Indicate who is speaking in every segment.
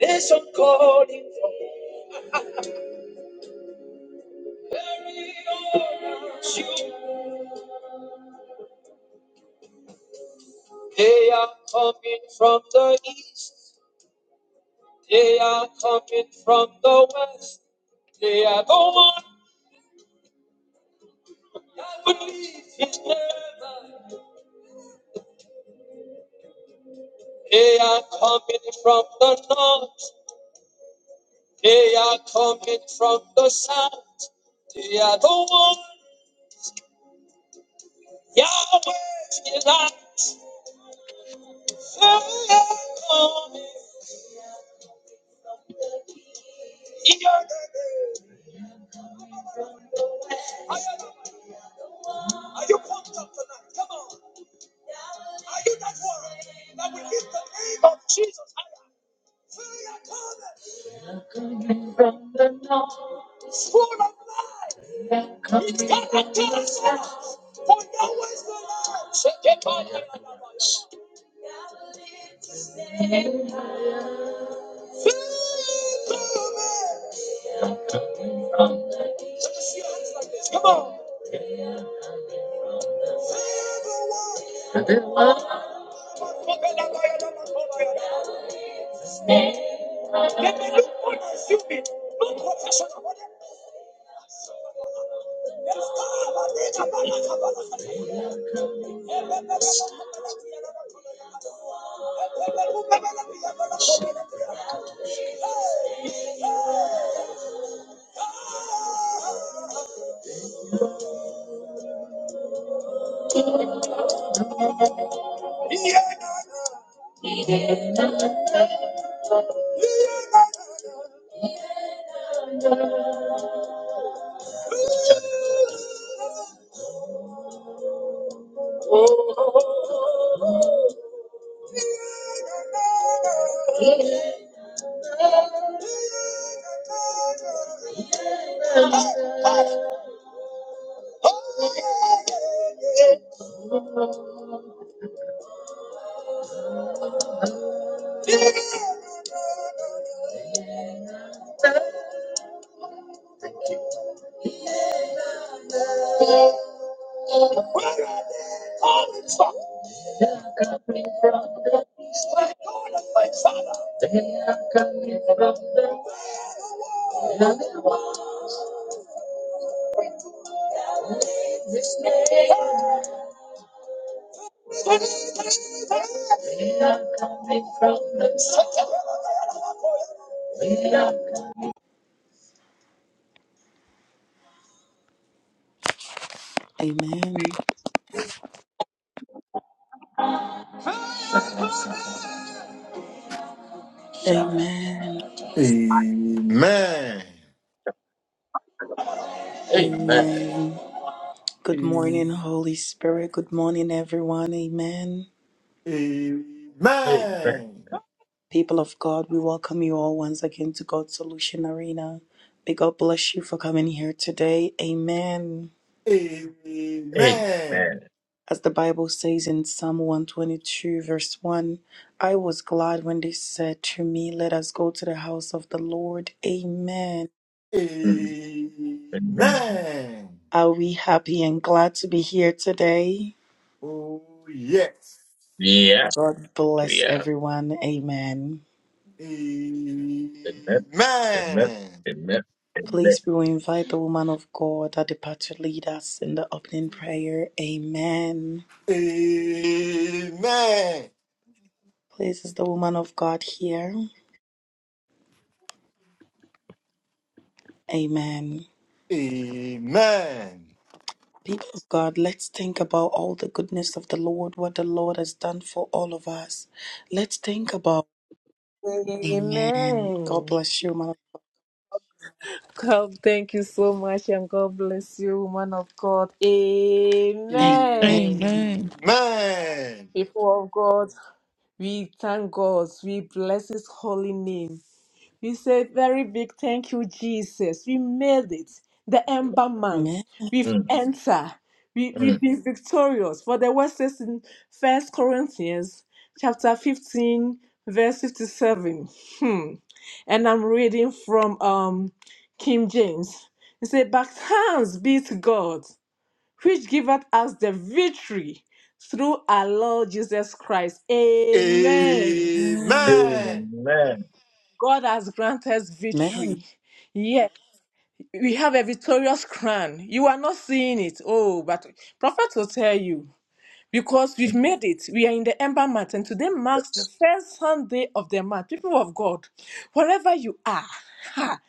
Speaker 1: There's a calling from you. They are coming from the east. They are coming from the west. They are the one that believes in heaven. They are coming from the north. They are coming from the south. They are the ones that are here. Are you pumped up tonight? Come on. Are you not worried that we lift the name of Jesus higher? Failure cometh from the north. It's full of life. His character is love. For Yahweh is the Lord. Shake it on your Fail the man. Let me see your hands like this. Come on. Fail the world. Then they look for the human, look for the son They start about it, about it, about it. Thank you. Where are they coming from? They are coming from the east. My God and my Father. They are coming from the west. And they want His name. They are coming from the south. They are coming
Speaker 2: Amen.
Speaker 1: from the south.
Speaker 2: Amen.
Speaker 3: Amen.
Speaker 1: Amen.
Speaker 2: Amen. Good morning,
Speaker 3: Amen.
Speaker 2: Holy Spirit. Good morning, everyone. Amen.
Speaker 1: Amen.
Speaker 3: Amen.
Speaker 2: People of God, we welcome you all once again to God's Solution Arena. May God bless you for coming here today. Amen.
Speaker 3: Amen.
Speaker 1: Amen.
Speaker 2: As the Bible says in Psalm 122, verse 1, I was glad when they said to me, Let us go to the house of the Lord. Amen.
Speaker 1: Mm, Amen.
Speaker 3: Amen.
Speaker 2: Are we happy and glad to be here today?
Speaker 3: Oh, yes.
Speaker 1: Yes,
Speaker 2: God
Speaker 1: we
Speaker 2: bless
Speaker 1: are.
Speaker 2: everyone. Amen.
Speaker 3: Amen.
Speaker 1: Amen. Amen. Amen.
Speaker 2: Please,
Speaker 1: Amen.
Speaker 2: we will invite the woman of God at the part to lead us in the opening prayer. Amen.
Speaker 3: Amen.
Speaker 2: Please, is the woman of God here? Amen.
Speaker 3: Amen.
Speaker 2: People of God, let's think about all the goodness of the Lord, what the Lord has done for all of us. Let's think about. Amen. God
Speaker 4: Amen.
Speaker 2: bless you, man.
Speaker 4: God, thank you so much, and God bless you, woman of God.
Speaker 2: Amen.
Speaker 4: Amen.
Speaker 5: Amen.
Speaker 3: Amen.
Speaker 4: People of God, we thank God. We bless His holy name. We say very big thank you, Jesus. We made it. The ember month.
Speaker 2: Amen.
Speaker 4: We've entered. We,
Speaker 1: Mm.
Speaker 4: we've been victorious. For the word says in First Corinthians chapter 15, verse 57. Hmm. And I'm reading from um King James. It said, But thanks be to God, which giveth us the victory through our Lord Jesus Christ. Amen.
Speaker 3: Amen.
Speaker 1: Amen.
Speaker 4: God has granted us
Speaker 2: Amen.
Speaker 4: victory. Yes, we have a victorious crown. You are not seeing it. Oh, but prophet will tell you because we've made it. We are in the Ember Month, and today marks the first Sunday of the month. People of God, wherever you are, ha,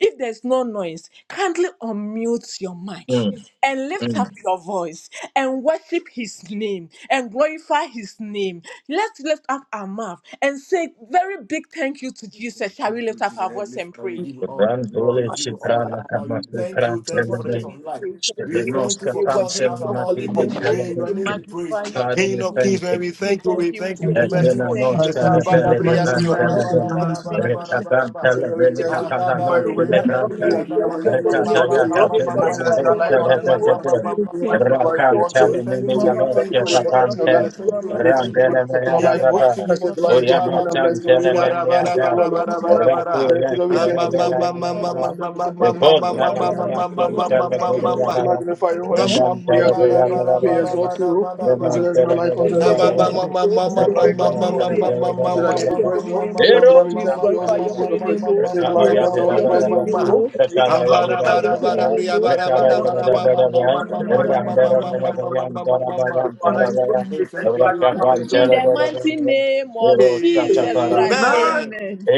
Speaker 4: if there's no noise, kindly unmute your mic
Speaker 1: Mm.
Speaker 4: and lift up
Speaker 1: Mm.
Speaker 4: your voice and worship His name and glorify His name. Let's lift up our mouth and say very big thank you to Jesus. Shall we
Speaker 3: Thank you,
Speaker 4: lift up
Speaker 3: Jesus,
Speaker 4: our voice
Speaker 3: Heavenly
Speaker 4: and
Speaker 3: Father. We
Speaker 4: pray?
Speaker 3: give you all the glory.
Speaker 1: Randole
Speaker 2: Father,
Speaker 3: We give you all the
Speaker 1: shiprala
Speaker 3: honor. We
Speaker 1: kamasu
Speaker 3: thank you. Thank you for the
Speaker 1: prantelebe.
Speaker 4: morning
Speaker 3: gift of
Speaker 4: we
Speaker 3: life.
Speaker 4: say thank
Speaker 3: We
Speaker 4: you.
Speaker 1: Shelenos
Speaker 3: thank you
Speaker 4: We
Speaker 3: for counting
Speaker 1: katansel
Speaker 4: worship
Speaker 3: us
Speaker 4: your
Speaker 3: among
Speaker 1: matin
Speaker 3: the
Speaker 4: holy name.
Speaker 3: living.
Speaker 4: oh.
Speaker 3: May
Speaker 1: telebe.
Speaker 3: your
Speaker 4: We
Speaker 3: name be
Speaker 4: magnify
Speaker 3: praised.
Speaker 4: your
Speaker 1: God,
Speaker 3: King
Speaker 1: we
Speaker 4: holy
Speaker 3: of kings,
Speaker 4: name.
Speaker 1: thank
Speaker 3: man,
Speaker 4: oh.
Speaker 1: you.
Speaker 3: we
Speaker 4: We
Speaker 3: thank you.
Speaker 4: thank
Speaker 3: We
Speaker 4: you.
Speaker 3: thank you
Speaker 4: We
Speaker 3: in
Speaker 6: Thank you,
Speaker 3: the
Speaker 4: thank you.
Speaker 3: mighty
Speaker 6: thank you.
Speaker 3: name
Speaker 4: We
Speaker 1: Ebena
Speaker 3: of
Speaker 4: thank you.
Speaker 6: I
Speaker 3: Jesus.
Speaker 1: noche
Speaker 4: We
Speaker 6: say
Speaker 1: de
Speaker 4: thank
Speaker 6: receive that
Speaker 1: bele de
Speaker 6: love, receive that love,
Speaker 1: bantele
Speaker 6: receive
Speaker 1: de
Speaker 6: the honor, receive that nation. I say,
Speaker 1: recabantele
Speaker 6: Lord, we
Speaker 1: bele
Speaker 6: thank you,
Speaker 1: capala
Speaker 6: magnify your
Speaker 1: noche
Speaker 6: holy
Speaker 4: you.
Speaker 1: le
Speaker 6: name. We
Speaker 1: branta
Speaker 4: Adonai, we
Speaker 6: are doing
Speaker 4: bless
Speaker 6: our
Speaker 4: your
Speaker 6: name, we
Speaker 4: holy
Speaker 1: recata
Speaker 4: name.
Speaker 6: exalt
Speaker 4: oh.
Speaker 1: ya
Speaker 6: you, Lord.
Speaker 4: We
Speaker 1: tace
Speaker 6: And I
Speaker 1: la
Speaker 6: say,
Speaker 4: glorify
Speaker 6: that's not
Speaker 4: your
Speaker 1: madoce
Speaker 6: like
Speaker 4: holy
Speaker 6: on the
Speaker 4: name.
Speaker 6: names
Speaker 1: repete
Speaker 4: oh.
Speaker 6: of
Speaker 4: We
Speaker 6: today.
Speaker 2: we
Speaker 1: de
Speaker 6: Thank
Speaker 4: thank
Speaker 6: you,
Speaker 4: you.
Speaker 6: Lord, if you
Speaker 4: Jesus,
Speaker 6: want to
Speaker 2: give
Speaker 3: We
Speaker 4: oh.
Speaker 1: racantele
Speaker 2: you
Speaker 6: visit
Speaker 4: We
Speaker 3: thank
Speaker 6: you,
Speaker 3: you,
Speaker 1: menina
Speaker 6: thank
Speaker 4: mama,
Speaker 3: we
Speaker 6: you,
Speaker 4: mama,
Speaker 6: thank you
Speaker 3: thank
Speaker 1: doce
Speaker 3: you,
Speaker 6: for
Speaker 4: mama,
Speaker 6: your
Speaker 3: we
Speaker 4: mama,
Speaker 3: thank
Speaker 6: professional
Speaker 3: you,
Speaker 1: tapante
Speaker 3: we
Speaker 6: guidance, Lord.
Speaker 3: thank you, we
Speaker 6: We
Speaker 4: mama,
Speaker 6: thank you
Speaker 3: thank
Speaker 6: for
Speaker 3: you.
Speaker 1: rangele
Speaker 6: this upon our
Speaker 3: In
Speaker 1: meriada
Speaker 3: the
Speaker 6: life, Lord.
Speaker 3: mighty
Speaker 1: raba
Speaker 6: I
Speaker 3: name
Speaker 6: say,
Speaker 3: of
Speaker 6: Lord, if
Speaker 3: Jesus,
Speaker 6: you
Speaker 1: oya
Speaker 6: want to hold
Speaker 3: God,
Speaker 6: and bless those
Speaker 1: matantele
Speaker 6: who are, I say, you
Speaker 1: meniaga
Speaker 6: alone is worthy.
Speaker 1: rapu
Speaker 6: And I say, Lord, we
Speaker 2: thanks,
Speaker 6: thank you,
Speaker 1: recele
Speaker 2: we
Speaker 6: thank you,
Speaker 2: give
Speaker 1: bele
Speaker 6: thank you, thank you, thank
Speaker 1: raba
Speaker 6: you,
Speaker 2: you
Speaker 6: thank you, thank you,
Speaker 1: e
Speaker 6: thank
Speaker 1: con
Speaker 6: you,
Speaker 2: glory,
Speaker 6: thank
Speaker 1: nana
Speaker 2: we
Speaker 6: you, thank you,
Speaker 2: give
Speaker 6: thank you, thank you,
Speaker 2: you
Speaker 1: manasum
Speaker 6: thank you, thank you,
Speaker 1: tele
Speaker 6: thank you.
Speaker 1: bele
Speaker 2: glory,
Speaker 6: We
Speaker 1: raba
Speaker 6: magnify your holy name, we
Speaker 1: rembantele
Speaker 6: adore
Speaker 1: bele
Speaker 6: your name,
Speaker 1: raba
Speaker 6: we exalt you, Lord. Blessed is not
Speaker 1: remantele
Speaker 6: like
Speaker 1: bele
Speaker 4: the
Speaker 2: we
Speaker 6: unto
Speaker 2: give
Speaker 6: us
Speaker 4: Savior,
Speaker 6: upon
Speaker 1: raba
Speaker 4: thank
Speaker 6: today.
Speaker 4: you. oh.
Speaker 6: As the
Speaker 1: Amen.
Speaker 6: glory go
Speaker 4: Jehovah
Speaker 6: unto
Speaker 2: you
Speaker 6: holy
Speaker 4: Nissi,
Speaker 6: name.
Speaker 4: I thank
Speaker 6: And
Speaker 4: you.
Speaker 6: should
Speaker 4: We
Speaker 6: thy name
Speaker 4: bless
Speaker 6: be
Speaker 4: your
Speaker 6: praised,
Speaker 4: holy
Speaker 6: O.
Speaker 4: name.
Speaker 6: And
Speaker 4: oh.
Speaker 6: unto thee we
Speaker 4: We
Speaker 6: thank you, O, as
Speaker 4: glorify
Speaker 6: we
Speaker 4: your
Speaker 6: receive the
Speaker 4: holy name.
Speaker 6: praise.
Speaker 4: oh.
Speaker 6: Say
Speaker 4: We
Speaker 6: glory go unto
Speaker 4: worship
Speaker 6: holy name,
Speaker 4: your
Speaker 6: blessed be
Speaker 4: holy
Speaker 6: unto
Speaker 4: name.
Speaker 6: you, O.
Speaker 4: oh.
Speaker 6: We
Speaker 4: We
Speaker 6: thank you O, for the name
Speaker 4: magnify your holy name. oh. We mama,
Speaker 6: of the Lord.
Speaker 4: mama, mama,
Speaker 6: We
Speaker 4: mama,
Speaker 6: magnify
Speaker 4: mama,
Speaker 6: your name, O
Speaker 4: mama,
Speaker 6: Lord, we
Speaker 4: mama,
Speaker 6: exalt you. We thank you for our lives, O.
Speaker 4: mama.
Speaker 6: We
Speaker 3: we
Speaker 6: thank you for our families, O.
Speaker 4: In
Speaker 3: are.
Speaker 4: the
Speaker 6: We thank
Speaker 4: mighty name of Jesus Christ,
Speaker 3: Amen.
Speaker 4: amen.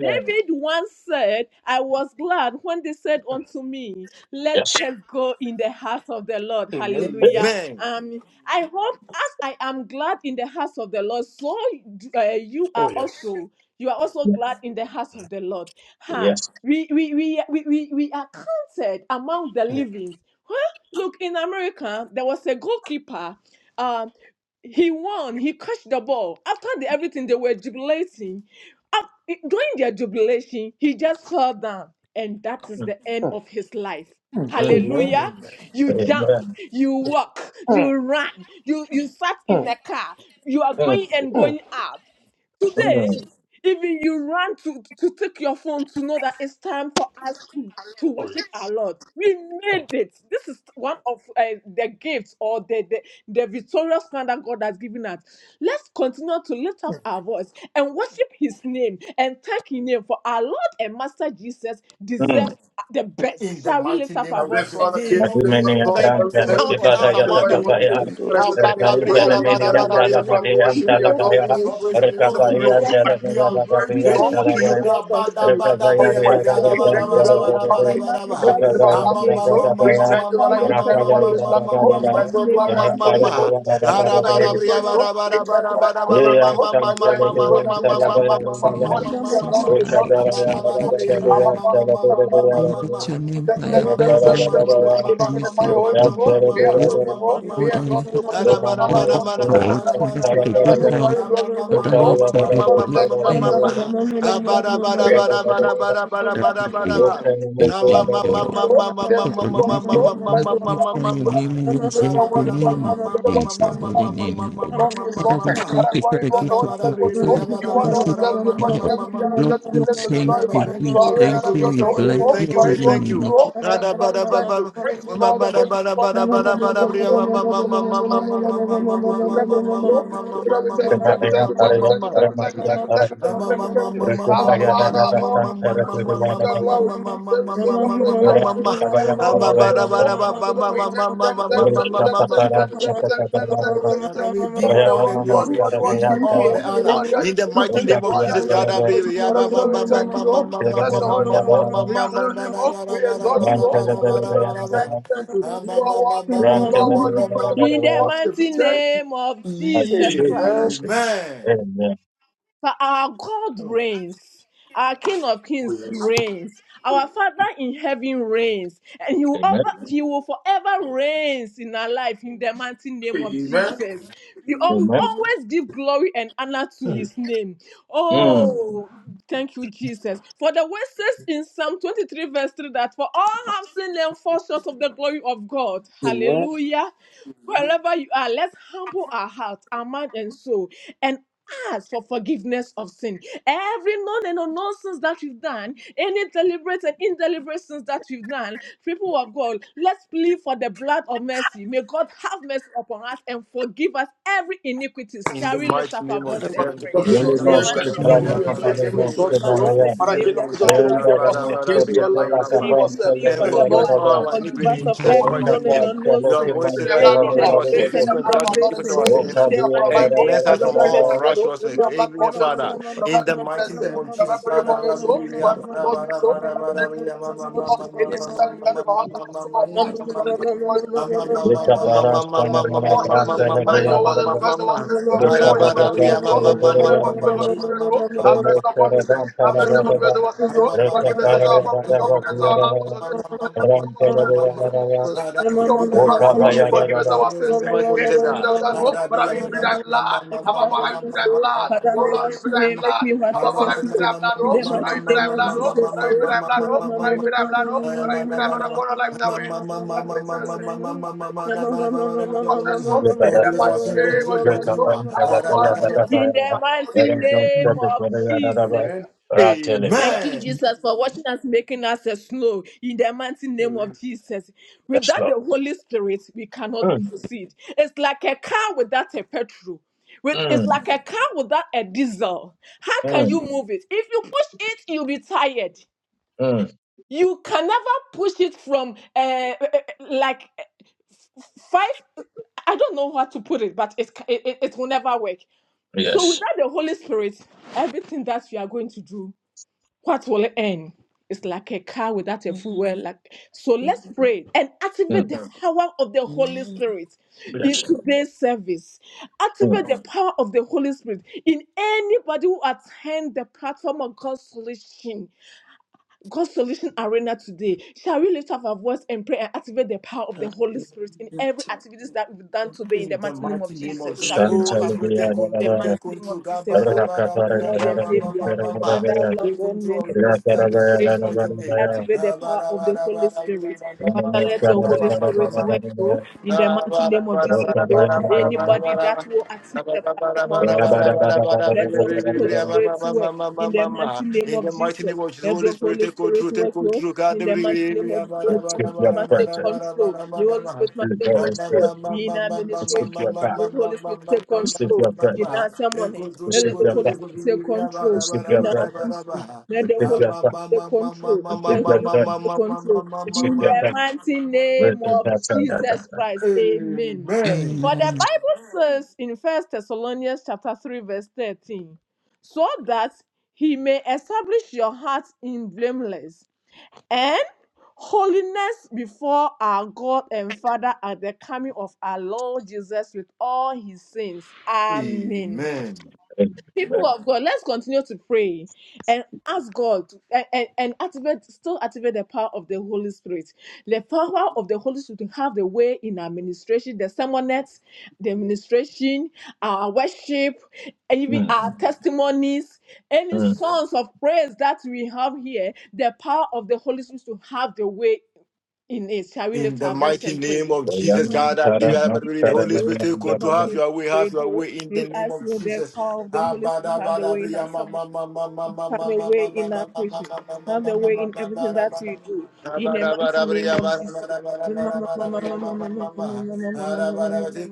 Speaker 4: David once said, I was glad when they said unto me, Let
Speaker 1: Yes.
Speaker 4: us go in the house of the Lord.
Speaker 6: you.
Speaker 1: Hey.
Speaker 4: Hallelujah.
Speaker 3: Amen.
Speaker 4: Um, I hope as I am glad in the house of the Lord, so uh, you are
Speaker 6: Amen.
Speaker 4: also. You are also glad in the house of the Lord. Ha.
Speaker 1: Yes.
Speaker 4: We, we, we, we, we, we are counted among the livings. Huh? Look, in America, there was a goalkeeper. Um, he won. He crushed the ball. After the, everything, they were jubilating. Af- During their jubilation, he just fell down. And that is
Speaker 1: Mm,
Speaker 4: the end of his life.
Speaker 1: mm.
Speaker 4: Hallelujah.
Speaker 3: Amen.
Speaker 4: You jump,
Speaker 1: Amen.
Speaker 4: you walk, you run, you, you sat in the car, you are
Speaker 1: Mm,
Speaker 4: going and going out. Today,
Speaker 1: mm,
Speaker 4: even you ran to, to take your phone to know that it's time for us to, to worship our Lord. We made it. This is one of uh, the gifts or the, the, the victorious plan that God has given us. Let's continue to lift up our voice and worship His name and thank His name for our Lord and Master Jesus
Speaker 1: mm.
Speaker 4: deserves the best. Shall we lift up our
Speaker 6: Heavenly
Speaker 4: voice and
Speaker 6: Father,
Speaker 4: thank
Speaker 6: King of
Speaker 4: Him?
Speaker 6: Kings, Lord of
Speaker 1: Madhumene
Speaker 4: In
Speaker 6: Lords,
Speaker 4: the
Speaker 1: Abram
Speaker 6: Lord, we
Speaker 4: mighty
Speaker 1: Dala
Speaker 6: thank
Speaker 4: name
Speaker 6: you,
Speaker 4: of
Speaker 6: Lord, we
Speaker 1: Kibada
Speaker 4: Jesus,
Speaker 1: Yata
Speaker 6: magnify
Speaker 4: my
Speaker 6: your
Speaker 2: Dorje
Speaker 4: Lord
Speaker 6: holy name.
Speaker 1: Kapaya,
Speaker 4: and
Speaker 6: But
Speaker 2: Tundura
Speaker 6: I
Speaker 4: Savior.
Speaker 6: said that name, we
Speaker 1: Rikau
Speaker 6: praise
Speaker 4: Father,
Speaker 6: your
Speaker 4: you
Speaker 6: name, we
Speaker 1: Zalemini
Speaker 6: honor,
Speaker 4: deserve
Speaker 6: we
Speaker 4: the best.
Speaker 1: Yandala
Speaker 6: magnify, we
Speaker 1: Madhyam
Speaker 4: You
Speaker 6: worship, we
Speaker 1: Dala
Speaker 4: deserve
Speaker 6: adore,
Speaker 1: Daya,
Speaker 6: we exalt, we
Speaker 4: adoration.
Speaker 6: lift up, we
Speaker 4: You
Speaker 6: praise you.
Speaker 1: Rikabaya
Speaker 4: deserve
Speaker 1: Dala
Speaker 6: Father,
Speaker 4: thanksgiving.
Speaker 6: we Thank
Speaker 4: We
Speaker 6: you,
Speaker 1: Mayadabaya
Speaker 6: Lord.
Speaker 4: thank
Speaker 1: Dala
Speaker 4: you,
Speaker 6: We
Speaker 4: O
Speaker 1: Vaya,
Speaker 6: thank you
Speaker 4: Lord
Speaker 6: for the
Speaker 4: of
Speaker 6: gift of
Speaker 4: hosts.
Speaker 6: life given
Speaker 1: Rikabaya
Speaker 4: We
Speaker 6: unto us.
Speaker 4: bless your
Speaker 6: We
Speaker 4: holy
Speaker 1: Yadabam
Speaker 6: thank you for
Speaker 4: name,
Speaker 6: life
Speaker 4: Lord.
Speaker 6: of our
Speaker 2: Musturu
Speaker 1: Sarabada,
Speaker 4: We
Speaker 6: family. We thank
Speaker 4: magnify
Speaker 6: you for
Speaker 4: your
Speaker 2: Tundura
Speaker 6: life of our
Speaker 1: Rikabaya
Speaker 4: holy
Speaker 6: loved ones.
Speaker 4: name.
Speaker 6: Lord. We
Speaker 4: We
Speaker 1: Rikabaya,
Speaker 6: thank you for
Speaker 4: magnify
Speaker 6: life
Speaker 4: your
Speaker 6: we can have
Speaker 4: holy
Speaker 1: Rakala
Speaker 6: on
Speaker 4: name.
Speaker 6: this platform,
Speaker 4: In
Speaker 6: Lord.
Speaker 4: the
Speaker 6: And I
Speaker 1: Radabaya,
Speaker 2: Jesus
Speaker 4: mighty
Speaker 6: say
Speaker 4: name
Speaker 6: glory
Speaker 4: of
Speaker 6: and appear to
Speaker 4: Jesus.
Speaker 1: Rakala
Speaker 6: holy name. And I say that name,
Speaker 1: Radabaya,
Speaker 6: we praise, you, Lord. We thank you for life of our children, Lord.
Speaker 1: Yasam
Speaker 6: And I say that name, we
Speaker 5: Thank
Speaker 6: praise
Speaker 1: Talabaya
Speaker 6: your name, we
Speaker 1: Dala
Speaker 6: honor, we
Speaker 5: you For
Speaker 6: magnify, we
Speaker 5: your
Speaker 1: Vaya,
Speaker 6: worship, we
Speaker 5: mercies,
Speaker 6: adore,
Speaker 5: for
Speaker 6: we
Speaker 5: the
Speaker 6: exalt,
Speaker 5: Lord
Speaker 6: we
Speaker 1: Rikabaya
Speaker 5: is
Speaker 6: lift up,
Speaker 5: great
Speaker 6: we
Speaker 5: and
Speaker 6: praise. you.
Speaker 5: generally
Speaker 6: Our
Speaker 1: Radabaya
Speaker 6: Father,
Speaker 1: Dala
Speaker 6: King of Kings, Lord of
Speaker 5: with
Speaker 1: Vaya,
Speaker 5: your
Speaker 6: Lords,
Speaker 5: name
Speaker 6: Thank you,
Speaker 5: high
Speaker 6: thank you,
Speaker 3: Mama,
Speaker 6: thank you,
Speaker 5: above all
Speaker 6: thank you,
Speaker 5: other
Speaker 6: thank you.
Speaker 1: Rikabaya
Speaker 6: We
Speaker 5: and we
Speaker 6: magnify
Speaker 5: say
Speaker 6: your holy
Speaker 5: thank
Speaker 6: name,
Speaker 1: Thank
Speaker 5: you
Speaker 6: Lord. We
Speaker 5: for
Speaker 2: Tindara
Speaker 6: adore
Speaker 5: this
Speaker 6: your name, Lord.
Speaker 2: Musturu
Speaker 6: We
Speaker 5: word and we
Speaker 6: exalt you
Speaker 5: thank
Speaker 6: for the joy of our
Speaker 5: you,
Speaker 6: life.
Speaker 5: Lord,
Speaker 6: Come to us and step
Speaker 5: for
Speaker 6: on to
Speaker 5: this for
Speaker 6: you.
Speaker 5: the
Speaker 6: And I
Speaker 5: good
Speaker 6: say,
Speaker 5: health
Speaker 6: glory, glory
Speaker 5: that
Speaker 6: to you, Lord.
Speaker 5: Lord for
Speaker 6: And I
Speaker 5: your
Speaker 6: say, glory, thank you, thank you,
Speaker 5: blessing.
Speaker 6: thank you, thank you, thank you. We adore your holy name. We
Speaker 5: that you
Speaker 6: magnify your
Speaker 5: give.
Speaker 6: name. Say,
Speaker 5: We thank
Speaker 6: glory,
Speaker 5: you,
Speaker 6: glory
Speaker 5: Lord.
Speaker 6: to you, Lord. Say,
Speaker 5: Let
Speaker 6: bless you, Lord, to you, Lord. And I say, you alone is worthy. Let's say, I I want, I to go to what you are to come
Speaker 5: holy name,
Speaker 6: you. God be
Speaker 5: Father, we
Speaker 6: exalted. And
Speaker 5: thank you for the
Speaker 6: be unto
Speaker 5: gift of life.
Speaker 6: to
Speaker 5: Father, we thank
Speaker 6: alone
Speaker 5: you
Speaker 6: deserve to be
Speaker 5: for the
Speaker 6: praised,
Speaker 5: help.
Speaker 6: deserve to be honored,
Speaker 5: Lord,
Speaker 6: deserve to be
Speaker 5: we
Speaker 6: lifted and
Speaker 5: thank you.
Speaker 6: glorified.
Speaker 5: We
Speaker 6: Glory and
Speaker 5: thank
Speaker 6: honor be
Speaker 5: you.
Speaker 6: unto
Speaker 5: We
Speaker 6: your holy name,
Speaker 5: bless
Speaker 2: Dorje
Speaker 6: oh.
Speaker 5: your
Speaker 6: For it
Speaker 5: holy
Speaker 2: Tundura
Speaker 6: wants
Speaker 5: name.
Speaker 6: you, oh. And
Speaker 2: Makaram
Speaker 6: that's what I thank you. we Receive all the praise, we receive all the honor, we receive all the worship, oh. And I say, there is none like unto thee.
Speaker 2: Active
Speaker 6: Our Father, our
Speaker 4: Amen.
Speaker 6: Lord, let we
Speaker 4: In
Speaker 6: receive your glory. as we
Speaker 4: the
Speaker 6: receive your praise, Lord. Receive your honor, receive your rich, Lord. Want to we thank you, thank you, thank you, thank you, thank you, thank you, thank you, thank you, thank you, thank you, thank you, thank you,
Speaker 3: And
Speaker 6: thank
Speaker 3: we
Speaker 6: you.
Speaker 3: give you
Speaker 6: You say,
Speaker 3: all the
Speaker 6: worthy, worthy,
Speaker 3: glory.
Speaker 6: worthy,
Speaker 3: We give
Speaker 6: worthy
Speaker 3: you
Speaker 6: are you, O
Speaker 3: all
Speaker 6: Lord?
Speaker 3: the honor.
Speaker 6: Worthy are you,
Speaker 3: In the
Speaker 6: King of
Speaker 3: mighty
Speaker 6: Kings?
Speaker 3: name of
Speaker 6: Worthy are
Speaker 3: Jesus,
Speaker 6: you,
Speaker 3: God, I
Speaker 6: to
Speaker 3: pray.
Speaker 6: this?
Speaker 3: Yeah,
Speaker 6: Father,
Speaker 3: ba,
Speaker 6: today
Speaker 3: ba,
Speaker 6: we
Speaker 3: ba, ba,
Speaker 6: thank
Speaker 3: ba,
Speaker 6: you,
Speaker 3: ba, ba,
Speaker 6: Lord.
Speaker 3: ba,
Speaker 6: We bless your
Speaker 3: ba, ba, ba,
Speaker 6: holy name, Lord.
Speaker 3: ba, ba, ba,
Speaker 6: We
Speaker 3: ba,
Speaker 6: adore your
Speaker 3: ba,
Speaker 6: name,
Speaker 3: da,
Speaker 6: Lord.
Speaker 3: ba, da, ba, da, ba, da, ba,
Speaker 6: We exalt you,
Speaker 3: da,
Speaker 6: Lord. Father,
Speaker 3: ba, da,
Speaker 6: today
Speaker 3: ba,
Speaker 6: we
Speaker 3: da, ba.
Speaker 1: you.
Speaker 6: thank you, thank you.
Speaker 3: Ah,
Speaker 6: You
Speaker 3: ba,
Speaker 6: are
Speaker 3: ba, ba,
Speaker 6: worthy.
Speaker 3: ba,
Speaker 1: I
Speaker 3: ba,
Speaker 6: You
Speaker 3: ba,
Speaker 6: are worthy,
Speaker 3: ba, ba, ba.
Speaker 6: praise and worthy to worship.
Speaker 4: mighty
Speaker 6: We thank
Speaker 4: name of Jesus
Speaker 6: you.
Speaker 2: Amen.
Speaker 1: should be
Speaker 4: Christ.
Speaker 6: Amen.
Speaker 1: considered.
Speaker 3: Amen.
Speaker 1: Amen.
Speaker 4: For our God reigns. Our King of
Speaker 6: Oh,
Speaker 4: Kings
Speaker 6: yes.
Speaker 4: reigns. Our Father in heaven reigns. And he will,
Speaker 1: Amen.
Speaker 4: over, he will forever reigns in our life in the mighty name of
Speaker 6: Amen.
Speaker 4: Jesus. We al-
Speaker 1: Amen.
Speaker 4: always give glory and honor to his name.
Speaker 1: Mm.
Speaker 4: Oh, thank you, Jesus. For the word says in Psalm 23, verse 3 that for all have sinned and fall short of the glory of God.
Speaker 6: Amen.
Speaker 4: Hallelujah. Wherever you are, let's humble our heart, our mind, and soul. and ask for forgiveness of sin. Every known and unknown sins that we've done, any deliberate and indeliberate sins that we've done, people of God, let's plead for the blood of mercy. May God have mercy upon us and forgive us every iniquity.
Speaker 3: In
Speaker 4: Shall
Speaker 3: the
Speaker 4: we lift
Speaker 3: mighty
Speaker 4: up our
Speaker 3: name of
Speaker 2: Father,
Speaker 4: voice
Speaker 3: Jesus,
Speaker 2: we
Speaker 4: and
Speaker 6: Para
Speaker 2: come
Speaker 3: Heavenly
Speaker 4: pray?
Speaker 6: aquele of
Speaker 3: Father,
Speaker 6: Kings,
Speaker 3: we
Speaker 6: Lord,
Speaker 1: Really
Speaker 4: In
Speaker 2: before
Speaker 3: come
Speaker 4: the
Speaker 1: no
Speaker 2: you
Speaker 6: I
Speaker 3: before
Speaker 2: this
Speaker 6: bless
Speaker 3: your
Speaker 4: mighty
Speaker 6: your holy
Speaker 3: throne,
Speaker 4: name
Speaker 1: skitral
Speaker 4: of
Speaker 1: na
Speaker 5: Amen.
Speaker 6: name,
Speaker 3: Lord,
Speaker 6: your
Speaker 2: morning.
Speaker 3: Father,
Speaker 6: glory
Speaker 4: Jesus,
Speaker 3: and
Speaker 1: kapare
Speaker 6: name,
Speaker 4: Lord,
Speaker 1: no
Speaker 3: forgive
Speaker 2: We
Speaker 6: exalt
Speaker 3: us
Speaker 2: ask
Speaker 4: my
Speaker 3: our
Speaker 2: for
Speaker 6: you.
Speaker 4: Lord
Speaker 1: kemanaya.
Speaker 3: sins
Speaker 4: and
Speaker 3: in
Speaker 6: Para
Speaker 3: the
Speaker 2: forgiveness
Speaker 6: aquele
Speaker 3: name
Speaker 6: of
Speaker 4: Savior,
Speaker 3: of
Speaker 6: Kings, Lord, should
Speaker 3: Jesus,
Speaker 6: I
Speaker 3: Lord,
Speaker 4: Father,
Speaker 6: fear
Speaker 1: Renda da
Speaker 3: Father,
Speaker 1: na
Speaker 6: nothing
Speaker 3: Father,
Speaker 6: against
Speaker 1: chete
Speaker 3: bring
Speaker 6: you,
Speaker 3: them,
Speaker 1: te
Speaker 6: align
Speaker 3: bam,
Speaker 6: your
Speaker 1: la
Speaker 3: bam,
Speaker 6: decision
Speaker 3: bam.
Speaker 4: we
Speaker 6: with
Speaker 1: kapan
Speaker 4: plead
Speaker 1: te
Speaker 6: yourself.
Speaker 4: thee
Speaker 1: le
Speaker 3: and
Speaker 4: for
Speaker 1: ne
Speaker 6: There's
Speaker 4: your
Speaker 1: ya
Speaker 3: forgive
Speaker 1: da
Speaker 6: no
Speaker 3: us
Speaker 1: da
Speaker 4: blood.
Speaker 6: true
Speaker 1: da.
Speaker 3: all
Speaker 6: menace
Speaker 3: our
Speaker 6: for the
Speaker 4: Forgive us
Speaker 3: iniquity in
Speaker 4: of
Speaker 6: come
Speaker 3: Jesus'
Speaker 6: upon
Speaker 1: Ore
Speaker 4: every
Speaker 6: your
Speaker 3: mighty
Speaker 4: known and
Speaker 1: kaka
Speaker 3: name.
Speaker 6: promises,
Speaker 1: te
Speaker 6: Lord.
Speaker 4: unknown
Speaker 1: lo
Speaker 6: But
Speaker 3: Your
Speaker 4: sins,
Speaker 6: we
Speaker 3: word
Speaker 1: keman
Speaker 3: said
Speaker 6: pray the
Speaker 1: te
Speaker 3: that
Speaker 6: blood,
Speaker 3: if
Speaker 1: la
Speaker 4: any
Speaker 6: oh
Speaker 1: mo
Speaker 3: confess
Speaker 2: of
Speaker 6: Lord.
Speaker 1: ya
Speaker 3: our
Speaker 1: da
Speaker 6: We
Speaker 1: da
Speaker 3: sins,
Speaker 4: deliberate
Speaker 6: pray
Speaker 2: these
Speaker 4: and
Speaker 6: the
Speaker 3: faithful
Speaker 1: da.
Speaker 3: and
Speaker 6: blood of
Speaker 3: just to
Speaker 6: our Lord
Speaker 3: forgive
Speaker 4: indeliberate
Speaker 6: and
Speaker 3: us our
Speaker 4: sins.
Speaker 6: Savior,
Speaker 1: O
Speaker 6: the Son
Speaker 4: In
Speaker 3: sins
Speaker 2: sins
Speaker 6: of
Speaker 4: the
Speaker 6: our
Speaker 1: kabiya
Speaker 4: mighty
Speaker 1: da
Speaker 6: life,
Speaker 3: and
Speaker 1: da
Speaker 6: oh.
Speaker 1: da
Speaker 4: name
Speaker 3: cleanse
Speaker 1: da
Speaker 6: We
Speaker 3: us
Speaker 4: of
Speaker 1: da
Speaker 3: from
Speaker 6: don't
Speaker 1: da
Speaker 6: die for
Speaker 3: all
Speaker 6: the
Speaker 4: Jesus,
Speaker 1: da.
Speaker 6: blood, oh.
Speaker 3: unrighteousness.
Speaker 6: May your blood
Speaker 3: Amen,
Speaker 6: wash
Speaker 2: that
Speaker 6: us,
Speaker 2: are
Speaker 6: eh.
Speaker 3: Father.
Speaker 2: all
Speaker 6: Your
Speaker 2: us
Speaker 3: In
Speaker 6: blood
Speaker 2: in
Speaker 3: the
Speaker 6: cleanse
Speaker 3: mighty
Speaker 6: us, eh.
Speaker 3: name of
Speaker 6: Your blood
Speaker 3: Jesus,
Speaker 6: pray
Speaker 3: Father,
Speaker 6: for us,
Speaker 3: Father,
Speaker 2: the
Speaker 6: oh.
Speaker 3: bring
Speaker 6: For
Speaker 3: them,
Speaker 2: kingdom
Speaker 6: every
Speaker 2: of
Speaker 6: lost
Speaker 3: Father,
Speaker 6: and
Speaker 3: Father,
Speaker 6: soul,
Speaker 2: Jesus.
Speaker 3: Father,
Speaker 6: every
Speaker 3: Father, bring
Speaker 6: that
Speaker 3: them,
Speaker 6: is
Speaker 3: bam,
Speaker 6: in
Speaker 3: bam,
Speaker 6: soul,
Speaker 3: bam,
Speaker 6: Lord.
Speaker 2: Jesus, Jesus,
Speaker 3: bam,
Speaker 6: Any
Speaker 2: Jesus,
Speaker 3: bam, bam,
Speaker 6: sins that we've done in our
Speaker 3: bam, bam,
Speaker 6: heart, our
Speaker 3: bam,
Speaker 6: soul, our mind.
Speaker 2: Jesus, Jesus,
Speaker 6: Whatever
Speaker 2: Jesus,
Speaker 6: you call
Speaker 2: Jesus, Jesus, Jesus,
Speaker 1: Eka
Speaker 6: us,
Speaker 1: bara stana na na
Speaker 6: Wash us,
Speaker 1: kran te
Speaker 6: sir.
Speaker 2: Jesus,
Speaker 1: le
Speaker 3: bam,
Speaker 6: Father,
Speaker 2: Jesus,
Speaker 6: in
Speaker 1: de ya
Speaker 6: your
Speaker 1: da
Speaker 6: word,
Speaker 1: da
Speaker 3: bam, bam,
Speaker 6: you
Speaker 1: da.
Speaker 6: confess
Speaker 3: bam,
Speaker 6: our
Speaker 3: bam.
Speaker 6: sins to have
Speaker 1: Ore
Speaker 6: faith for
Speaker 3: Hallelujah.
Speaker 6: you,
Speaker 1: kaga
Speaker 6: confess it
Speaker 1: kan te
Speaker 6: so.
Speaker 1: le
Speaker 6: You know, today, forgive us,
Speaker 2: Jesus,
Speaker 6: forgive us, so. Have mercy
Speaker 1: Ratelebera.
Speaker 6: upon us, sir. Have mercy, forgive us our sins, so. Forgive the sins of our family, so. Forgive us our loved ones, forgive us our enemies, so. Forgive us our
Speaker 2: we
Speaker 6: children, so.
Speaker 2: give you
Speaker 6: Forgive us
Speaker 2: all the glory,
Speaker 6: our enemies,
Speaker 2: we
Speaker 6: so.
Speaker 2: give
Speaker 6: On this platform,
Speaker 2: and
Speaker 6: oh.
Speaker 4: Lord.
Speaker 6: Forgive us our sins,
Speaker 4: Father,
Speaker 6: sir. Any sins that done,
Speaker 2: praise,
Speaker 6: oh. Father,
Speaker 2: and glory in
Speaker 6: we
Speaker 2: the
Speaker 6: plead
Speaker 2: name
Speaker 6: thy blood. Abba, Father, we plead thy blood. Oh,
Speaker 4: may
Speaker 6: Lord, we
Speaker 4: wash
Speaker 6: plead thy
Speaker 4: me, make
Speaker 6: blood.
Speaker 4: me what I
Speaker 6: Abba,
Speaker 4: said
Speaker 6: Father, we
Speaker 4: to
Speaker 6: plead thy
Speaker 4: you.
Speaker 6: blood,
Speaker 4: In
Speaker 6: oh.
Speaker 2: of
Speaker 4: the mighty
Speaker 6: Father,
Speaker 2: Jesus.
Speaker 6: we plead
Speaker 4: name
Speaker 6: thy
Speaker 4: of
Speaker 6: blood, oh.
Speaker 4: Jesus,
Speaker 6: Father, we
Speaker 4: you.
Speaker 6: plead thy blood,
Speaker 4: In
Speaker 6: oh. Father, we plead thy blood, oh. Father, we plead thy blood
Speaker 3: Oh,
Speaker 6: upon our life now, eh. Father, cleanse us, eh. In the mighty name of Jesus,
Speaker 3: ah. Ah,
Speaker 6: our Father, King of
Speaker 4: the
Speaker 6: Kings,
Speaker 4: mighty name of Jesus.
Speaker 6: Amen.
Speaker 4: Thank you,
Speaker 3: Amen.
Speaker 4: Jesus, for watching us, making us a snow in the mighty name of
Speaker 6: Amen.
Speaker 4: Jesus.
Speaker 1: Yes,
Speaker 4: Without
Speaker 1: Lord.
Speaker 4: the Holy Spirit, we cannot
Speaker 1: Mm,
Speaker 4: proceed. It's like a car without a petrol. With, it's
Speaker 1: mm,
Speaker 4: like a car without a diesel. How can you
Speaker 1: mm,
Speaker 4: move it? If you push it, you'll be tired. You can never push it from uh, uh, uh, like uh, five i don't know how to put it but it, it it will never work so
Speaker 1: Yes.
Speaker 4: without the holy spirit everything that we are going to do what will it end? It's like a car without a fuel. well,
Speaker 2: Mhm.
Speaker 4: Like so, let's pray and
Speaker 1: mm.
Speaker 4: activate the power of the Holy
Speaker 2: Amen.
Speaker 4: Spirit
Speaker 1: Yes. Mm,
Speaker 4: in
Speaker 1: yes, Lord.
Speaker 4: today's service.
Speaker 1: Mm.
Speaker 4: Activate the power of the Holy Spirit in anybody who attend the platform of God's solution. God's solution arena today. Shall we lift up our voice and pray and activate the power of the
Speaker 2: God,
Speaker 4: Holy
Speaker 2: we
Speaker 4: Spirit in every
Speaker 2: magnify
Speaker 4: activities that we've done today in
Speaker 3: In
Speaker 4: the
Speaker 3: the
Speaker 4: mighty name
Speaker 3: mighty
Speaker 4: of
Speaker 3: name of
Speaker 4: Jesus? Shall
Speaker 3: Jesus,
Speaker 4: we lift
Speaker 2: you.
Speaker 4: up
Speaker 3: Holy
Speaker 4: our voice?
Speaker 3: Spirit,
Speaker 1: Shantelebera.
Speaker 3: take
Speaker 4: in The
Speaker 3: control,
Speaker 4: mighty
Speaker 3: take
Speaker 4: name
Speaker 3: control.
Speaker 4: of
Speaker 3: Ga, ba,
Speaker 4: Jesus,
Speaker 3: da, ba, da,
Speaker 4: oh
Speaker 3: ba,
Speaker 4: my
Speaker 3: ya,
Speaker 4: Lord
Speaker 3: ma,
Speaker 4: and
Speaker 3: ma, ma, ma,
Speaker 4: Savior,
Speaker 3: ma, ma.
Speaker 4: Father, Lord
Speaker 3: Take
Speaker 4: God,
Speaker 3: control of
Speaker 4: mercy,
Speaker 3: this
Speaker 4: we
Speaker 3: service,
Speaker 4: pray
Speaker 3: Jesus'
Speaker 4: thee.
Speaker 3: mighty
Speaker 4: We
Speaker 3: name.
Speaker 1: Rakapara.
Speaker 4: activate the
Speaker 3: Ah, ba,
Speaker 4: power
Speaker 3: da,
Speaker 4: of
Speaker 3: ba,
Speaker 4: the
Speaker 3: da, ba,
Speaker 4: Holy
Speaker 3: da, ba, ya,
Speaker 4: Spirit.
Speaker 3: ma,
Speaker 1: Let's
Speaker 3: ma,
Speaker 4: Father,
Speaker 3: ma,
Speaker 4: let
Speaker 1: give
Speaker 3: ma,
Speaker 4: your
Speaker 3: ma,
Speaker 4: Holy
Speaker 3: ma, ma, ma,
Speaker 4: Spirit
Speaker 3: ma,
Speaker 4: work you
Speaker 3: In
Speaker 4: in the
Speaker 3: the
Speaker 4: mighty name of Jesus. oh. Anybody that will attend the platform of God's let your Holy Spirit work in the mighty name of
Speaker 3: mighty
Speaker 4: Jesus.
Speaker 3: name of Jesus,
Speaker 4: Let
Speaker 3: Holy
Speaker 4: your
Speaker 3: Spirit,
Speaker 4: Holy
Speaker 3: take
Speaker 4: Spirit
Speaker 3: control, take
Speaker 4: work, Lord,
Speaker 3: control, God.
Speaker 4: in
Speaker 3: Take
Speaker 4: the
Speaker 3: control,
Speaker 4: mighty name of Jesus. Holy Spirit
Speaker 1: your
Speaker 4: must take
Speaker 1: presence.
Speaker 4: control. Your Holy Spirit must
Speaker 1: Let's go,
Speaker 4: take
Speaker 1: let's go.
Speaker 4: control in
Speaker 1: Let's give
Speaker 4: administration.
Speaker 1: your back.
Speaker 4: Let the Holy Spirit take
Speaker 1: Let's give
Speaker 4: control
Speaker 1: your
Speaker 4: in
Speaker 1: presence.
Speaker 4: our ceremony.
Speaker 1: Let's
Speaker 3: take
Speaker 1: give
Speaker 4: Let the
Speaker 1: your
Speaker 3: control,
Speaker 4: Holy
Speaker 1: back.
Speaker 3: take
Speaker 4: Spirit take control
Speaker 1: Let's give your
Speaker 4: in our
Speaker 1: presence.
Speaker 4: fusion. Let
Speaker 1: Let's
Speaker 4: the
Speaker 1: give
Speaker 4: Holy
Speaker 1: your back.
Speaker 4: Spirit take control.
Speaker 1: Let's
Speaker 4: Let
Speaker 1: give
Speaker 4: the
Speaker 1: your
Speaker 4: Holy Spirit
Speaker 1: presence.
Speaker 4: take control
Speaker 1: Let's give
Speaker 4: in
Speaker 1: your
Speaker 3: control.
Speaker 4: the
Speaker 1: back.
Speaker 4: mighty
Speaker 1: Let's
Speaker 4: name
Speaker 1: give
Speaker 4: of
Speaker 1: your presence.
Speaker 4: Jesus Christ. Amen.
Speaker 3: Amen.
Speaker 4: For the
Speaker 5: Amen.
Speaker 4: Bible says in First Thessalonians chapter 3, verse 13, so that he may establish your hearts in blameless and holiness before our God and Father at the coming of our Lord Jesus with all his saints. Amen
Speaker 3: Amen.
Speaker 1: Amen.
Speaker 4: people of God, let's continue to pray and ask God and, and, and activate, still activate the power of the Holy Spirit. The power of the Holy Spirit to have the way in our administration, the sermonettes, the administration, our worship, and even our
Speaker 1: Mm,
Speaker 4: testimonies, any
Speaker 1: mm.
Speaker 4: songs of praise that we have here, the power of the Holy Spirit to have the way in it. Shall we
Speaker 3: In
Speaker 4: lift
Speaker 3: the
Speaker 4: our voice
Speaker 3: mighty
Speaker 4: and
Speaker 3: name
Speaker 4: pray?
Speaker 3: of
Speaker 4: The
Speaker 3: Jesus,
Speaker 4: mighty
Speaker 3: God,
Speaker 1: Oyam
Speaker 3: I
Speaker 4: name
Speaker 1: tara
Speaker 3: believe,
Speaker 4: of
Speaker 3: I
Speaker 1: ma
Speaker 3: believe,
Speaker 4: Jesus,
Speaker 1: tara
Speaker 3: Holy
Speaker 1: me
Speaker 4: Lord,
Speaker 1: me
Speaker 3: Spirit, take
Speaker 1: me
Speaker 4: King
Speaker 3: control,
Speaker 4: of
Speaker 1: me.
Speaker 3: have
Speaker 4: Kings,
Speaker 3: your way, have your
Speaker 4: radio.
Speaker 3: way in the
Speaker 4: You
Speaker 3: name
Speaker 4: ask
Speaker 3: of
Speaker 4: you the
Speaker 3: Jesus.
Speaker 4: power of the
Speaker 3: Take
Speaker 4: Holy Spirit have the way in our sermon, have the way in our preaching, have the way in everything that we do. In the mighty name of Jesus.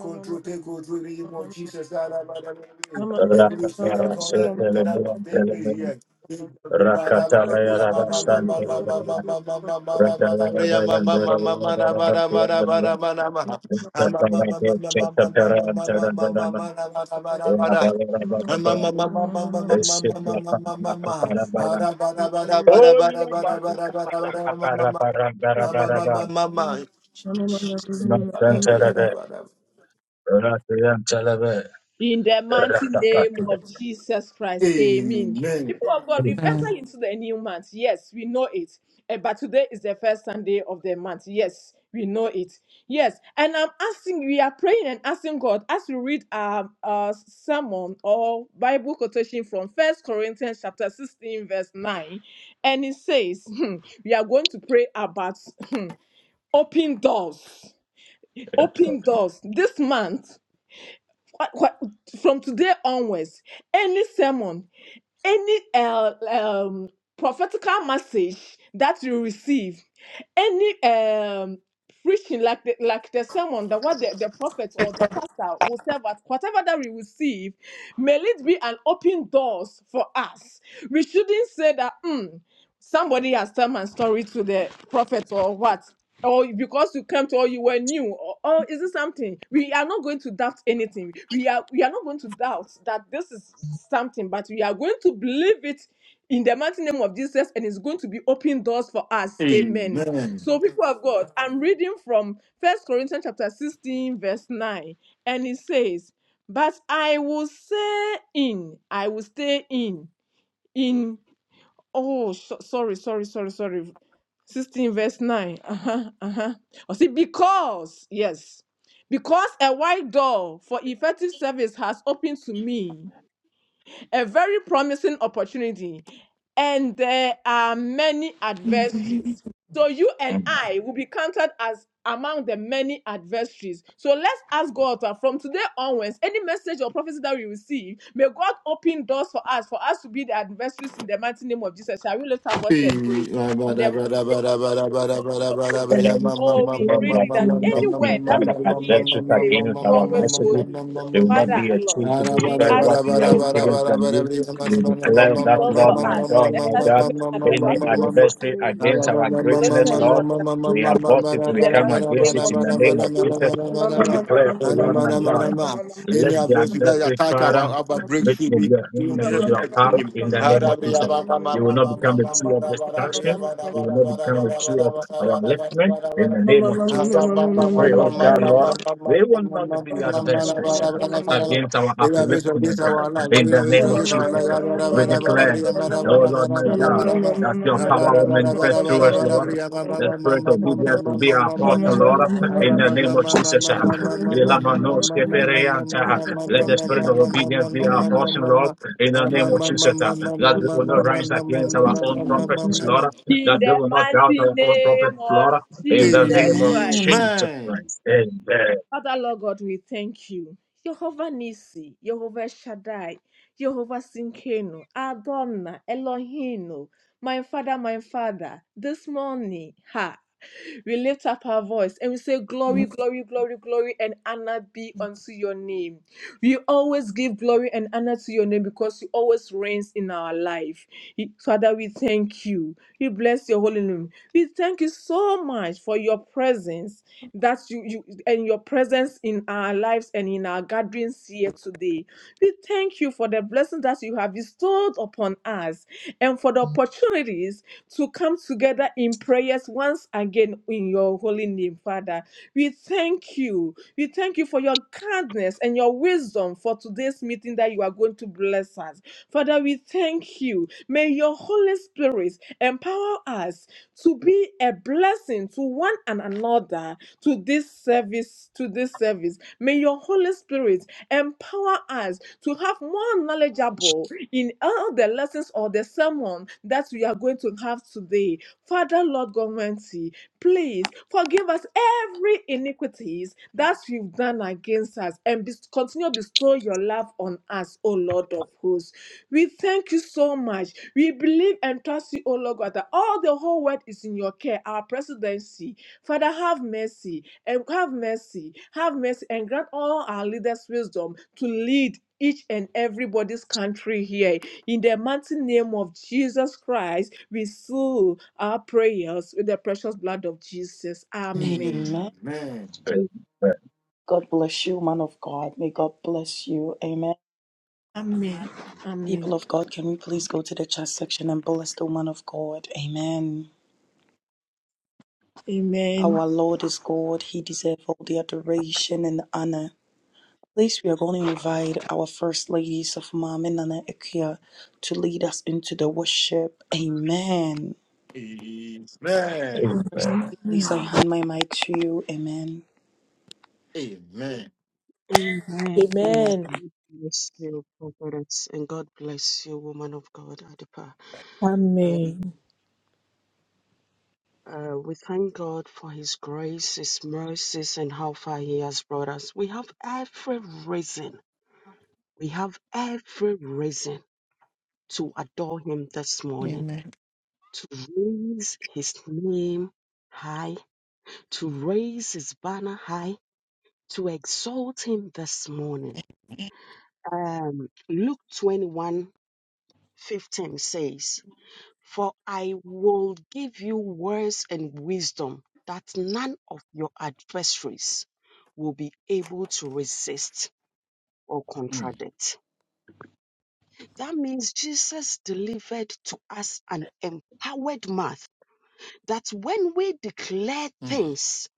Speaker 3: control, take control in the name of Jesus. And the Spirit,
Speaker 1: Rakatara
Speaker 3: come
Speaker 1: se tele me
Speaker 3: and take
Speaker 1: tele
Speaker 3: place
Speaker 1: me.
Speaker 3: here. Amen.
Speaker 1: Rakatala ya rabashan tele me. Holy
Speaker 4: In the mighty name of Jesus Christ, amen. People of God, we've entered into the new month. Yes, we know it. Eh, but today is the first Sunday of the month. Yes, we know it. Yes, and I'm asking, we are praying and asking God as we read our uh, sermon or Bible quotation from First Corinthians chapter 16, verse 9. And it says, hmm, we are going to pray about hmm, open doors. Open doors. This month, what, what, from today onwards, any sermon, any uh, um, prophetical message that you receive, any um, preaching like the, like the sermon that what the, the prophet or the pastor will serve at, whatever that we receive, may it be an open doors for us. We shouldn't say that. "Hmm, somebody has told my story to the prophet or what or because you came to or you were new or, or is it something we are not going to doubt anything we are we are not going to doubt that this is something but we are going to believe it in the mighty name of jesus and it's going to be open doors for us amen
Speaker 3: Amen.
Speaker 4: so people of god i'm reading from first corinthians chapter 16 verse 9 and it says but i will say in i will stay in in Oh, so, sorry, sorry, sorry, sorry. 16 verse 9. Uh-huh, uh-huh. Oh, see, because, yes, because a wide door for effective service has opened to me a very promising opportunity, and there are many adversaries. So you and I will be counted as among the many adversaries. So let's ask God that from today onwards, any message or prophecy that we receive, may God open doors for us, for us to be the adversaries in the mighty name of Jesus. Shall we lift our voice and pray?
Speaker 3: Any adversity
Speaker 4: In the mighty name of Jesus, O Lord of hosts.
Speaker 1: that I was
Speaker 4: Oh, we
Speaker 1: declared
Speaker 4: pray
Speaker 1: that
Speaker 4: thee
Speaker 1: we
Speaker 4: that
Speaker 1: will
Speaker 4: any
Speaker 1: not be
Speaker 4: word that we
Speaker 1: that
Speaker 4: will hear
Speaker 1: adventurous
Speaker 4: today
Speaker 1: against our
Speaker 4: onwards go
Speaker 1: messages.
Speaker 4: in.
Speaker 1: They will not
Speaker 4: Father,
Speaker 1: be a tool
Speaker 4: Lord,
Speaker 1: to
Speaker 4: we
Speaker 1: destroy what
Speaker 4: ask you,
Speaker 1: we are
Speaker 4: oh God,
Speaker 1: receiving from you. We
Speaker 4: to
Speaker 1: declare
Speaker 4: open
Speaker 1: that,
Speaker 4: doors for
Speaker 1: Lord, my
Speaker 4: us,
Speaker 1: God,
Speaker 4: let
Speaker 1: my
Speaker 4: us be
Speaker 1: God,
Speaker 4: made
Speaker 1: any
Speaker 4: ambassadors for worship,
Speaker 1: adversity
Speaker 4: for
Speaker 1: against our
Speaker 4: devotion,
Speaker 1: greatness,
Speaker 4: and
Speaker 1: Lord,
Speaker 4: acceptance
Speaker 1: we abort it,
Speaker 4: in
Speaker 1: we
Speaker 4: the
Speaker 1: come
Speaker 4: mighty
Speaker 1: against
Speaker 4: name
Speaker 1: it in
Speaker 4: of
Speaker 1: the name
Speaker 4: Jesus.
Speaker 1: of
Speaker 4: You.
Speaker 1: Jesus. We declare, oh Lord, my God, let the
Speaker 3: that
Speaker 1: adversary,
Speaker 3: attack our,
Speaker 1: Father,
Speaker 3: our
Speaker 1: meet
Speaker 3: breakthrough,
Speaker 1: with
Speaker 3: we
Speaker 1: your hand
Speaker 3: in
Speaker 1: and with
Speaker 3: Jesus'
Speaker 1: your power
Speaker 3: mighty name.
Speaker 1: in the name of Jesus. You will not become a tree of destruction. They will not be counted true of our liftment. In the name of Jesus, we pray, oh God, Lord, they will not be adversaries uh, against our upliftment. uh, In the name
Speaker 4: In
Speaker 1: of
Speaker 4: the
Speaker 1: Jesus, uh, we declare, oh Lord, my God, that your power will manifest through us, Lord. The spirit of obedience will be our portion, Lord. In the name of Jesus. uh, Ilamanos kepereyanta, uh, Let the spirit of obedience be our portion, Lord. In the name
Speaker 3: Amen. Amen.
Speaker 1: of Jesus. uh, That
Speaker 3: Amen.
Speaker 1: we will not rise against our own prophecies, Lord. That we will not doubt
Speaker 4: mighty
Speaker 1: our own
Speaker 4: name
Speaker 1: prophecies,
Speaker 4: of
Speaker 1: Lord. In the name
Speaker 4: Jesus
Speaker 1: of
Speaker 4: Christ.
Speaker 2: Amen.
Speaker 1: Jesus Christ. Amen.
Speaker 4: Father, Lord God, we thank you. Jehovah Nisi, Jehovah Shaddai, Jehovah Sinkeno, Adonna, Elohino, my Father, my Father, this morning, ha, we lift up our voice and we say, Glory, glory, glory, glory, and honor be unto your name. We always give glory and honor to your name because you always reigns in our life. He- Father, we thank you. We bless your holy name. We thank you so much for your presence that you, you and your presence in our lives and in our gatherings here today. We thank you for the blessings that you have bestowed upon us and for the opportunities to come together in prayers once again in your holy name, Father. We thank you. We thank you for your kindness and your wisdom for today's meeting that you are going to bless us. Father, we thank you. May your Holy Spirit empower us to be a blessing to one and another to this service to this service may your holy spirit empower us to have more knowledgeable in all the lessons or the sermon that we are going to have today father lord god Almighty, please forgive us every iniquities that you've done against us and bes- continue to bestow your love on us, O Lord of hosts. We thank you so much. We believe and trust you, O Lord God, that all the whole world is in your care, our presidency. Father, have mercy and have mercy, have mercy, and grant all our leaders wisdom to lead. Each and everybody's country here. In the mighty name of Jesus Christ, we seal our prayers with the precious blood of Jesus. Amen.
Speaker 2: Amen.
Speaker 1: Amen.
Speaker 2: God bless you, man of God. May God bless you. Amen.
Speaker 4: Amen. Amen.
Speaker 2: People of God, can we please go to the chat section and bless the woman of God? Amen.
Speaker 4: Amen.
Speaker 2: Our Lord is God. He deserves all the adoration and the honor. Please, we are going to invite our first ladies of Mom and Nana Ikea to lead us into the worship. Amen. First,
Speaker 1: Amen.
Speaker 2: please, I hand my mic to you. Amen.
Speaker 3: Amen.
Speaker 7: Amen.
Speaker 2: Amen.
Speaker 4: Amen.
Speaker 7: God bless you, prophetess, and God bless you, woman of God, Adipa. And
Speaker 4: Amen.
Speaker 7: uh, we thank God for His grace, His mercies, and how far He has brought us. We have every reason, we have every reason to adore Him this morning, to raise His name high, to raise His banner high, to exalt Him this morning. Um, Luke 21 15 says, for I will give you words and wisdom that none of your adversaries will be able to resist or
Speaker 3: Mm,
Speaker 7: contradict. That means Jesus delivered to us an empowered mouth that when we declare things,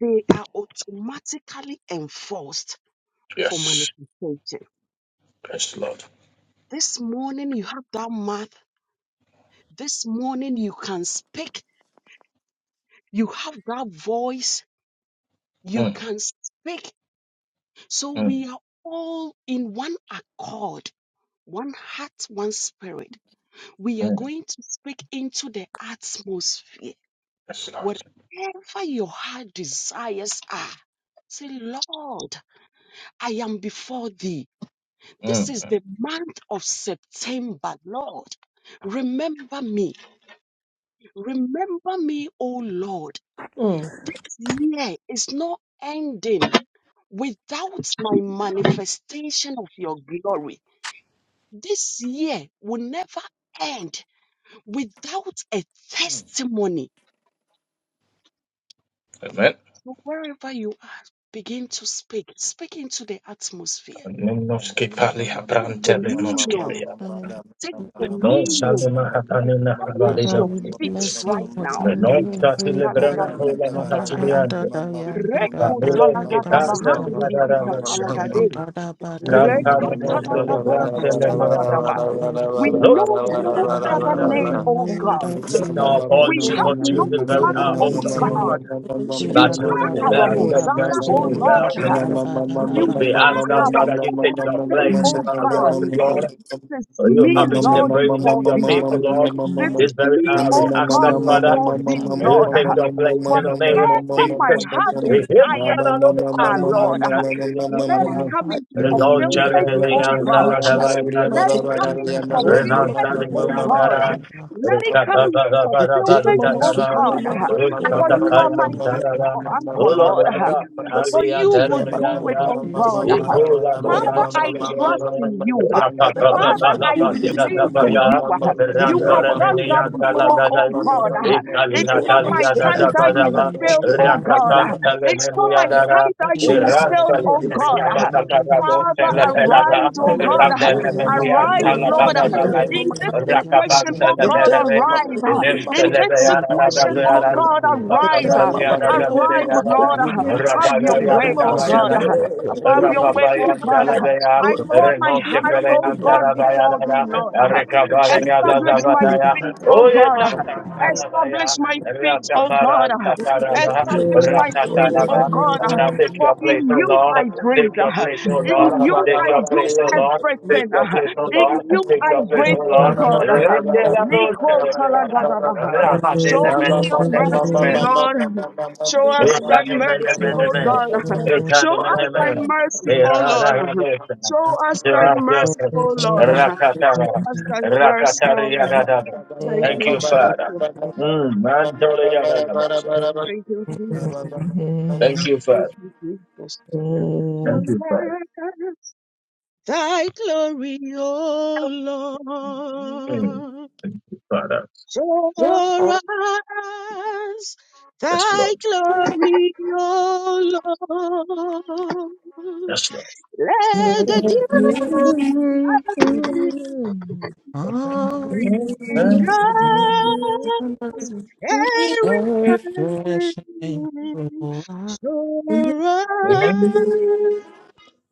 Speaker 7: they are automatically enforced for manifestation. This morning you have that mouth. This morning you can speak. You have that voice. You
Speaker 1: Mm,
Speaker 7: can speak So
Speaker 1: mm,
Speaker 7: we are all in one accord, one heart, one spirit. We are
Speaker 1: mm,
Speaker 7: going to speak into the atmosphere. Whatever your heart desires are, say, Lord, I am before thee. This
Speaker 1: mm.
Speaker 7: is the month of September, Lord. Remember me. Remember me, O Lord. This year is not ending without my manifestation of your glory. This year will never end without a testimony.
Speaker 1: Amen.
Speaker 7: So wherever you are, begin to speak. Speak into the atmosphere.
Speaker 1: Anonoski pali habrantele noski
Speaker 7: Dominion.
Speaker 1: vea.
Speaker 7: Take
Speaker 1: No
Speaker 5: Amen.
Speaker 7: dominion.
Speaker 1: salima hapanina
Speaker 7: Establish
Speaker 5: Father,
Speaker 1: habalina.
Speaker 7: your
Speaker 5: we
Speaker 7: feet
Speaker 5: bless you
Speaker 7: right
Speaker 5: for
Speaker 7: now.
Speaker 5: being
Speaker 1: No
Speaker 5: here. We
Speaker 1: tatile
Speaker 5: are
Speaker 1: brana hola
Speaker 5: the
Speaker 7: Likalagadishapalaya.
Speaker 5: hand
Speaker 1: matatiliante.
Speaker 5: that I am, we are the
Speaker 1: Pamilo ki
Speaker 3: mm,
Speaker 5: purpose in
Speaker 1: tasa mia
Speaker 5: hand.
Speaker 1: dara moshara.
Speaker 5: We
Speaker 3: mm.
Speaker 7: Rekotalagadabahandidibikatalagade.
Speaker 5: are the body,
Speaker 3: Thank
Speaker 1: Kantara
Speaker 5: we are
Speaker 1: no
Speaker 5: the
Speaker 1: celebrante
Speaker 5: purpose
Speaker 1: le
Speaker 5: in the
Speaker 1: mera.
Speaker 7: Rekantalagadoshatalagadabar.
Speaker 5: hand.
Speaker 7: We
Speaker 1: Look
Speaker 7: know
Speaker 1: ki le
Speaker 7: no
Speaker 5: Father,
Speaker 7: other
Speaker 1: mahabanta
Speaker 5: Lord,
Speaker 1: le
Speaker 5: we
Speaker 7: name,
Speaker 3: you.
Speaker 1: mera.
Speaker 7: O
Speaker 5: know
Speaker 7: God.
Speaker 3: Amen.
Speaker 5: that
Speaker 1: Lift
Speaker 5: you are
Speaker 1: our
Speaker 5: the
Speaker 7: We
Speaker 1: voices
Speaker 5: God
Speaker 7: have
Speaker 1: unto
Speaker 7: no
Speaker 1: you
Speaker 5: who
Speaker 1: this very
Speaker 7: one,
Speaker 5: gives
Speaker 2: Father,
Speaker 1: hour,
Speaker 5: us
Speaker 1: O
Speaker 2: you
Speaker 5: the
Speaker 7: oh
Speaker 1: Lord.
Speaker 2: deserve
Speaker 5: same.
Speaker 2: all
Speaker 7: God.
Speaker 2: adoration
Speaker 5: We
Speaker 2: and
Speaker 7: You
Speaker 1: That
Speaker 5: are
Speaker 2: honor,
Speaker 5: the
Speaker 1: you
Speaker 2: O
Speaker 7: are
Speaker 5: body,
Speaker 7: our
Speaker 5: we are the
Speaker 1: deserve
Speaker 2: Lord.
Speaker 1: the
Speaker 7: Messiah,
Speaker 5: purpose
Speaker 1: praise of
Speaker 5: in the
Speaker 7: oh
Speaker 2: Lord,
Speaker 1: the
Speaker 2: you are
Speaker 7: Lord.
Speaker 5: hand. We
Speaker 1: God.
Speaker 5: are
Speaker 2: kinder,
Speaker 5: the body, we are the
Speaker 2: you
Speaker 7: You
Speaker 2: are
Speaker 1: We
Speaker 2: my
Speaker 5: purpose
Speaker 1: ask
Speaker 7: are
Speaker 1: us,
Speaker 2: kindred,
Speaker 7: our
Speaker 2: and
Speaker 1: Father, you take your
Speaker 7: everything,
Speaker 1: place
Speaker 7: oh
Speaker 1: in our
Speaker 7: God.
Speaker 1: worship,
Speaker 2: you are
Speaker 1: Lord.
Speaker 2: Lord,
Speaker 7: This is
Speaker 1: So you
Speaker 7: me,
Speaker 2: you
Speaker 1: up
Speaker 2: are
Speaker 1: into the
Speaker 2: Lord.
Speaker 7: Lord,
Speaker 1: praise that
Speaker 7: before
Speaker 1: you're
Speaker 7: thee.
Speaker 2: Father,
Speaker 1: people,
Speaker 2: we
Speaker 1: Lord,
Speaker 7: This
Speaker 1: this
Speaker 2: command
Speaker 7: is
Speaker 1: very
Speaker 2: every
Speaker 7: me,
Speaker 2: power
Speaker 1: hour. We
Speaker 7: oh
Speaker 1: ask that,
Speaker 7: God,
Speaker 2: line.
Speaker 5: in the
Speaker 1: Father,
Speaker 5: hand.
Speaker 7: before
Speaker 5: We are
Speaker 7: thee,
Speaker 5: the
Speaker 1: and
Speaker 5: body,
Speaker 1: you
Speaker 7: Lord.
Speaker 5: we
Speaker 1: take
Speaker 5: are
Speaker 1: your place in the name of
Speaker 7: Whatever my
Speaker 1: Jesus.
Speaker 7: heart
Speaker 1: We hear
Speaker 7: desires,
Speaker 1: that, Lord, that,
Speaker 7: Ah,
Speaker 1: Lord,
Speaker 7: Lord,
Speaker 2: command
Speaker 7: ah,
Speaker 1: that, Lord, that, Lord,
Speaker 7: let
Speaker 2: my
Speaker 7: it
Speaker 1: that.
Speaker 7: come
Speaker 2: life
Speaker 7: into
Speaker 1: Resolve
Speaker 2: to be
Speaker 7: fulfillment,
Speaker 1: charity
Speaker 7: oh
Speaker 1: and
Speaker 2: fruitful in
Speaker 7: God. ah.
Speaker 2: Jesus'
Speaker 1: Talagarina
Speaker 7: Let
Speaker 2: mighty
Speaker 7: it
Speaker 2: name.
Speaker 7: come
Speaker 5: the
Speaker 7: into
Speaker 2: Kadori
Speaker 5: purpose
Speaker 1: Renan
Speaker 2: mama
Speaker 7: fulfillment, oh
Speaker 2: sudori
Speaker 5: in
Speaker 2: mama
Speaker 7: God.
Speaker 1: Taliantara
Speaker 7: ah.
Speaker 2: kadori
Speaker 5: the hand.
Speaker 7: Let it come
Speaker 1: Rikata
Speaker 2: mama
Speaker 7: into
Speaker 2: Kedera
Speaker 7: fulfillment,
Speaker 2: mama
Speaker 3: Thank
Speaker 7: oh
Speaker 2: sudori
Speaker 7: God.
Speaker 2: mama
Speaker 7: ah.
Speaker 5: Thank
Speaker 2: kadori
Speaker 7: For
Speaker 1: Rikata
Speaker 2: mama
Speaker 7: you are my
Speaker 1: Payan
Speaker 2: sudori ya
Speaker 1: Tara
Speaker 7: anchor, anchor Lord. ah.
Speaker 1: Uloyaka
Speaker 2: Jesus
Speaker 7: For
Speaker 1: Ali and
Speaker 7: you
Speaker 2: mighty
Speaker 7: will
Speaker 2: name.
Speaker 7: do it,
Speaker 1: Terra
Speaker 7: oh God.
Speaker 2: Kadori
Speaker 7: ah.
Speaker 2: mama
Speaker 1: Ibola
Speaker 2: sudori mama kadori
Speaker 7: Father,
Speaker 2: mama
Speaker 7: I
Speaker 1: masantele debe,
Speaker 2: sudori
Speaker 7: trust in you. ah.
Speaker 1: rapa
Speaker 2: Kedera
Speaker 1: pa pa
Speaker 2: mama
Speaker 7: Father,
Speaker 1: pa la
Speaker 7: I
Speaker 1: pa
Speaker 2: sudori ya
Speaker 1: diga
Speaker 2: mama
Speaker 1: da
Speaker 7: believe
Speaker 1: ba
Speaker 2: kadori
Speaker 7: in
Speaker 1: ya,
Speaker 7: you. ah. You
Speaker 2: Kedera
Speaker 7: have
Speaker 1: rantore
Speaker 2: mama
Speaker 7: done
Speaker 1: mene
Speaker 7: that
Speaker 2: sudori
Speaker 1: yanta la
Speaker 2: mama
Speaker 7: before,
Speaker 1: da da
Speaker 7: oh
Speaker 1: ya,
Speaker 2: kadori
Speaker 7: God. ah.
Speaker 1: itali
Speaker 7: It's
Speaker 1: la
Speaker 2: Kadori
Speaker 7: not
Speaker 1: tali
Speaker 2: mama
Speaker 7: my
Speaker 1: ya da
Speaker 2: kedera
Speaker 7: time
Speaker 1: da
Speaker 7: that
Speaker 1: ba
Speaker 7: you
Speaker 1: da
Speaker 2: mama
Speaker 7: will
Speaker 1: ba,
Speaker 2: kadori
Speaker 7: fail, oh
Speaker 1: raka
Speaker 2: mama
Speaker 7: God. ah,
Speaker 2: sudori
Speaker 1: pantele
Speaker 7: and so
Speaker 1: mene
Speaker 7: my
Speaker 1: yanda
Speaker 2: mama
Speaker 1: ra,
Speaker 7: tithe that you will fail,
Speaker 1: iranta le
Speaker 2: Jesus
Speaker 7: oh
Speaker 1: mene
Speaker 7: God.
Speaker 1: ya da
Speaker 7: Ah,
Speaker 1: da da da do
Speaker 7: Father,
Speaker 1: tele
Speaker 2: You are
Speaker 1: pe la
Speaker 2: Lord,
Speaker 1: ba,
Speaker 7: arise,
Speaker 2: you are
Speaker 7: oh
Speaker 2: Lord,
Speaker 7: God. Ah,
Speaker 1: randele
Speaker 2: Adori, Mama
Speaker 1: mene
Speaker 7: Arise,
Speaker 1: yanta
Speaker 2: Sunduri,
Speaker 1: la da
Speaker 2: Mama
Speaker 7: Lord.
Speaker 1: da
Speaker 7: Ah,
Speaker 1: da
Speaker 2: Kendara,
Speaker 1: la,
Speaker 7: In
Speaker 2: Mama
Speaker 7: this
Speaker 2: Kandori,
Speaker 1: raka
Speaker 7: situation, oh
Speaker 1: pantele
Speaker 7: God,
Speaker 1: bere
Speaker 2: Kendara,
Speaker 1: be,
Speaker 2: Mama
Speaker 7: arise. Ah,
Speaker 2: Sunduri,
Speaker 7: In
Speaker 2: Mama
Speaker 1: irentele
Speaker 7: this
Speaker 1: be
Speaker 2: Kundori,
Speaker 1: ya ra ra
Speaker 2: Mama
Speaker 1: da
Speaker 7: situation,
Speaker 1: ya
Speaker 7: oh
Speaker 1: ra
Speaker 2: Sunduri,
Speaker 1: ra,
Speaker 7: God, arise.
Speaker 1: akabar
Speaker 2: Kendara,
Speaker 7: Ah,
Speaker 2: Mama
Speaker 1: ya da da
Speaker 2: Sunduri,
Speaker 1: bere
Speaker 2: Mama
Speaker 1: ya
Speaker 7: Arise,
Speaker 1: ra ra,
Speaker 7: Lord. Ah,
Speaker 2: Kundori,
Speaker 7: Have
Speaker 1: rabara
Speaker 7: your
Speaker 1: ya
Speaker 2: Kendara,
Speaker 7: way,
Speaker 1: da
Speaker 2: Mama
Speaker 7: oh
Speaker 1: ba ya
Speaker 7: God.
Speaker 1: ra
Speaker 2: Sunduri,
Speaker 1: ra,
Speaker 7: Ah,
Speaker 2: Mama
Speaker 7: Have
Speaker 2: Kendori,
Speaker 7: your
Speaker 2: Mama
Speaker 3: you.
Speaker 7: way, oh
Speaker 1: Rababaya
Speaker 7: God.
Speaker 2: Kandori,
Speaker 7: Ah, I
Speaker 2: Lord, Mama
Speaker 7: pour my
Speaker 1: Reno
Speaker 2: Sunduri,
Speaker 7: heart,
Speaker 2: Mama
Speaker 7: oh
Speaker 1: Keperean
Speaker 2: Kundori,
Speaker 7: God,
Speaker 2: Mama
Speaker 1: Tarabaya
Speaker 7: before thee, Lord. Ah,
Speaker 2: Jesus,
Speaker 1: Rekabaya
Speaker 7: Establish
Speaker 2: my
Speaker 7: my
Speaker 1: Zazavaya
Speaker 7: feet, oh
Speaker 1: Oye
Speaker 7: God. Ah,
Speaker 1: Mata
Speaker 7: Establish my feet, oh
Speaker 1: Rakabara
Speaker 7: God. Ah,
Speaker 2: this Lord of
Speaker 1: Takaraba
Speaker 5: you.
Speaker 2: Lord,
Speaker 7: Establish my
Speaker 2: Lord,
Speaker 7: feet,
Speaker 2: you are
Speaker 7: oh
Speaker 1: Ratataraba
Speaker 7: God, uh,
Speaker 1: Now take
Speaker 7: for
Speaker 1: your place,
Speaker 7: in
Speaker 1: O
Speaker 7: you
Speaker 1: Lord,
Speaker 7: I
Speaker 1: take
Speaker 7: breathe,
Speaker 1: your
Speaker 7: uh,
Speaker 1: place, O
Speaker 7: in
Speaker 3: Ah,
Speaker 1: Lord,
Speaker 7: you
Speaker 1: take
Speaker 7: I
Speaker 1: your
Speaker 7: do
Speaker 1: place, O Lord.
Speaker 2: my
Speaker 1: Take
Speaker 7: everything,
Speaker 1: your
Speaker 7: uh,
Speaker 1: place, O
Speaker 2: Lord,
Speaker 7: in
Speaker 2: Lord,
Speaker 1: Lord.
Speaker 7: you
Speaker 1: Take
Speaker 7: I
Speaker 1: your
Speaker 2: Lord,
Speaker 1: place, O
Speaker 7: breathe, oh
Speaker 1: Lord.
Speaker 7: God. uh,
Speaker 1: Rende la noche,
Speaker 7: Niko
Speaker 1: Rabbi.
Speaker 7: Talagadaba. Show
Speaker 1: Rahadene,
Speaker 7: me
Speaker 1: men,
Speaker 7: your
Speaker 2: Mama Kendori, Lord, Mama Kendori, Mama Kendori, Mama
Speaker 7: mercy,
Speaker 2: Kendori,
Speaker 7: Lord. Show
Speaker 1: Thank
Speaker 7: us thy mercy, oh God. Show us thy mercy, oh Lord. Show us thy mercy, oh Lord. Show us thy mercy, Lord. Thank you,
Speaker 1: you, Father.
Speaker 7: Jesus.
Speaker 1: Mm, man, dole ya da da
Speaker 7: Thank you, Jesus.
Speaker 1: Thank you, Father.
Speaker 7: Thank you, Jesus.
Speaker 1: Thank you, Father.
Speaker 7: Thy glory, O
Speaker 1: Mm,
Speaker 7: Lord,
Speaker 1: Thank you, Father.
Speaker 7: show
Speaker 5: What are
Speaker 7: us.
Speaker 1: Yes,
Speaker 7: Thy
Speaker 1: Lord.
Speaker 7: glory, O Lord,
Speaker 1: Yes, Lord.
Speaker 7: let the dew
Speaker 5: the reasons of
Speaker 7: bring
Speaker 5: heaven?
Speaker 7: us every
Speaker 5: Refreshing
Speaker 7: time.
Speaker 5: to
Speaker 7: Show us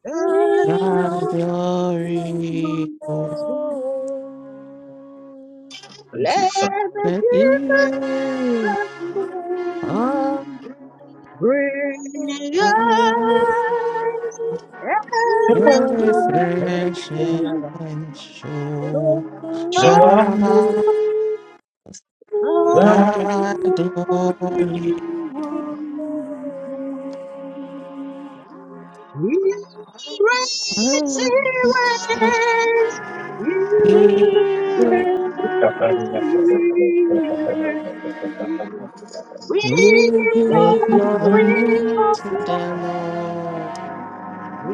Speaker 7: thy
Speaker 5: thy
Speaker 7: glory,
Speaker 5: glory,
Speaker 7: O
Speaker 5: Oh,
Speaker 7: Lord.
Speaker 1: Thank you,
Speaker 7: Let the
Speaker 5: let
Speaker 7: Jesus
Speaker 5: you are
Speaker 7: bring
Speaker 5: thy
Speaker 7: us every person
Speaker 5: refreshing show
Speaker 7: to
Speaker 5: our
Speaker 1: Father. So,
Speaker 5: thy
Speaker 4: Mm.
Speaker 5: glory.
Speaker 7: He reigns, he
Speaker 1: Thank
Speaker 7: reigns, he reigns, he reigns. We give glory to God. We praise. We praise. We praise. We praise.
Speaker 5: We give glory to the Lord.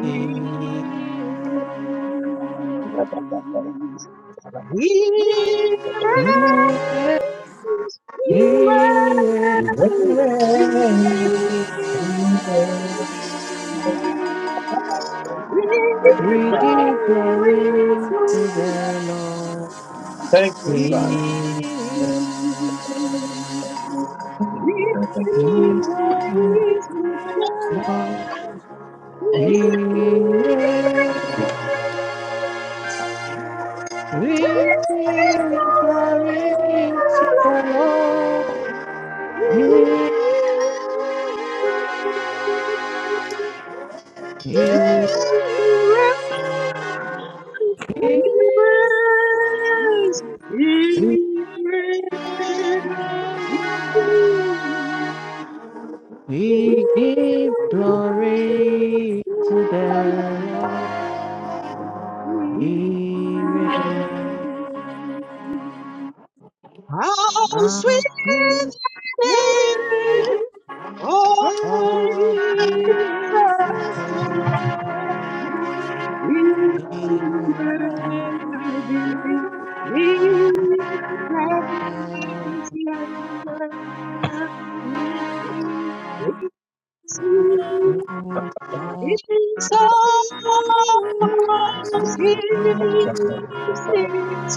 Speaker 5: He- he,
Speaker 7: We
Speaker 1: you,
Speaker 7: give
Speaker 5: We
Speaker 1: Father.
Speaker 5: give
Speaker 7: glory
Speaker 4: Glory
Speaker 5: glory
Speaker 4: to
Speaker 7: to
Speaker 5: to
Speaker 7: God.
Speaker 5: the
Speaker 4: God.
Speaker 5: Lord.
Speaker 1: Thank you,
Speaker 7: We praise. We
Speaker 1: Father.
Speaker 5: He-
Speaker 4: He
Speaker 7: give glory to
Speaker 4: reigns.
Speaker 7: God.
Speaker 4: Glory to the
Speaker 5: Lord.
Speaker 4: Lord. He
Speaker 7: We
Speaker 5: He- We give glory to the
Speaker 4: reigns. Oh,
Speaker 5: Lord. He- We give glory to the Lord. He reigns.
Speaker 7: How sweet
Speaker 5: Our praise
Speaker 7: the name of
Speaker 5: of His
Speaker 4: Jesus
Speaker 7: Jesus.
Speaker 5: exaltation.
Speaker 7: We
Speaker 5: Amen.
Speaker 7: magnify,
Speaker 5: Amen.
Speaker 7: we
Speaker 4: Christ,
Speaker 7: magnify, we
Speaker 5: Oh,
Speaker 7: see
Speaker 5: oh,
Speaker 7: his
Speaker 4: Thank you.
Speaker 7: sorrows, his
Speaker 5: mm, mm,
Speaker 7: sins,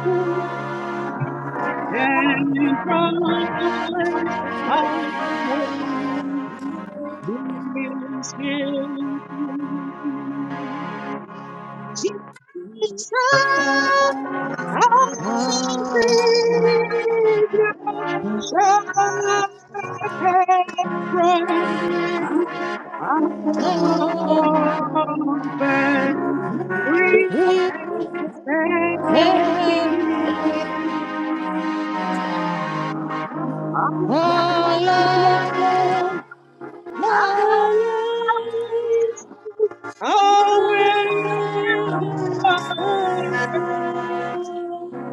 Speaker 5: mm,
Speaker 7: and
Speaker 5: mm.
Speaker 7: joys away. This is him. Jesus
Speaker 5: Oh, oh,
Speaker 7: Our Savior
Speaker 5: mm,
Speaker 7: shall pay praise. Our
Speaker 5: oh.
Speaker 7: forfeit free
Speaker 5: We
Speaker 7: saved.
Speaker 5: have the Lord. now.
Speaker 7: Oh, will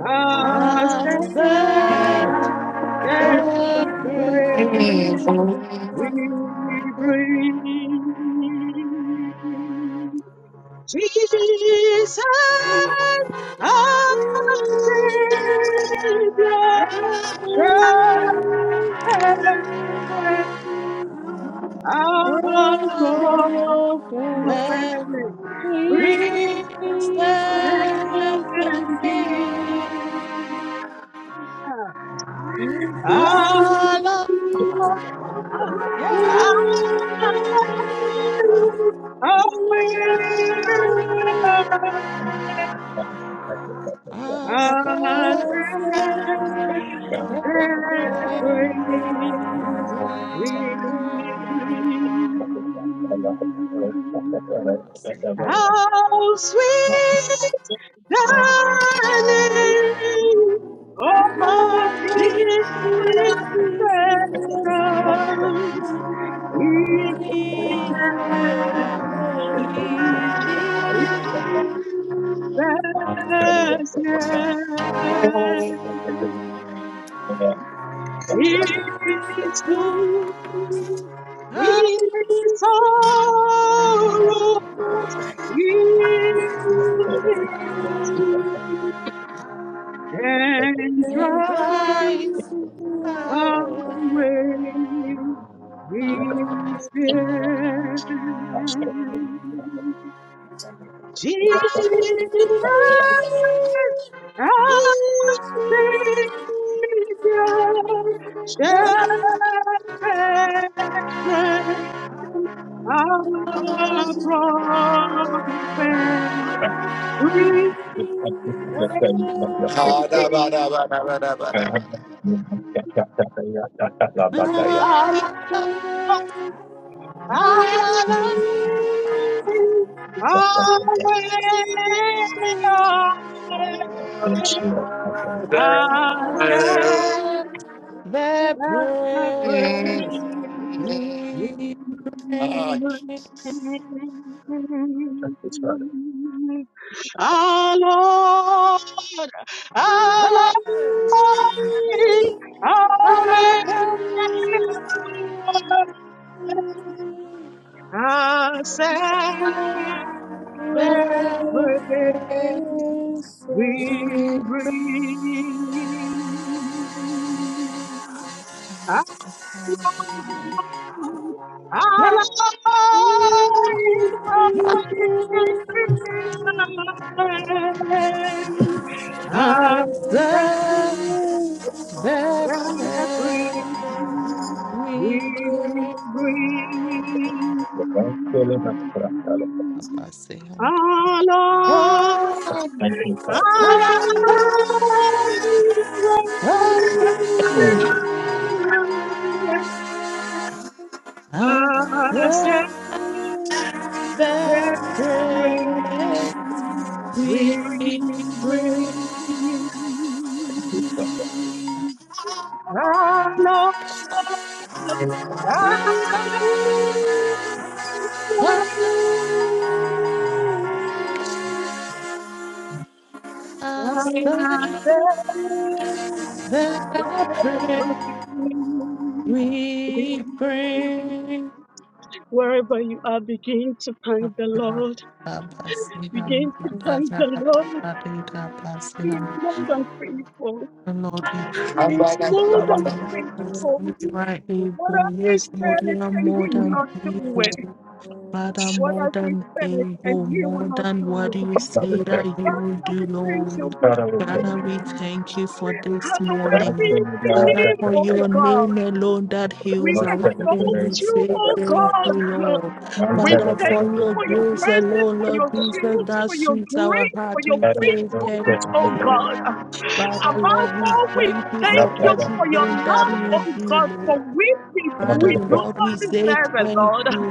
Speaker 7: our stand
Speaker 5: After
Speaker 7: and
Speaker 5: the praise,
Speaker 7: praise
Speaker 5: of
Speaker 7: we
Speaker 5: the
Speaker 7: bring. Jesus, our
Speaker 4: Thank you.
Speaker 7: Savior,
Speaker 5: priest
Speaker 4: Thank
Speaker 7: friend,
Speaker 5: came.
Speaker 7: our
Speaker 5: Allah
Speaker 7: prophet,
Speaker 5: after
Speaker 7: friend, and King. Ah, ah, ah, ah,
Speaker 5: the
Speaker 7: and
Speaker 5: praise,
Speaker 7: praise
Speaker 5: we
Speaker 7: we
Speaker 5: pray.
Speaker 7: bring.
Speaker 5: If I can say
Speaker 7: How sweet the name
Speaker 5: hallelujah.
Speaker 7: of
Speaker 5: Of Jesus,
Speaker 7: his
Speaker 4: you.
Speaker 7: Son,
Speaker 4: In the mighty
Speaker 7: Jesus
Speaker 5: he lives
Speaker 1: Thank
Speaker 5: in
Speaker 7: is the It's true. In
Speaker 5: us.
Speaker 7: sorrows, you and
Speaker 5: and
Speaker 7: drive
Speaker 5: rise away
Speaker 7: away
Speaker 5: up
Speaker 7: his
Speaker 5: to
Speaker 7: fear. Jesus Our Savior
Speaker 5: the
Speaker 7: shepherds friend, our prophet, we thank
Speaker 1: you,
Speaker 7: you, our King, our way, our
Speaker 5: I'll
Speaker 7: answer.
Speaker 5: serve the
Speaker 7: and I praise your
Speaker 5: praise we make.
Speaker 1: Father.
Speaker 7: name. Our Lord, our
Speaker 5: Oh,
Speaker 7: Lord, our
Speaker 5: I
Speaker 7: way,
Speaker 5: know
Speaker 7: our Savior,
Speaker 5: that
Speaker 7: we
Speaker 5: we
Speaker 7: bring.
Speaker 5: magnify your holy name. Yeah, yeah. I'll serve We pray.
Speaker 1: You're well filled and practical.
Speaker 5: Abase and God,
Speaker 1: Thank you, Father.
Speaker 5: God, God,
Speaker 1: Mm. Thank
Speaker 5: God,
Speaker 7: I said
Speaker 5: God
Speaker 7: that
Speaker 5: that pray.
Speaker 7: ring,
Speaker 5: We
Speaker 7: ring,
Speaker 5: pray.
Speaker 7: ring.
Speaker 1: you, Father.
Speaker 7: I know, I know,
Speaker 5: Us
Speaker 7: I said
Speaker 5: that
Speaker 7: that
Speaker 5: pray.
Speaker 7: ring, ring.
Speaker 5: We pray.
Speaker 7: Wherever you are, begin to thank the Lord.
Speaker 5: Abase and
Speaker 7: Begin to
Speaker 5: God,
Speaker 7: thank
Speaker 5: God,
Speaker 7: the Lord.
Speaker 5: God,
Speaker 7: He's more than faithful.
Speaker 5: And Lord, we
Speaker 7: It's
Speaker 5: praise
Speaker 3: Amen.
Speaker 5: your
Speaker 7: more
Speaker 5: holy
Speaker 7: than
Speaker 5: name.
Speaker 7: faithful.
Speaker 5: Sometimes you are
Speaker 7: What
Speaker 5: able.
Speaker 7: has he
Speaker 5: Yes, Lord,
Speaker 7: said
Speaker 5: you are
Speaker 7: and he
Speaker 5: more
Speaker 7: will
Speaker 5: than
Speaker 7: not do it?
Speaker 5: able. Father,
Speaker 7: What
Speaker 5: more
Speaker 7: has he
Speaker 5: than
Speaker 7: said and
Speaker 5: able,
Speaker 7: he will
Speaker 5: more
Speaker 7: not
Speaker 5: than
Speaker 7: do
Speaker 5: what
Speaker 7: it?
Speaker 5: you
Speaker 1: Father,
Speaker 5: say
Speaker 1: thank
Speaker 5: that you
Speaker 1: you.
Speaker 5: will
Speaker 7: Father,
Speaker 5: do,
Speaker 7: we thank you
Speaker 5: Lord.
Speaker 7: this
Speaker 1: Father, we thank
Speaker 5: Father,
Speaker 7: morning.
Speaker 5: we
Speaker 1: you.
Speaker 5: thank you for this
Speaker 7: Hallowed
Speaker 5: morning.
Speaker 7: be
Speaker 1: Asking
Speaker 7: thy
Speaker 1: God
Speaker 5: Father,
Speaker 1: that
Speaker 7: name,
Speaker 1: the
Speaker 5: for
Speaker 7: O
Speaker 1: Lord
Speaker 5: your
Speaker 7: God.
Speaker 5: name alone that
Speaker 7: We
Speaker 5: heals
Speaker 1: not
Speaker 5: our wound,
Speaker 7: exalt
Speaker 5: we
Speaker 1: celebrating
Speaker 7: you,
Speaker 1: the
Speaker 5: say
Speaker 7: O
Speaker 1: Bible.
Speaker 5: thank you,
Speaker 7: God.
Speaker 5: Lord.
Speaker 1: Not
Speaker 7: We
Speaker 5: Father,
Speaker 7: thank
Speaker 5: for
Speaker 1: celebrating
Speaker 7: you
Speaker 1: the
Speaker 5: your
Speaker 7: for your
Speaker 5: grace
Speaker 1: Bible.
Speaker 7: mercies,
Speaker 5: alone,
Speaker 7: for
Speaker 5: Lord
Speaker 7: your
Speaker 5: Jesus,
Speaker 7: shield,
Speaker 5: that
Speaker 7: for your
Speaker 5: soothes our
Speaker 7: grace, for
Speaker 5: heart,
Speaker 7: your
Speaker 5: we
Speaker 1: Father, we
Speaker 5: say
Speaker 1: don't
Speaker 5: thank
Speaker 7: faithfulness,
Speaker 5: you,
Speaker 7: oh
Speaker 1: celebrate.
Speaker 5: Lord.
Speaker 7: God.
Speaker 5: Father,
Speaker 7: Above
Speaker 5: Lord, we
Speaker 7: all, we
Speaker 5: thank you
Speaker 7: thank
Speaker 1: That
Speaker 5: for
Speaker 7: you
Speaker 1: Father,
Speaker 7: for your
Speaker 5: everything that
Speaker 7: love,
Speaker 5: you
Speaker 7: oh
Speaker 5: do,
Speaker 7: God, for
Speaker 5: Lord.
Speaker 7: we,
Speaker 1: Father,
Speaker 5: Father,
Speaker 7: we
Speaker 1: we
Speaker 7: do
Speaker 1: thank
Speaker 5: Lord,
Speaker 7: not
Speaker 1: you.
Speaker 5: we say
Speaker 7: deserve it,
Speaker 5: thank
Speaker 7: Lord.
Speaker 5: you,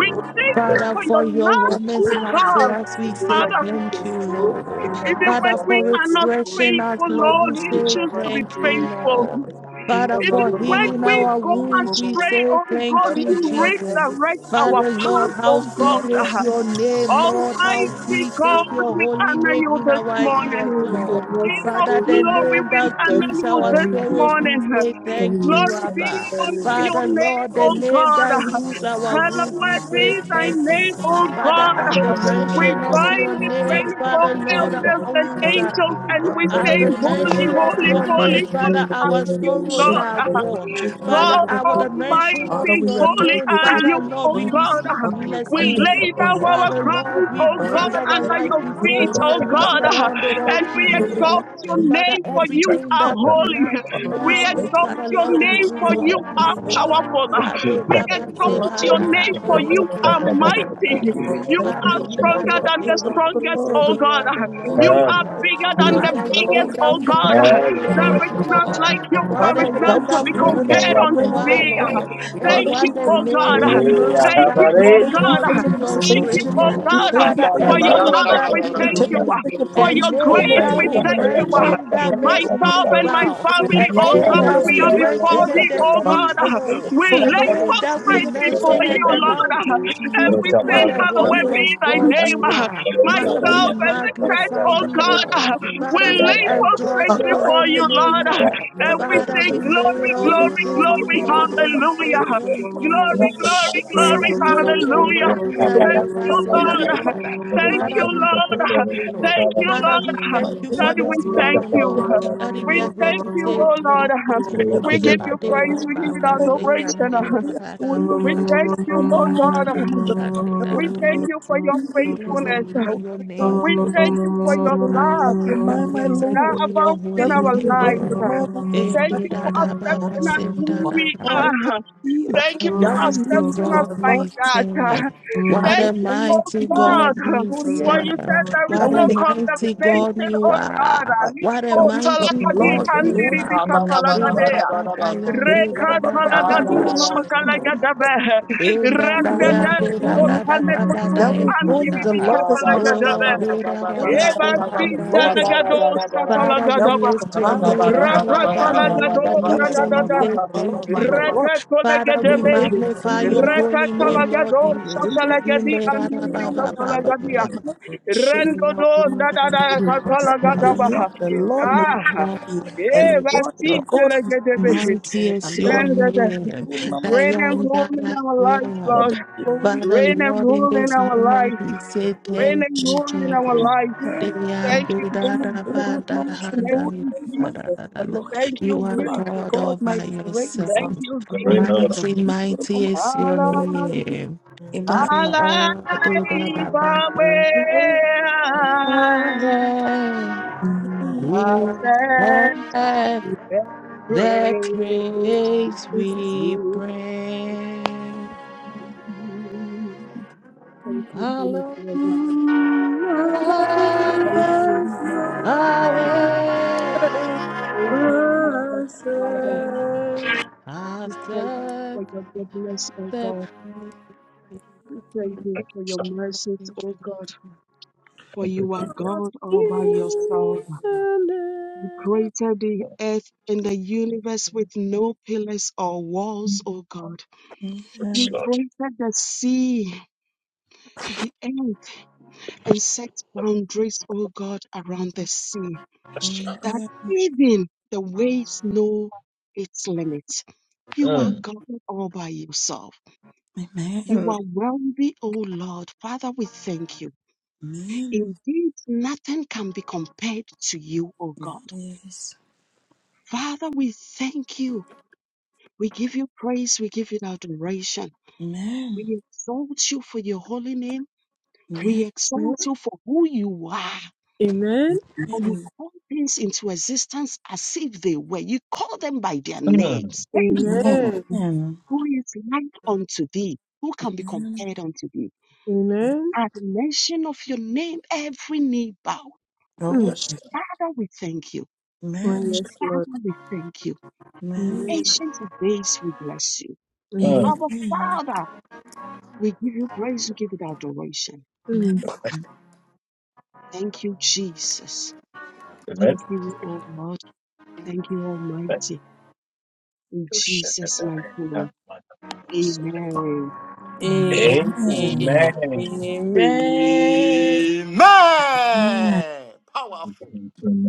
Speaker 7: We
Speaker 1: We
Speaker 7: thank you
Speaker 1: thank
Speaker 5: Father,
Speaker 1: you.
Speaker 7: for
Speaker 5: for
Speaker 7: your
Speaker 5: your
Speaker 7: love,
Speaker 5: warmest
Speaker 7: oh
Speaker 5: love for
Speaker 7: God,
Speaker 5: us, we
Speaker 4: name
Speaker 5: say
Speaker 4: of
Speaker 7: Father.
Speaker 5: thank
Speaker 4: Jesus,
Speaker 5: you,
Speaker 4: you,
Speaker 5: Lord.
Speaker 4: King of
Speaker 7: Even
Speaker 4: Kings,
Speaker 7: when
Speaker 5: Father,
Speaker 4: I
Speaker 7: we
Speaker 5: for
Speaker 4: bless
Speaker 7: are
Speaker 4: your
Speaker 7: not
Speaker 4: holy
Speaker 5: refreshing
Speaker 4: name.
Speaker 5: us,
Speaker 7: faithful,
Speaker 5: Lord,
Speaker 7: Lord,
Speaker 5: we
Speaker 7: you
Speaker 4: In
Speaker 5: say
Speaker 4: the
Speaker 7: choose to be
Speaker 4: mighty
Speaker 5: thank
Speaker 4: name
Speaker 5: you,
Speaker 4: of
Speaker 7: faithful.
Speaker 5: Lord.
Speaker 4: Jesus.
Speaker 5: Father,
Speaker 7: Even
Speaker 5: for
Speaker 7: when
Speaker 5: healing
Speaker 7: we
Speaker 5: our
Speaker 7: go
Speaker 5: wounds, we
Speaker 7: astray,
Speaker 5: say
Speaker 7: oh God,
Speaker 5: thank
Speaker 7: you
Speaker 4: Father,
Speaker 5: you,
Speaker 4: you are worthy.
Speaker 5: Jesus.
Speaker 4: to
Speaker 7: redirect our
Speaker 4: Praise
Speaker 5: Father,
Speaker 7: path,
Speaker 4: you.
Speaker 5: Lord,
Speaker 7: oh
Speaker 5: how
Speaker 4: You are
Speaker 5: sweet
Speaker 4: worthy
Speaker 7: God.
Speaker 5: is your name, Lord. How
Speaker 7: Almighty
Speaker 5: sweet is
Speaker 7: God,
Speaker 5: your
Speaker 7: we
Speaker 5: holy
Speaker 7: honor
Speaker 5: name
Speaker 7: you
Speaker 5: in
Speaker 7: this
Speaker 5: our ears,
Speaker 7: morning.
Speaker 4: In
Speaker 5: Lord.
Speaker 4: The mighty name of
Speaker 7: King of
Speaker 5: Father, the
Speaker 4: Jesus,
Speaker 7: glory,
Speaker 5: name
Speaker 7: we
Speaker 5: that
Speaker 7: honor
Speaker 5: soothes
Speaker 4: amen.
Speaker 7: you
Speaker 5: our
Speaker 7: this
Speaker 5: sorrows,
Speaker 4: Amen.
Speaker 5: we
Speaker 7: morning.
Speaker 5: say thank you,
Speaker 7: Glory be
Speaker 4: Amen.
Speaker 5: Abba.
Speaker 7: unto your
Speaker 5: Father,
Speaker 7: name,
Speaker 5: Lord, the
Speaker 7: O
Speaker 5: name
Speaker 7: God.
Speaker 5: that heals our wounds, we
Speaker 7: Hallowed be
Speaker 5: say
Speaker 7: thy
Speaker 5: thank
Speaker 7: name,
Speaker 5: you.
Speaker 7: O
Speaker 5: Father,
Speaker 7: God.
Speaker 5: at the
Speaker 7: We
Speaker 5: mention of
Speaker 7: bind
Speaker 5: your
Speaker 7: the
Speaker 5: name,
Speaker 7: 24
Speaker 5: Father, Lord, our
Speaker 7: elders and
Speaker 5: wounds
Speaker 2: Father,
Speaker 5: are
Speaker 7: angels
Speaker 5: healed.
Speaker 7: and we
Speaker 2: Father, we
Speaker 5: At
Speaker 7: say,
Speaker 5: the
Speaker 2: love you.
Speaker 7: Holy,
Speaker 5: mention of
Speaker 7: holy,
Speaker 5: your name,
Speaker 7: holy, holy
Speaker 5: Father,
Speaker 7: are
Speaker 5: our
Speaker 2: We
Speaker 7: you,
Speaker 5: sorrows
Speaker 2: worship
Speaker 7: Lord.
Speaker 5: are
Speaker 2: you, we
Speaker 5: gone.
Speaker 2: worship you, O
Speaker 5: Father,
Speaker 7: God
Speaker 2: Lord
Speaker 5: at the
Speaker 2: God.
Speaker 5: mention of
Speaker 2: Father,
Speaker 7: Almighty,
Speaker 2: we
Speaker 5: your
Speaker 7: holy
Speaker 2: adore
Speaker 5: name,
Speaker 2: you,
Speaker 7: are
Speaker 2: great
Speaker 5: Father,
Speaker 7: you,
Speaker 5: Lord,
Speaker 7: O
Speaker 5: we
Speaker 2: name.
Speaker 7: God.
Speaker 5: receive
Speaker 1: We
Speaker 2: Father,
Speaker 1: thank you.
Speaker 7: We
Speaker 1: We
Speaker 2: come
Speaker 5: blessing.
Speaker 7: lay
Speaker 2: before
Speaker 7: down
Speaker 2: you.
Speaker 1: thank
Speaker 7: our
Speaker 5: Father, Lord,
Speaker 7: crowns,
Speaker 5: we
Speaker 7: O
Speaker 2: Father,
Speaker 5: bring
Speaker 2: we
Speaker 7: God,
Speaker 5: our
Speaker 2: thank
Speaker 7: under
Speaker 5: life
Speaker 7: your
Speaker 5: before
Speaker 7: feet,
Speaker 2: thank
Speaker 1: you. We
Speaker 5: you
Speaker 7: O
Speaker 5: and we
Speaker 7: God,
Speaker 5: surrender it
Speaker 2: you.
Speaker 5: all
Speaker 7: and
Speaker 5: to
Speaker 7: we
Speaker 2: And
Speaker 5: you,
Speaker 2: Lord,
Speaker 5: Lord.
Speaker 2: we
Speaker 7: exalt your
Speaker 5: Father,
Speaker 7: name for
Speaker 2: thank you.
Speaker 7: you
Speaker 5: everything
Speaker 7: are
Speaker 5: that
Speaker 7: holy.
Speaker 5: tonight
Speaker 2: Father,
Speaker 5: we
Speaker 7: We
Speaker 2: we
Speaker 5: are with,
Speaker 2: thank
Speaker 7: exalt
Speaker 2: you
Speaker 5: Father,
Speaker 2: for
Speaker 7: your
Speaker 5: Lord,
Speaker 2: your
Speaker 5: we
Speaker 7: name
Speaker 5: bring
Speaker 7: for
Speaker 2: love.
Speaker 5: all
Speaker 7: you
Speaker 5: to
Speaker 2: We
Speaker 5: you,
Speaker 7: are
Speaker 2: thank
Speaker 5: Lord.
Speaker 2: you
Speaker 7: powerful.
Speaker 2: for
Speaker 5: Father,
Speaker 2: your
Speaker 7: We
Speaker 5: Baba, say,
Speaker 7: exalt
Speaker 2: life, O
Speaker 7: your
Speaker 5: handa,
Speaker 1: thank
Speaker 2: Lord
Speaker 7: name
Speaker 5: handa,
Speaker 7: for
Speaker 2: God.
Speaker 7: you
Speaker 5: yende,
Speaker 7: are
Speaker 5: handa, da,
Speaker 1: you.
Speaker 5: da,
Speaker 7: mighty.
Speaker 5: da,
Speaker 2: Thank
Speaker 5: da.
Speaker 2: you, we
Speaker 7: You
Speaker 2: thank
Speaker 1: We
Speaker 5: Father,
Speaker 7: are
Speaker 2: you.
Speaker 5: you
Speaker 1: thank
Speaker 5: are
Speaker 2: King
Speaker 7: stronger
Speaker 5: the
Speaker 1: you.
Speaker 2: of
Speaker 7: than
Speaker 2: Kings,
Speaker 7: the
Speaker 5: King
Speaker 2: the
Speaker 5: of
Speaker 2: Lord of
Speaker 5: Kings
Speaker 7: strongest,
Speaker 5: and
Speaker 7: oh
Speaker 2: Lords.
Speaker 5: you
Speaker 7: God.
Speaker 5: are the Lord
Speaker 7: You
Speaker 2: Thank
Speaker 5: of
Speaker 2: you,
Speaker 1: Ah,
Speaker 7: are
Speaker 5: Lords.
Speaker 2: thank
Speaker 7: bigger than
Speaker 2: you.
Speaker 7: the
Speaker 5: What a
Speaker 2: And
Speaker 7: biggest,
Speaker 2: Lord,
Speaker 7: oh
Speaker 2: we
Speaker 5: wonderful
Speaker 7: God.
Speaker 2: thank
Speaker 1: ah,
Speaker 5: name
Speaker 1: yeah,
Speaker 5: it
Speaker 7: There
Speaker 1: yeah,
Speaker 5: is,
Speaker 7: is
Speaker 1: yeah.
Speaker 2: you.
Speaker 7: none
Speaker 5: Lord.
Speaker 7: like you.
Speaker 5: What
Speaker 7: There
Speaker 2: Father,
Speaker 5: a
Speaker 7: is none to
Speaker 2: without you,
Speaker 7: be
Speaker 2: we
Speaker 1: Ah,
Speaker 5: wonderful
Speaker 1: ah,
Speaker 2: wouldn't be
Speaker 7: compared
Speaker 1: ah, ah,
Speaker 5: name
Speaker 2: here,
Speaker 7: unto
Speaker 5: you
Speaker 2: oh
Speaker 5: are,
Speaker 1: ah.
Speaker 2: Lord
Speaker 7: thee.
Speaker 2: God.
Speaker 5: Lord. Hey,
Speaker 7: Thank
Speaker 2: Father, we
Speaker 7: you,
Speaker 5: what a
Speaker 2: thank
Speaker 7: oh
Speaker 2: you for
Speaker 5: name,
Speaker 7: God.
Speaker 5: a
Speaker 2: your
Speaker 1: Eh, ah,
Speaker 5: name
Speaker 2: mercy.
Speaker 1: ah,
Speaker 7: Thank you,
Speaker 5: that
Speaker 1: ah,
Speaker 2: We
Speaker 7: oh
Speaker 1: eh.
Speaker 5: brings
Speaker 2: thank you
Speaker 7: God.
Speaker 5: joy
Speaker 2: for
Speaker 5: to
Speaker 2: your
Speaker 5: your
Speaker 7: Thank you,
Speaker 5: grace,
Speaker 2: preservation.
Speaker 7: oh
Speaker 5: Lord.
Speaker 2: We
Speaker 7: God.
Speaker 2: thank you
Speaker 5: Father,
Speaker 2: for your
Speaker 5: a
Speaker 1: Ah,
Speaker 7: For
Speaker 1: ah,
Speaker 7: your
Speaker 2: protection.
Speaker 5: name
Speaker 1: ah,
Speaker 7: love,
Speaker 1: ah,
Speaker 5: that
Speaker 7: we
Speaker 1: ah, ah,
Speaker 2: We
Speaker 5: heals
Speaker 7: thank
Speaker 2: thank
Speaker 1: ah,
Speaker 7: you.
Speaker 1: ah.
Speaker 5: you.
Speaker 2: you for your
Speaker 7: For your
Speaker 5: And
Speaker 2: provision, oh
Speaker 1: Eh, ah,
Speaker 5: then
Speaker 7: grace,
Speaker 2: Lord
Speaker 5: that
Speaker 1: ah, ah,
Speaker 7: we
Speaker 5: we
Speaker 7: thank
Speaker 2: God.
Speaker 1: ah, ah, ah,
Speaker 7: you.
Speaker 5: mention
Speaker 1: ah,
Speaker 5: that makes
Speaker 2: Lord,
Speaker 1: ah, ah,
Speaker 5: me
Speaker 2: give
Speaker 7: Myself
Speaker 2: us-
Speaker 1: ah.
Speaker 7: and my
Speaker 5: bow.
Speaker 2: wisdom, Mama,
Speaker 7: family,
Speaker 5: And
Speaker 1: Ya,
Speaker 7: oh
Speaker 2: Lord,
Speaker 5: then
Speaker 1: ah,
Speaker 7: God,
Speaker 2: Mama,
Speaker 5: that
Speaker 1: ah,
Speaker 7: we
Speaker 1: ah,
Speaker 5: we
Speaker 1: ah,
Speaker 4: Amen.
Speaker 2: send
Speaker 7: are
Speaker 2: your
Speaker 1: ah,
Speaker 7: before
Speaker 5: mention
Speaker 2: amen.
Speaker 5: and
Speaker 1: ah, ah,
Speaker 7: thee,
Speaker 1: ah,
Speaker 5: the
Speaker 1: ah,
Speaker 7: oh
Speaker 1: ah.
Speaker 2: Father,
Speaker 5: seas
Speaker 7: God.
Speaker 2: I thank
Speaker 5: roll.
Speaker 2: you
Speaker 7: We
Speaker 2: for it
Speaker 5: And
Speaker 7: lay
Speaker 1: Ya, ah, ah, ah, ah,
Speaker 2: all.
Speaker 5: then that we
Speaker 7: prostrate
Speaker 2: Cannot
Speaker 7: before
Speaker 2: cancel,
Speaker 5: mention
Speaker 1: ah,
Speaker 2: Lord
Speaker 7: you,
Speaker 5: and the
Speaker 2: God.
Speaker 7: Lord,
Speaker 2: I
Speaker 5: mountains
Speaker 2: give you
Speaker 7: and
Speaker 5: move.
Speaker 2: all the
Speaker 7: we
Speaker 2: glory.
Speaker 7: say,
Speaker 5: What a
Speaker 2: I
Speaker 1: ah,
Speaker 2: give you
Speaker 7: Hallowed
Speaker 2: all
Speaker 7: be
Speaker 5: wondrous
Speaker 7: thy
Speaker 2: the
Speaker 5: God
Speaker 7: name.
Speaker 5: you
Speaker 2: adoration.
Speaker 5: are.
Speaker 1: ah, ah, ah, ah. Eh, ah, ah, ah,
Speaker 5: Father,
Speaker 2: Lord,
Speaker 5: we
Speaker 2: amen.
Speaker 7: Myself and the church,
Speaker 5: magnify
Speaker 7: oh
Speaker 5: you,
Speaker 2: Lord,
Speaker 7: God,
Speaker 5: Lord.
Speaker 7: we
Speaker 5: Father, we
Speaker 7: lay
Speaker 5: exalt
Speaker 7: prostrate
Speaker 2: my
Speaker 5: your
Speaker 2: name,
Speaker 7: before
Speaker 5: holy
Speaker 7: you,
Speaker 2: thank
Speaker 5: name,
Speaker 7: Lord,
Speaker 5: Lord.
Speaker 7: and we
Speaker 5: Father,
Speaker 7: say,
Speaker 5: we lay it
Speaker 7: Glory,
Speaker 5: all
Speaker 7: glory,
Speaker 5: before you,
Speaker 7: glory,
Speaker 5: Lord, and we pray,
Speaker 7: hallelujah.
Speaker 5: thank you,
Speaker 7: Glory,
Speaker 5: Jesus.
Speaker 1: ah, ah,
Speaker 7: glory,
Speaker 1: ah, ah,
Speaker 5: Thank
Speaker 1: ah.
Speaker 7: glory,
Speaker 5: you for your
Speaker 1: Mm,
Speaker 7: hallelujah.
Speaker 5: mercies and they
Speaker 7: Thank
Speaker 5: that
Speaker 7: you,
Speaker 5: say, "Ah,
Speaker 7: Lord.
Speaker 5: da, da, da."
Speaker 7: Thank
Speaker 5: Father,
Speaker 7: you,
Speaker 5: we
Speaker 7: Lord.
Speaker 5: thank you, Lord.
Speaker 7: Thank you,
Speaker 5: Father, we
Speaker 7: Lord.
Speaker 5: thank you for
Speaker 7: God,
Speaker 5: this
Speaker 7: we thank
Speaker 5: morning,
Speaker 7: you.
Speaker 5: Lord. Daddy, we
Speaker 7: We
Speaker 5: are here
Speaker 7: thank
Speaker 5: to
Speaker 7: you,
Speaker 5: say
Speaker 7: oh Lord.
Speaker 5: thank you, Lord.
Speaker 7: We give you
Speaker 5: Ade
Speaker 7: praise.
Speaker 5: ba
Speaker 7: We give
Speaker 5: ba
Speaker 7: you
Speaker 5: ba se
Speaker 2: you.
Speaker 5: yande
Speaker 7: adoration.
Speaker 5: ba
Speaker 2: We
Speaker 5: ba
Speaker 2: adore
Speaker 5: da
Speaker 2: your
Speaker 7: We
Speaker 5: ba ba
Speaker 2: gracious
Speaker 5: se
Speaker 7: thank
Speaker 5: ba
Speaker 7: you,
Speaker 2: name,
Speaker 5: da
Speaker 7: oh
Speaker 5: da
Speaker 2: O Lord
Speaker 5: ba
Speaker 7: God.
Speaker 5: ba se
Speaker 2: God.
Speaker 5: da se da da
Speaker 7: We
Speaker 5: da.
Speaker 7: thank
Speaker 2: Elohim,
Speaker 7: you for your
Speaker 2: indeed,
Speaker 5: Blessed
Speaker 7: faithfulness.
Speaker 5: be
Speaker 2: El
Speaker 5: your
Speaker 2: Shaddai,
Speaker 5: name.
Speaker 7: We
Speaker 2: God
Speaker 7: thank you for your
Speaker 2: Almighty.
Speaker 4: Amen.
Speaker 2: I
Speaker 7: love
Speaker 5: Father,
Speaker 2: remind my
Speaker 5: blessed
Speaker 7: that
Speaker 2: Lord,
Speaker 5: be your
Speaker 7: abounds in
Speaker 2: that
Speaker 5: holy
Speaker 2: with
Speaker 7: our
Speaker 2: the
Speaker 5: name,
Speaker 2: great
Speaker 7: lives.
Speaker 5: Lord.
Speaker 2: love will
Speaker 7: Thank
Speaker 2: provide.
Speaker 5: Ende
Speaker 7: you
Speaker 5: da
Speaker 7: for
Speaker 5: da ba
Speaker 2: Yahweh,
Speaker 5: ba
Speaker 7: accepting
Speaker 5: se
Speaker 7: us
Speaker 2: the
Speaker 7: who
Speaker 5: da da
Speaker 7: we
Speaker 5: da da
Speaker 2: Lord is my
Speaker 7: are.
Speaker 5: what
Speaker 2: healer.
Speaker 7: Thank
Speaker 5: a
Speaker 7: you for
Speaker 2: Yahweh
Speaker 5: mighty
Speaker 2: needs
Speaker 7: accepting us
Speaker 5: God
Speaker 2: The
Speaker 7: like
Speaker 2: Lord
Speaker 5: we
Speaker 2: is my
Speaker 7: that.
Speaker 2: God.
Speaker 5: serve.
Speaker 2: And
Speaker 5: What
Speaker 2: Lord,
Speaker 5: a
Speaker 7: Thank you,
Speaker 2: they must
Speaker 7: oh
Speaker 5: mighty
Speaker 2: do the
Speaker 5: God
Speaker 7: God.
Speaker 5: we
Speaker 2: story.
Speaker 7: For
Speaker 2: Yahweh
Speaker 7: you
Speaker 5: serve.
Speaker 7: said there is
Speaker 5: What
Speaker 2: Yahweh
Speaker 7: no
Speaker 5: a
Speaker 2: make the
Speaker 5: mighty
Speaker 2: Lord
Speaker 5: God
Speaker 7: condemnation,
Speaker 5: you
Speaker 7: oh
Speaker 2: is
Speaker 7: God.
Speaker 5: are.
Speaker 2: fight.
Speaker 5: What a
Speaker 7: Alipo
Speaker 2: Yahweh
Speaker 5: mighty
Speaker 7: talagadi
Speaker 5: God
Speaker 2: shalom. The
Speaker 5: you
Speaker 2: Lord
Speaker 7: andiri
Speaker 2: is
Speaker 7: bika
Speaker 5: are.
Speaker 2: my
Speaker 5: In
Speaker 2: peace.
Speaker 5: the
Speaker 7: talagadea.
Speaker 5: Baba Yambi,
Speaker 2: Yahweh
Speaker 7: Reka
Speaker 5: da da
Speaker 2: must
Speaker 5: da
Speaker 7: talagadu
Speaker 2: do the mama can do
Speaker 5: Baba.
Speaker 7: shatalagadabe.
Speaker 2: it. And
Speaker 5: Inda
Speaker 2: do
Speaker 5: da
Speaker 2: the
Speaker 5: ya
Speaker 7: Randada
Speaker 5: di da
Speaker 2: story.
Speaker 5: da da da da da
Speaker 7: sotalagudu
Speaker 5: ya
Speaker 2: Yahweh Roni,
Speaker 7: andiri
Speaker 2: the
Speaker 5: anda.
Speaker 7: bika
Speaker 2: Lord is my
Speaker 5: Oh
Speaker 7: talagadabe.
Speaker 5: Lord,
Speaker 2: strength.
Speaker 5: di da da
Speaker 2: Yahweh
Speaker 5: da,
Speaker 7: Eba
Speaker 5: di
Speaker 2: Shammah,
Speaker 7: si
Speaker 2: the
Speaker 5: anda
Speaker 2: Lord
Speaker 5: da
Speaker 2: is
Speaker 5: da da da Lord
Speaker 2: good.
Speaker 7: talagado
Speaker 5: Father, we
Speaker 2: Yahweh
Speaker 7: shatalagadabe.
Speaker 5: lift your
Speaker 2: Sabaoth, the
Speaker 5: name
Speaker 2: Lord
Speaker 5: high
Speaker 2: is
Speaker 5: above
Speaker 2: army.
Speaker 5: all other
Speaker 2: Yahweh
Speaker 5: nations. We
Speaker 2: Selah,
Speaker 5: say
Speaker 7: Rakatalagadonadadadaha.
Speaker 2: the Lord
Speaker 5: thank
Speaker 2: my
Speaker 5: you, Lord.
Speaker 2: rock.
Speaker 5: Father, we
Speaker 7: Rekatolagadebehe.
Speaker 5: magnify your
Speaker 2: mama
Speaker 5: holy
Speaker 2: story.
Speaker 5: name, Lord Jesus.
Speaker 2: Into
Speaker 7: Rekatalagadoshatalagadi
Speaker 5: Inda da da
Speaker 2: the
Speaker 5: ba
Speaker 2: mama
Speaker 5: ba ba ba ba.
Speaker 7: andiribikatalagadiaha.
Speaker 5: You are God by yourself.
Speaker 7: Rendodonadadakatalagadabaha.
Speaker 2: Elion, the Lord
Speaker 5: You
Speaker 2: Most
Speaker 5: are
Speaker 7: Ah,
Speaker 5: God
Speaker 2: High,
Speaker 5: by
Speaker 2: Elion,
Speaker 5: yourself.
Speaker 2: the God who sees
Speaker 7: Evasitelegadebehe.
Speaker 2: you.
Speaker 5: Mighty is
Speaker 2: and
Speaker 5: your
Speaker 2: Lord,
Speaker 7: Rendada.
Speaker 5: name.
Speaker 2: you will mama
Speaker 5: I
Speaker 7: Reign
Speaker 2: to
Speaker 7: and
Speaker 2: God,
Speaker 5: am
Speaker 7: rule
Speaker 5: that
Speaker 7: in
Speaker 5: I
Speaker 7: our lives,
Speaker 2: God
Speaker 5: am.
Speaker 7: Lord.
Speaker 2: of glory,
Speaker 5: Father,
Speaker 7: Reign and
Speaker 5: Lord, in
Speaker 7: rule in
Speaker 5: this
Speaker 7: our
Speaker 5: moment,
Speaker 7: lives.
Speaker 5: we say
Speaker 2: and
Speaker 7: Reign
Speaker 5: thank
Speaker 7: and
Speaker 5: you,
Speaker 2: shake
Speaker 7: rule in our
Speaker 5: Jesus.
Speaker 2: my
Speaker 7: lives.
Speaker 2: name,
Speaker 5: They are
Speaker 2: and
Speaker 7: Thank you,
Speaker 5: do da
Speaker 2: name
Speaker 5: da
Speaker 2: of
Speaker 7: Jesus.
Speaker 5: ba
Speaker 2: do it,
Speaker 5: da
Speaker 2: mama
Speaker 5: ha
Speaker 2: can
Speaker 7: Thank
Speaker 5: da
Speaker 2: do
Speaker 5: la
Speaker 7: you,
Speaker 2: it,
Speaker 5: da da
Speaker 2: mama.
Speaker 7: Jesus.
Speaker 5: da da. da.
Speaker 2: Elohim,
Speaker 7: Thank you,
Speaker 5: You are
Speaker 2: Lord,
Speaker 7: Jesus.
Speaker 5: God all
Speaker 2: God,
Speaker 5: by
Speaker 2: my praise, and
Speaker 7: Thank
Speaker 5: yourself.
Speaker 7: you,
Speaker 2: Lord, can
Speaker 7: Jesus.
Speaker 5: Mighty,
Speaker 2: do it,
Speaker 5: mighty
Speaker 2: mama
Speaker 5: is
Speaker 2: can
Speaker 5: your
Speaker 7: Allah,
Speaker 2: do it, mama.
Speaker 5: name. Father,
Speaker 7: Allah,
Speaker 5: all do da da ba
Speaker 7: Yahweh,
Speaker 5: da.
Speaker 7: I send
Speaker 5: We
Speaker 7: and
Speaker 5: the
Speaker 7: praise
Speaker 5: praise we
Speaker 7: you.
Speaker 5: bring,
Speaker 7: Thank you, King of
Speaker 5: Allah,
Speaker 7: Glory.
Speaker 4: Amen.
Speaker 5: Allah,
Speaker 7: Thank you, Almighty God.
Speaker 4: Amen.
Speaker 5: away.
Speaker 4: Amen.
Speaker 7: Thank you, Abba
Speaker 4: Amen.
Speaker 7: Father. We thank you
Speaker 5: After
Speaker 7: for your goodness, O
Speaker 5: the
Speaker 7: God.
Speaker 5: praise.
Speaker 7: We
Speaker 5: of
Speaker 7: thank you for your
Speaker 5: the
Speaker 7: mercy.
Speaker 5: Lord.
Speaker 2: Amen. Amen. Amen. Amen. Yes. Amen. Amen. Amen.
Speaker 1: mm,
Speaker 4: Amen.
Speaker 2: Amen. Amen.
Speaker 4: Amen.
Speaker 2: Oh,
Speaker 4: Mm.
Speaker 1: yes,
Speaker 2: yes.
Speaker 4: Oh,
Speaker 2: Amen.
Speaker 1: yes,
Speaker 4: yes, Lord.
Speaker 2: Amen.
Speaker 4: Amen. Amen.
Speaker 1: mm.
Speaker 2: Amen. Amen.
Speaker 4: Mm.
Speaker 1: Amen.
Speaker 2: Amen. Amen.
Speaker 3: Powerful.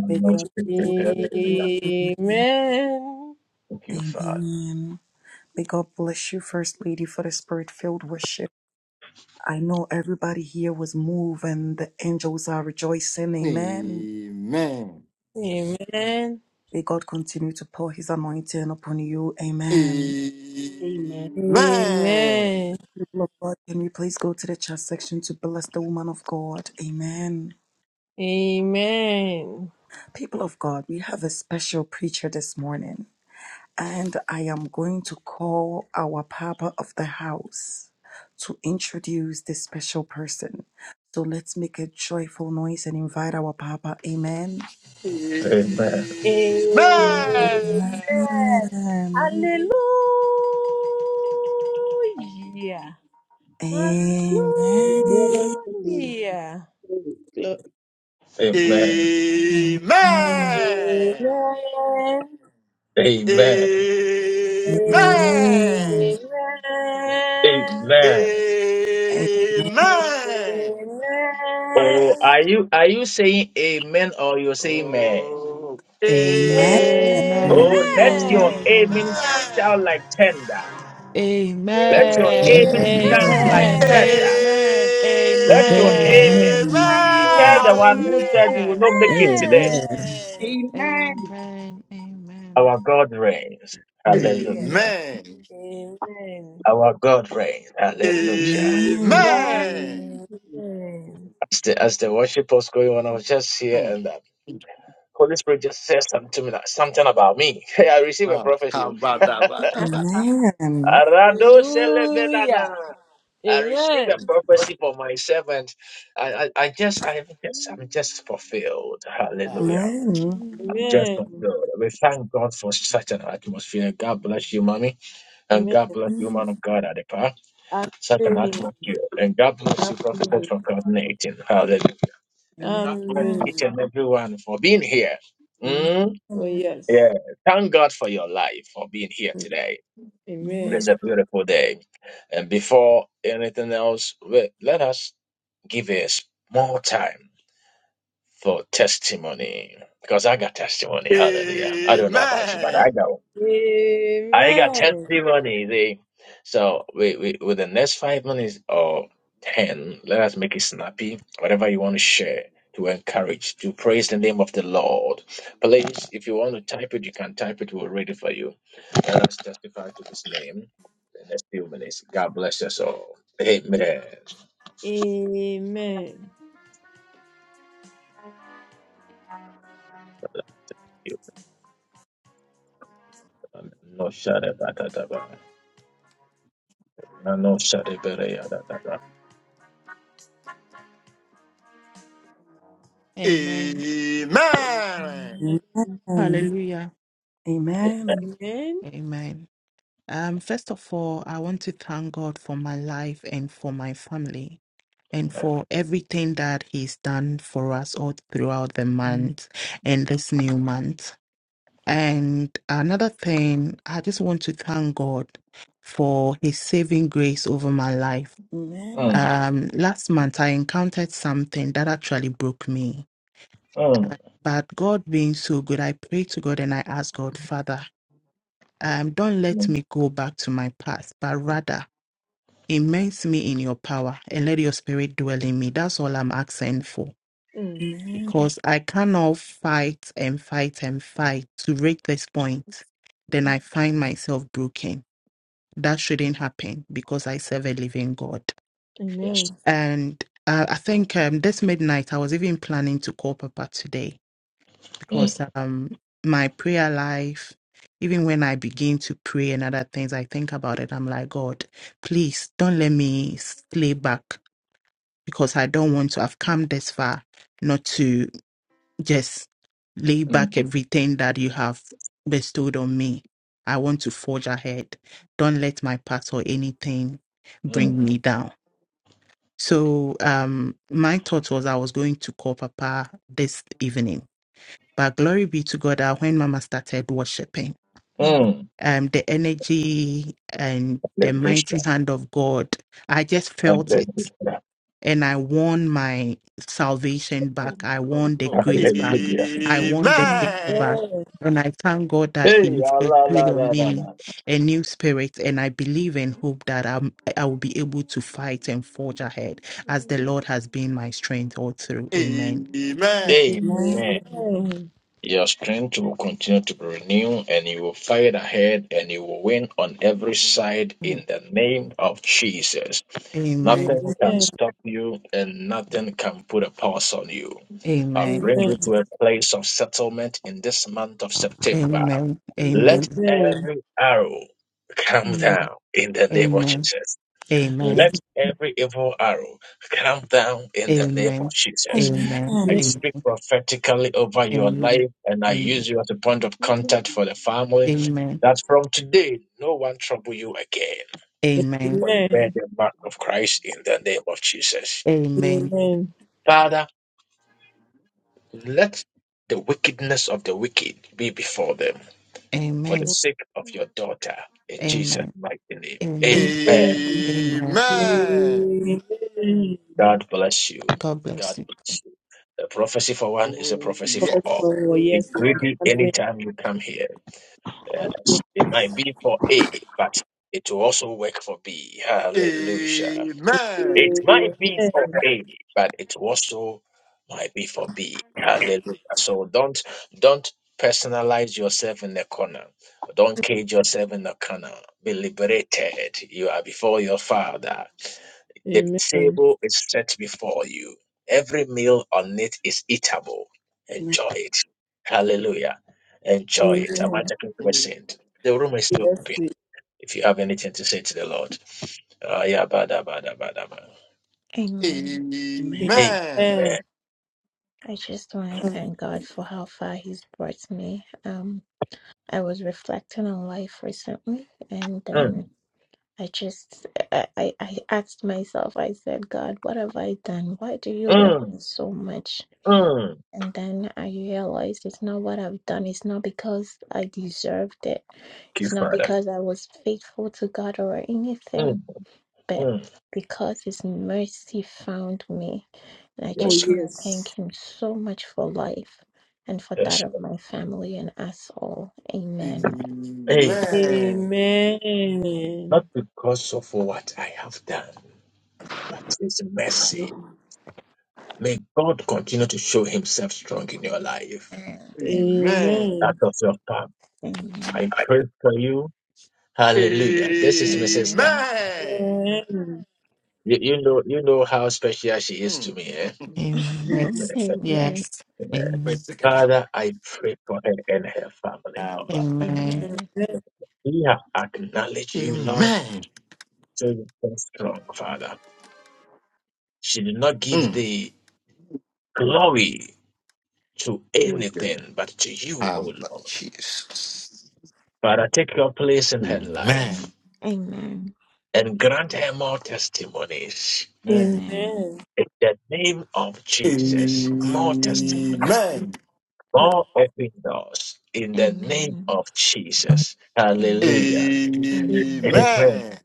Speaker 2: May God
Speaker 4: Amen.
Speaker 2: bless you. Amen.
Speaker 4: Amen.
Speaker 1: Thank you, Father.
Speaker 2: Amen. May God bless you, First Lady, for the spirit filled worship. I know everybody here was moved and the angels are rejoicing. Amen.
Speaker 3: Amen.
Speaker 4: Amen.
Speaker 2: May God continue to pour his anointing upon you. Amen.
Speaker 3: Amen.
Speaker 4: Amen.
Speaker 2: God, can we please go to the chat section to bless the woman of God? Amen.
Speaker 4: Amen.
Speaker 2: People of God, we have a special preacher this morning, and I am going to call our Papa of the house to introduce this special person. So let's make a joyful noise and invite our Papa. Amen.
Speaker 3: Amen.
Speaker 1: Amen.
Speaker 4: Amen.
Speaker 5: Amen,
Speaker 2: Amen.
Speaker 4: Hallelujah.
Speaker 2: Amen.
Speaker 4: Hallelujah.
Speaker 1: Amen.
Speaker 2: Amen.
Speaker 3: Amen.
Speaker 4: Amen.
Speaker 1: Amen.
Speaker 3: Amen.
Speaker 4: Amen.
Speaker 2: Amen.
Speaker 1: Amen.
Speaker 2: Amen.
Speaker 4: Amen.
Speaker 3: Amen.
Speaker 4: Amen.
Speaker 1: Oh, are you are you saying amen or you're saying meh?
Speaker 3: Oh.
Speaker 2: Amen.
Speaker 3: Amen.
Speaker 2: Amen.
Speaker 5: amen,
Speaker 1: Oh, let
Speaker 5: amen,
Speaker 1: your amen
Speaker 3: Amen.
Speaker 1: sound like tender. Let your
Speaker 5: amen,
Speaker 1: amen sound like
Speaker 5: amen,
Speaker 8: Amen.
Speaker 1: tender.
Speaker 5: amen,
Speaker 1: Let
Speaker 2: Amen.
Speaker 1: your
Speaker 8: Amen.
Speaker 1: amen
Speaker 7: Amen.
Speaker 1: tell the one who said
Speaker 4: Amen.
Speaker 1: you
Speaker 7: Hallelujah.
Speaker 1: will not make it today.
Speaker 8: Amen.
Speaker 4: Amen.
Speaker 5: amen,
Speaker 7: Amen.
Speaker 5: amen. Amen.
Speaker 1: Our God reigns.
Speaker 2: Amen. Amen.
Speaker 4: Oh,
Speaker 1: Hallelujah.
Speaker 4: yes. Amen.
Speaker 1: Our God reigns. Hallelujah.
Speaker 3: Amen. Amen.
Speaker 7: Amen.
Speaker 4: Amen.
Speaker 1: As the as the worship was going on, I was just here
Speaker 3: Mm.
Speaker 1: and the Holy Spirit just said something to me, like, something about me. I receive a
Speaker 3: Ah,
Speaker 1: prophecy.
Speaker 3: how about that? About that? About that?
Speaker 2: Amen. Amen. Amen.
Speaker 1: Arado
Speaker 4: Hallelujah.
Speaker 1: I receive a
Speaker 4: Amen.
Speaker 1: prophecy for my servant. I, I, I just, I am just, I'm just fulfilled.
Speaker 3: Ah.
Speaker 4: Amen.
Speaker 1: Hallelujah. I'm just fulfilled. We thank God for such an atmosphere. God bless you, mommy. And
Speaker 4: Amen.
Speaker 1: God bless you, man of God, Adepa.
Speaker 4: Amen.
Speaker 1: Such an
Speaker 4: Amen.
Speaker 1: atmosphere. And God bless you, prophetess,
Speaker 4: Amen.
Speaker 1: for coordinating. Hallelujah. And
Speaker 2: Amen. Amen.
Speaker 1: God bless
Speaker 4: Amen.
Speaker 1: each and everyone for being here.
Speaker 2: Amen.
Speaker 1: Mm, yeah. Thank God for your life, for being here today. It is
Speaker 4: Amen.
Speaker 1: a beautiful day. And before anything else, we- let us give a small time for testimony. Because I got testimony. Hallelujah. I don't know about you, but I
Speaker 3: Amen.
Speaker 1: know. I got
Speaker 4: Amen.
Speaker 1: testimony. See? So we, we, with the next five minutes or ten, let us make it snappy. Whatever you want to share, to encourage, to praise the name of the Lord. Please, if you want to type it, you can type it. We'll read it for you. Let us testify to His name. The next few minutes. God bless us all. Amen. No shade, ba, da, da, ba. No no shade, ba, da, ya, da, da, ba.
Speaker 5: Amen.
Speaker 3: Amen.
Speaker 2: Amen.
Speaker 5: Hallelujah.
Speaker 2: Amen.
Speaker 4: Amen.
Speaker 5: Amen. Um, first of all, I want to thank God for my life and for my family and for everything that He's done for us all throughout the month and this new month. And another thing, I just want to thank God for His saving grace over my life.
Speaker 2: Amen.
Speaker 1: Mm,
Speaker 5: Um, last month, I encountered something that actually broke me.
Speaker 1: mm,
Speaker 5: But God being so good, I prayed to God and I asked God, Father, Um, don't let
Speaker 1: mm.
Speaker 5: me go back to my past, but rather immerse me in your power and let your spirit dwell in me. That's all I'm asking for.
Speaker 4: Mm.
Speaker 2: Amen.
Speaker 5: Because I cannot fight and fight and fight to reach this point. Then I find myself broken. That shouldn't happen because I serve a living God.
Speaker 1: Yes.
Speaker 4: Amen.
Speaker 5: And uh, I think um, this midnight, I was even planning to call Papa today
Speaker 1: Mm,
Speaker 5: because um my prayer life even when i begin to pray and other things i think about it i'm like god please don't let me slay back because i don't want to i've come this far not to just lay
Speaker 1: mm,
Speaker 5: back everything that you have bestowed on me i want to forge ahead don't let my past or anything bring me down so um my thought was i was going to call papa this evening but glory be to God that when Mama started worshiping,
Speaker 1: mm,
Speaker 5: um, the energy and the
Speaker 1: mm.
Speaker 5: mighty hand of God, I just felt
Speaker 1: Hallelujah.
Speaker 5: it. And I won my salvation
Speaker 3: Oh,
Speaker 5: back. I
Speaker 3: oh,
Speaker 5: won the
Speaker 3: oh.
Speaker 5: grace back. I won the favor
Speaker 3: Amen.
Speaker 5: back.
Speaker 4: Amen.
Speaker 5: And I thank God that He
Speaker 1: Hey,
Speaker 5: is
Speaker 1: Allah, la,
Speaker 5: put on
Speaker 1: la, la,
Speaker 5: me
Speaker 1: la.
Speaker 5: a new spirit. And I believe and hope that I'm, I will be able to fight and forge ahead as the Lord has been my strength all through. Amen.
Speaker 3: Amen.
Speaker 1: Amen.
Speaker 4: Amen.
Speaker 1: Your strength will continue to be renewed and you will fight ahead and you will win on every side
Speaker 5: Mm.
Speaker 1: in the name of Jesus.
Speaker 5: Amen.
Speaker 1: Nothing can
Speaker 4: Amen.
Speaker 1: stop you and nothing can put a pause on you. I
Speaker 5: Amen.
Speaker 1: bring
Speaker 4: Amen.
Speaker 1: you to a place of settlement in this month of September.
Speaker 5: Amen.
Speaker 1: Let
Speaker 5: Amen.
Speaker 1: every arrow come down in the name of
Speaker 5: Amen.
Speaker 1: Jesus.
Speaker 5: Amen. Amen.
Speaker 1: Let every evil arrow come down in the name of
Speaker 5: Amen.
Speaker 1: Jesus.
Speaker 5: Amen.
Speaker 1: I speak
Speaker 5: Amen.
Speaker 1: prophetically over your
Speaker 5: Amen.
Speaker 1: life and I use you as a point of contact for the family.
Speaker 5: Amen.
Speaker 1: That from today, no one trouble you again,
Speaker 5: Amen.
Speaker 1: for you
Speaker 4: Amen. Amen.
Speaker 1: bear the mark of Christ in the name of Jesus.
Speaker 5: Amen. Amen.
Speaker 4: Amen. Amen. amen,
Speaker 1: Father, let the wickedness of the wicked be before them for the
Speaker 5: Amen.
Speaker 1: sake of your daughter in Jesus'
Speaker 5: Amen.
Speaker 1: mighty name.
Speaker 5: Amen.
Speaker 1: Amen.
Speaker 5: Amen.
Speaker 3: Amen.
Speaker 1: God bless you.
Speaker 5: God bless
Speaker 1: God
Speaker 5: you.
Speaker 1: bless you. The prophecy for one is a
Speaker 3: Oh,
Speaker 1: prophecy for all.
Speaker 3: yes.
Speaker 1: Be
Speaker 4: Yes,
Speaker 1: greedy
Speaker 4: Lord.
Speaker 1: anytime you come here. Yes, it might be for A, but it will also work for B. Hallelujah. It
Speaker 3: Amen.
Speaker 1: might
Speaker 4: Amen.
Speaker 1: be for A, but it also might be for B. Hallelujah. So don't don't personalize yourself in the corner. Don't cage yourself in the corner. Be liberated. You are before your father. The
Speaker 4: Amen.
Speaker 1: table is set before you. Every meal on it is eatable. Enjoy it. Hallelujah. Enjoy it. I'm
Speaker 4: Amen.
Speaker 1: talking to a saint. The room is still open. If you have anything to say to the Lord. Ah, yeah, bada, bada, bada, bada.
Speaker 9: Amen.
Speaker 2: Amen. Amen.
Speaker 3: Amen.
Speaker 4: Amen.
Speaker 1: Amen.
Speaker 9: I just want to thank God for how far He's brought me. Um, I was reflecting on life recently, and
Speaker 1: Mm,
Speaker 9: then I just I, I I asked myself. I said, God, what have I done? Why do you love
Speaker 1: mm,
Speaker 9: me so much?
Speaker 1: mm. Thank
Speaker 9: And then I realized it's not what I've done. It's not because I deserved it.
Speaker 1: you,
Speaker 9: It's not
Speaker 1: Father.
Speaker 9: because I was faithful to God or anything,
Speaker 1: Mm,
Speaker 9: but
Speaker 1: mm.
Speaker 9: because His mercy found me I
Speaker 4: Oh,
Speaker 1: Yes,
Speaker 9: just
Speaker 1: Lord.
Speaker 9: want to thank him so much for life and for that
Speaker 1: yes.
Speaker 9: of
Speaker 1: Lord.
Speaker 9: my family and us all. Amen.
Speaker 1: Amen.
Speaker 3: Amen.
Speaker 1: Not
Speaker 4: Amen.
Speaker 1: because of what I have done, but His mercy. May God continue to show Himself strong in your life.
Speaker 9: Amen.
Speaker 1: That
Speaker 4: Amen.
Speaker 1: of your palm.
Speaker 9: Amen.
Speaker 1: I pray for you. Hallelujah. This is my
Speaker 3: Amen.
Speaker 1: sister.
Speaker 9: Amen.
Speaker 4: Amen.
Speaker 1: You, you know you know how special she is
Speaker 3: Amen.
Speaker 1: to me, eh?
Speaker 5: Amen. Yes.
Speaker 9: Amen. Amen.
Speaker 5: Yes. Amen.
Speaker 1: Father, I pray for her and her family, Lord.
Speaker 3: Abba.
Speaker 5: Amen.
Speaker 9: Amen.
Speaker 1: We have acknowledged you, Lord,
Speaker 3: Amen.
Speaker 1: so you are strong, Father. She did not give
Speaker 3: Mm.
Speaker 1: the glory to
Speaker 3: Oh, yeah.
Speaker 1: anything but to you, O
Speaker 3: Abba,
Speaker 1: Lord.
Speaker 3: Jesus.
Speaker 1: Father, take your place in her
Speaker 3: Amen.
Speaker 1: life
Speaker 9: Amen.
Speaker 1: and grant her more testimonies
Speaker 3: Amen.
Speaker 9: Amen.
Speaker 4: Amen.
Speaker 1: In the name of Jesus, more testimonies,
Speaker 9: Amen.
Speaker 3: Amen.
Speaker 1: more open doors. In the name of Jesus. Hallelujah.
Speaker 9: Amen.
Speaker 1: Amen.
Speaker 3: Amen.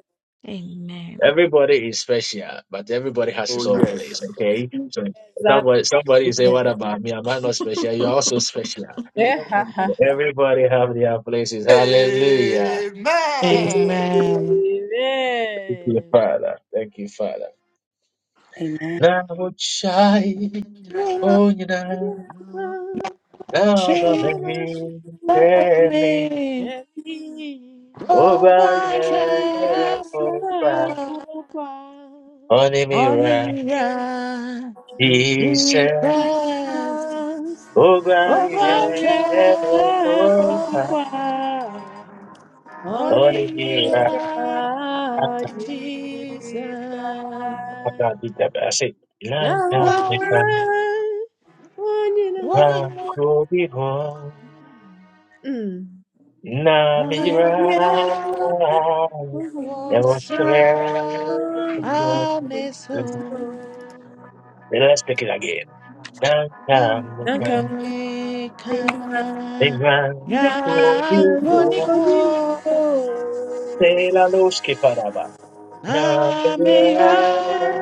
Speaker 9: Amen. Amen.
Speaker 1: Everybody is special, but everybody has
Speaker 3: Oh,
Speaker 1: his own place,
Speaker 3: yes.
Speaker 1: okay? So
Speaker 4: Exactly.
Speaker 1: somebody somebody say,
Speaker 4: Amen.
Speaker 1: What about me? Am I not special? You're also special.
Speaker 4: Eh, Ha, ha,
Speaker 1: And
Speaker 4: ha.
Speaker 1: everybody have their places. Hallelujah. Thank
Speaker 3: Amen.
Speaker 5: Amen.
Speaker 1: you,
Speaker 4: Amen.
Speaker 1: Father. Thank you, Father. Now shy. Oh, you know,
Speaker 3: No.
Speaker 1: now the
Speaker 5: She
Speaker 1: baby
Speaker 5: me. Lord, I
Speaker 1: Onimira,
Speaker 5: shall. Hallelujah.
Speaker 2: Amen.
Speaker 1: Ise,
Speaker 5: Jesus,
Speaker 1: Ogbanye,
Speaker 5: Obacha,
Speaker 1: Opa,
Speaker 5: Oba,
Speaker 1: Onimira.
Speaker 5: Onimira,
Speaker 1: I
Speaker 5: Jesus.
Speaker 1: gotta do that, but I say, Lanta,
Speaker 5: Now,
Speaker 1: Mika, Ba,
Speaker 5: Onima,
Speaker 1: Kobi, Ho, Na, Mira,
Speaker 5: Ona,
Speaker 1: There was three.
Speaker 5: Wasra, Ameso,
Speaker 1: Let's take it again. Lanta,
Speaker 4: Mm.
Speaker 1: Mika,
Speaker 5: Ameka,
Speaker 1: Mika,
Speaker 7: Jesus.
Speaker 1: Kobi,
Speaker 5: Yankoniho,
Speaker 1: De la luz que paraba. Na-
Speaker 5: Ameya,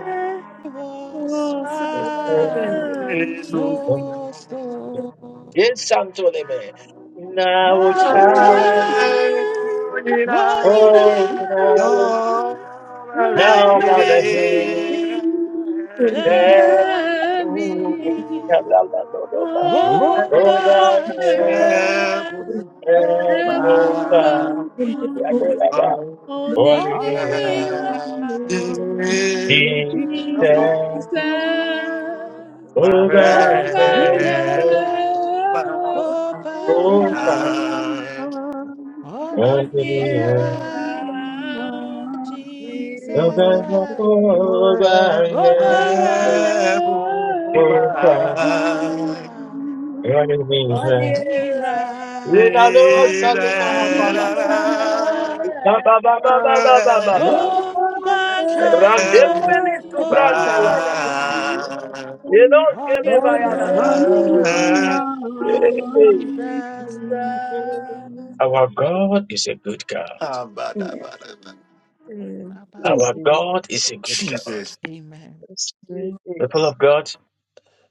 Speaker 5: Wasra.
Speaker 3: Yes,
Speaker 4: Oh,
Speaker 5: No storm.
Speaker 1: Yes, Santo Leme. Now, oh,
Speaker 4: Raja,
Speaker 5: Now we try. One
Speaker 3: oh,
Speaker 5: in a
Speaker 4: Raja,
Speaker 3: Glory.
Speaker 5: now
Speaker 1: now,
Speaker 5: back
Speaker 4: Raja
Speaker 5: shining.
Speaker 4: Singh,
Speaker 2: Amen.
Speaker 3: Oh,
Speaker 4: O
Speaker 5: Lord God shall
Speaker 4: Mara, Rafopa,
Speaker 5: provide.
Speaker 2: Thank
Speaker 1: la
Speaker 4: Oni
Speaker 5: Only mirror
Speaker 4: Era,
Speaker 5: said,
Speaker 4: Jesus, O
Speaker 5: Lord God
Speaker 4: God,
Speaker 3: heaven
Speaker 5: shall
Speaker 4: fruit
Speaker 5: provide. Only
Speaker 4: on
Speaker 1: the
Speaker 5: mirror, Jesus.
Speaker 4: the
Speaker 1: Our God is a
Speaker 5: Lord
Speaker 4: Mm-hmm.
Speaker 5: God shall
Speaker 7: Amen. Amen. Hallelujah.
Speaker 3: bow
Speaker 5: provide.
Speaker 4: Oh yes.
Speaker 5: Onimira,
Speaker 3: Mm,
Speaker 5: Onimira
Speaker 4: Mm,
Speaker 5: Jesus,
Speaker 7: Hallelujah.
Speaker 5: Rogaja, Boga, Onimira Jesus.
Speaker 1: good God.
Speaker 2: you.
Speaker 5: Ba, ba, ba.
Speaker 1: Our God is a good God.
Speaker 3: Jesus.
Speaker 5: Amen.
Speaker 4: mm,
Speaker 1: People of God,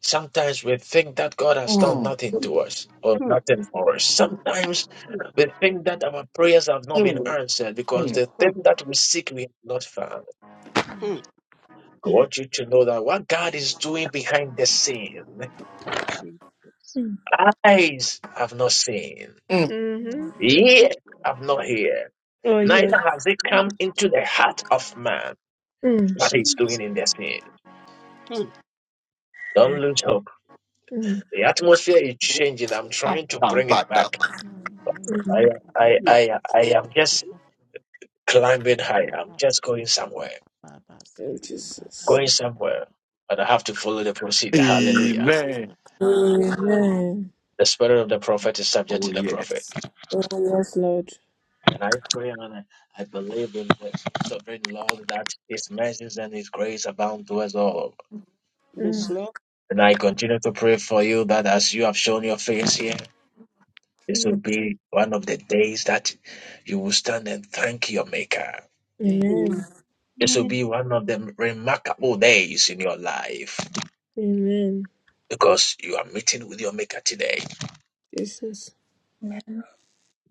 Speaker 1: Sometimes we think that God has done
Speaker 3: Mm,
Speaker 1: nothing to us or nothing for us. Sometimes we think that our prayers have not been
Speaker 3: mm,
Speaker 1: answered because
Speaker 3: mm,
Speaker 1: the thing that we seek we have not found.
Speaker 5: Mm,
Speaker 1: I want you to know that what God is doing behind the scene, eyes have not seen,
Speaker 3: mm.
Speaker 5: mm,
Speaker 1: ears have not heard, neither has it come into the heart of man what he's doing in the
Speaker 5: mm,
Speaker 1: scene. Don't lose hope. The atmosphere is changing. I'm
Speaker 3: How
Speaker 1: trying to bring it
Speaker 3: about that
Speaker 1: back.
Speaker 3: one?
Speaker 5: mm, mm.
Speaker 1: I
Speaker 4: mm.
Speaker 5: They
Speaker 1: I I
Speaker 5: reference
Speaker 1: I
Speaker 5: the-
Speaker 1: am
Speaker 5: the-
Speaker 1: just
Speaker 5: the- the- the- the-
Speaker 1: climbing high.
Speaker 5: the-
Speaker 1: I'm
Speaker 5: the- the- the-
Speaker 1: just going
Speaker 5: the- the- the- the- the- the- the-
Speaker 1: somewhere,
Speaker 4: Oh
Speaker 5: the-
Speaker 4: Jesus.
Speaker 1: going
Speaker 5: the- the- the-
Speaker 1: somewhere, but I have to follow the procedure. Hallelujah.
Speaker 3: Amen.
Speaker 4: Amen.
Speaker 1: The spirit of the prophet is subject
Speaker 3: Oh,
Speaker 1: to the prophet.
Speaker 3: yes.
Speaker 4: Yes, Lord.
Speaker 1: And I pray and I I believe in the sovereign Lord that his mercies and his grace abound to us all.
Speaker 5: Mm.
Speaker 4: Mm,
Speaker 1: And I continue to pray for you that as you have shown your face here, this will be one of the days that you will stand and thank your Maker.
Speaker 5: Amen.
Speaker 4: mm,
Speaker 1: This will be one of the remarkable days in your life
Speaker 4: mm.
Speaker 1: because you are meeting with your Maker today.
Speaker 4: Jesus.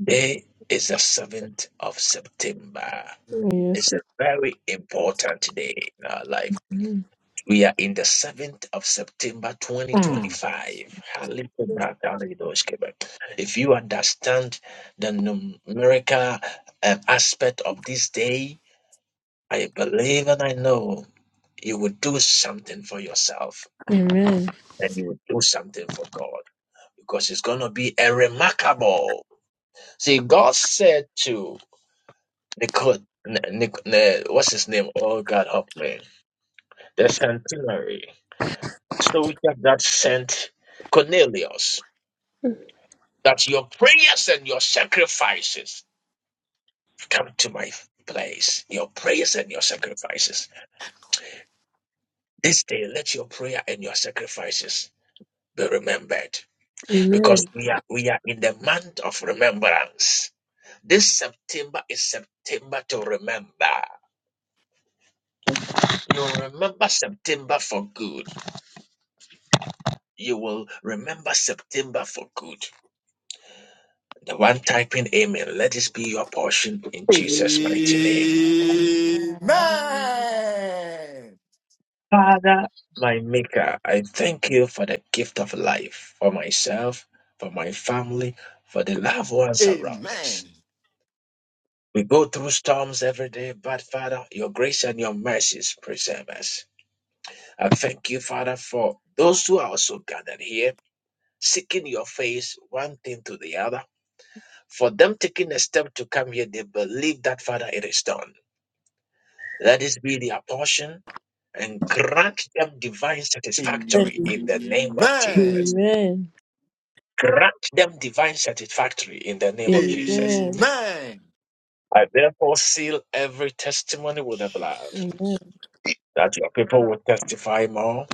Speaker 1: Today is the 7th of September.
Speaker 4: Oh, yes,
Speaker 1: It's a very important day in our life.
Speaker 4: Lord.
Speaker 1: We are in the 7th of September
Speaker 3: Mm.
Speaker 1: 2025. If you understand the numerical um, aspect of this day, I believe and I know you will do something for yourself and you will do something for God because it's going to be a remarkable. See, God said to Nicole, N- Nic- N- what's his name? Oh God, help me. The centenary. So we have that Saint Cornelius. That your prayers and your sacrifices come to my place. Your prayers and your sacrifices. This day, let your prayer and your sacrifices be remembered, because
Speaker 4: Amen.
Speaker 1: we are we are in the month of remembrance. This September is September to remember. You remember September for good. You will remember September for good. The one typing amen, let this be your portion in Jesus' mighty name.
Speaker 3: Amen.
Speaker 10: Amen.
Speaker 5: Amen.
Speaker 10: Amen.
Speaker 1: My Maker, I thank you for the gift of life, for myself, for my family, for the loved ones around us.
Speaker 3: Amen.
Speaker 1: We go through storms every day, but Father, your grace and your mercies preserve us. I thank you, Father, for those who are also gathered here, seeking your face, one thing to the other. For them taking a step to come here, they believe that, Father, it is done. Let this be their portion and grant them divine
Speaker 3: Amen.
Speaker 1: satisfactory
Speaker 4: Amen.
Speaker 1: in the name of Jesus. Grant them divine satisfactory in the name of Jesus.
Speaker 4: Amen.
Speaker 3: Amen.
Speaker 1: I therefore seal every testimony with the blood
Speaker 3: Jesus.
Speaker 4: Amen. Amen.
Speaker 1: that your people will testify more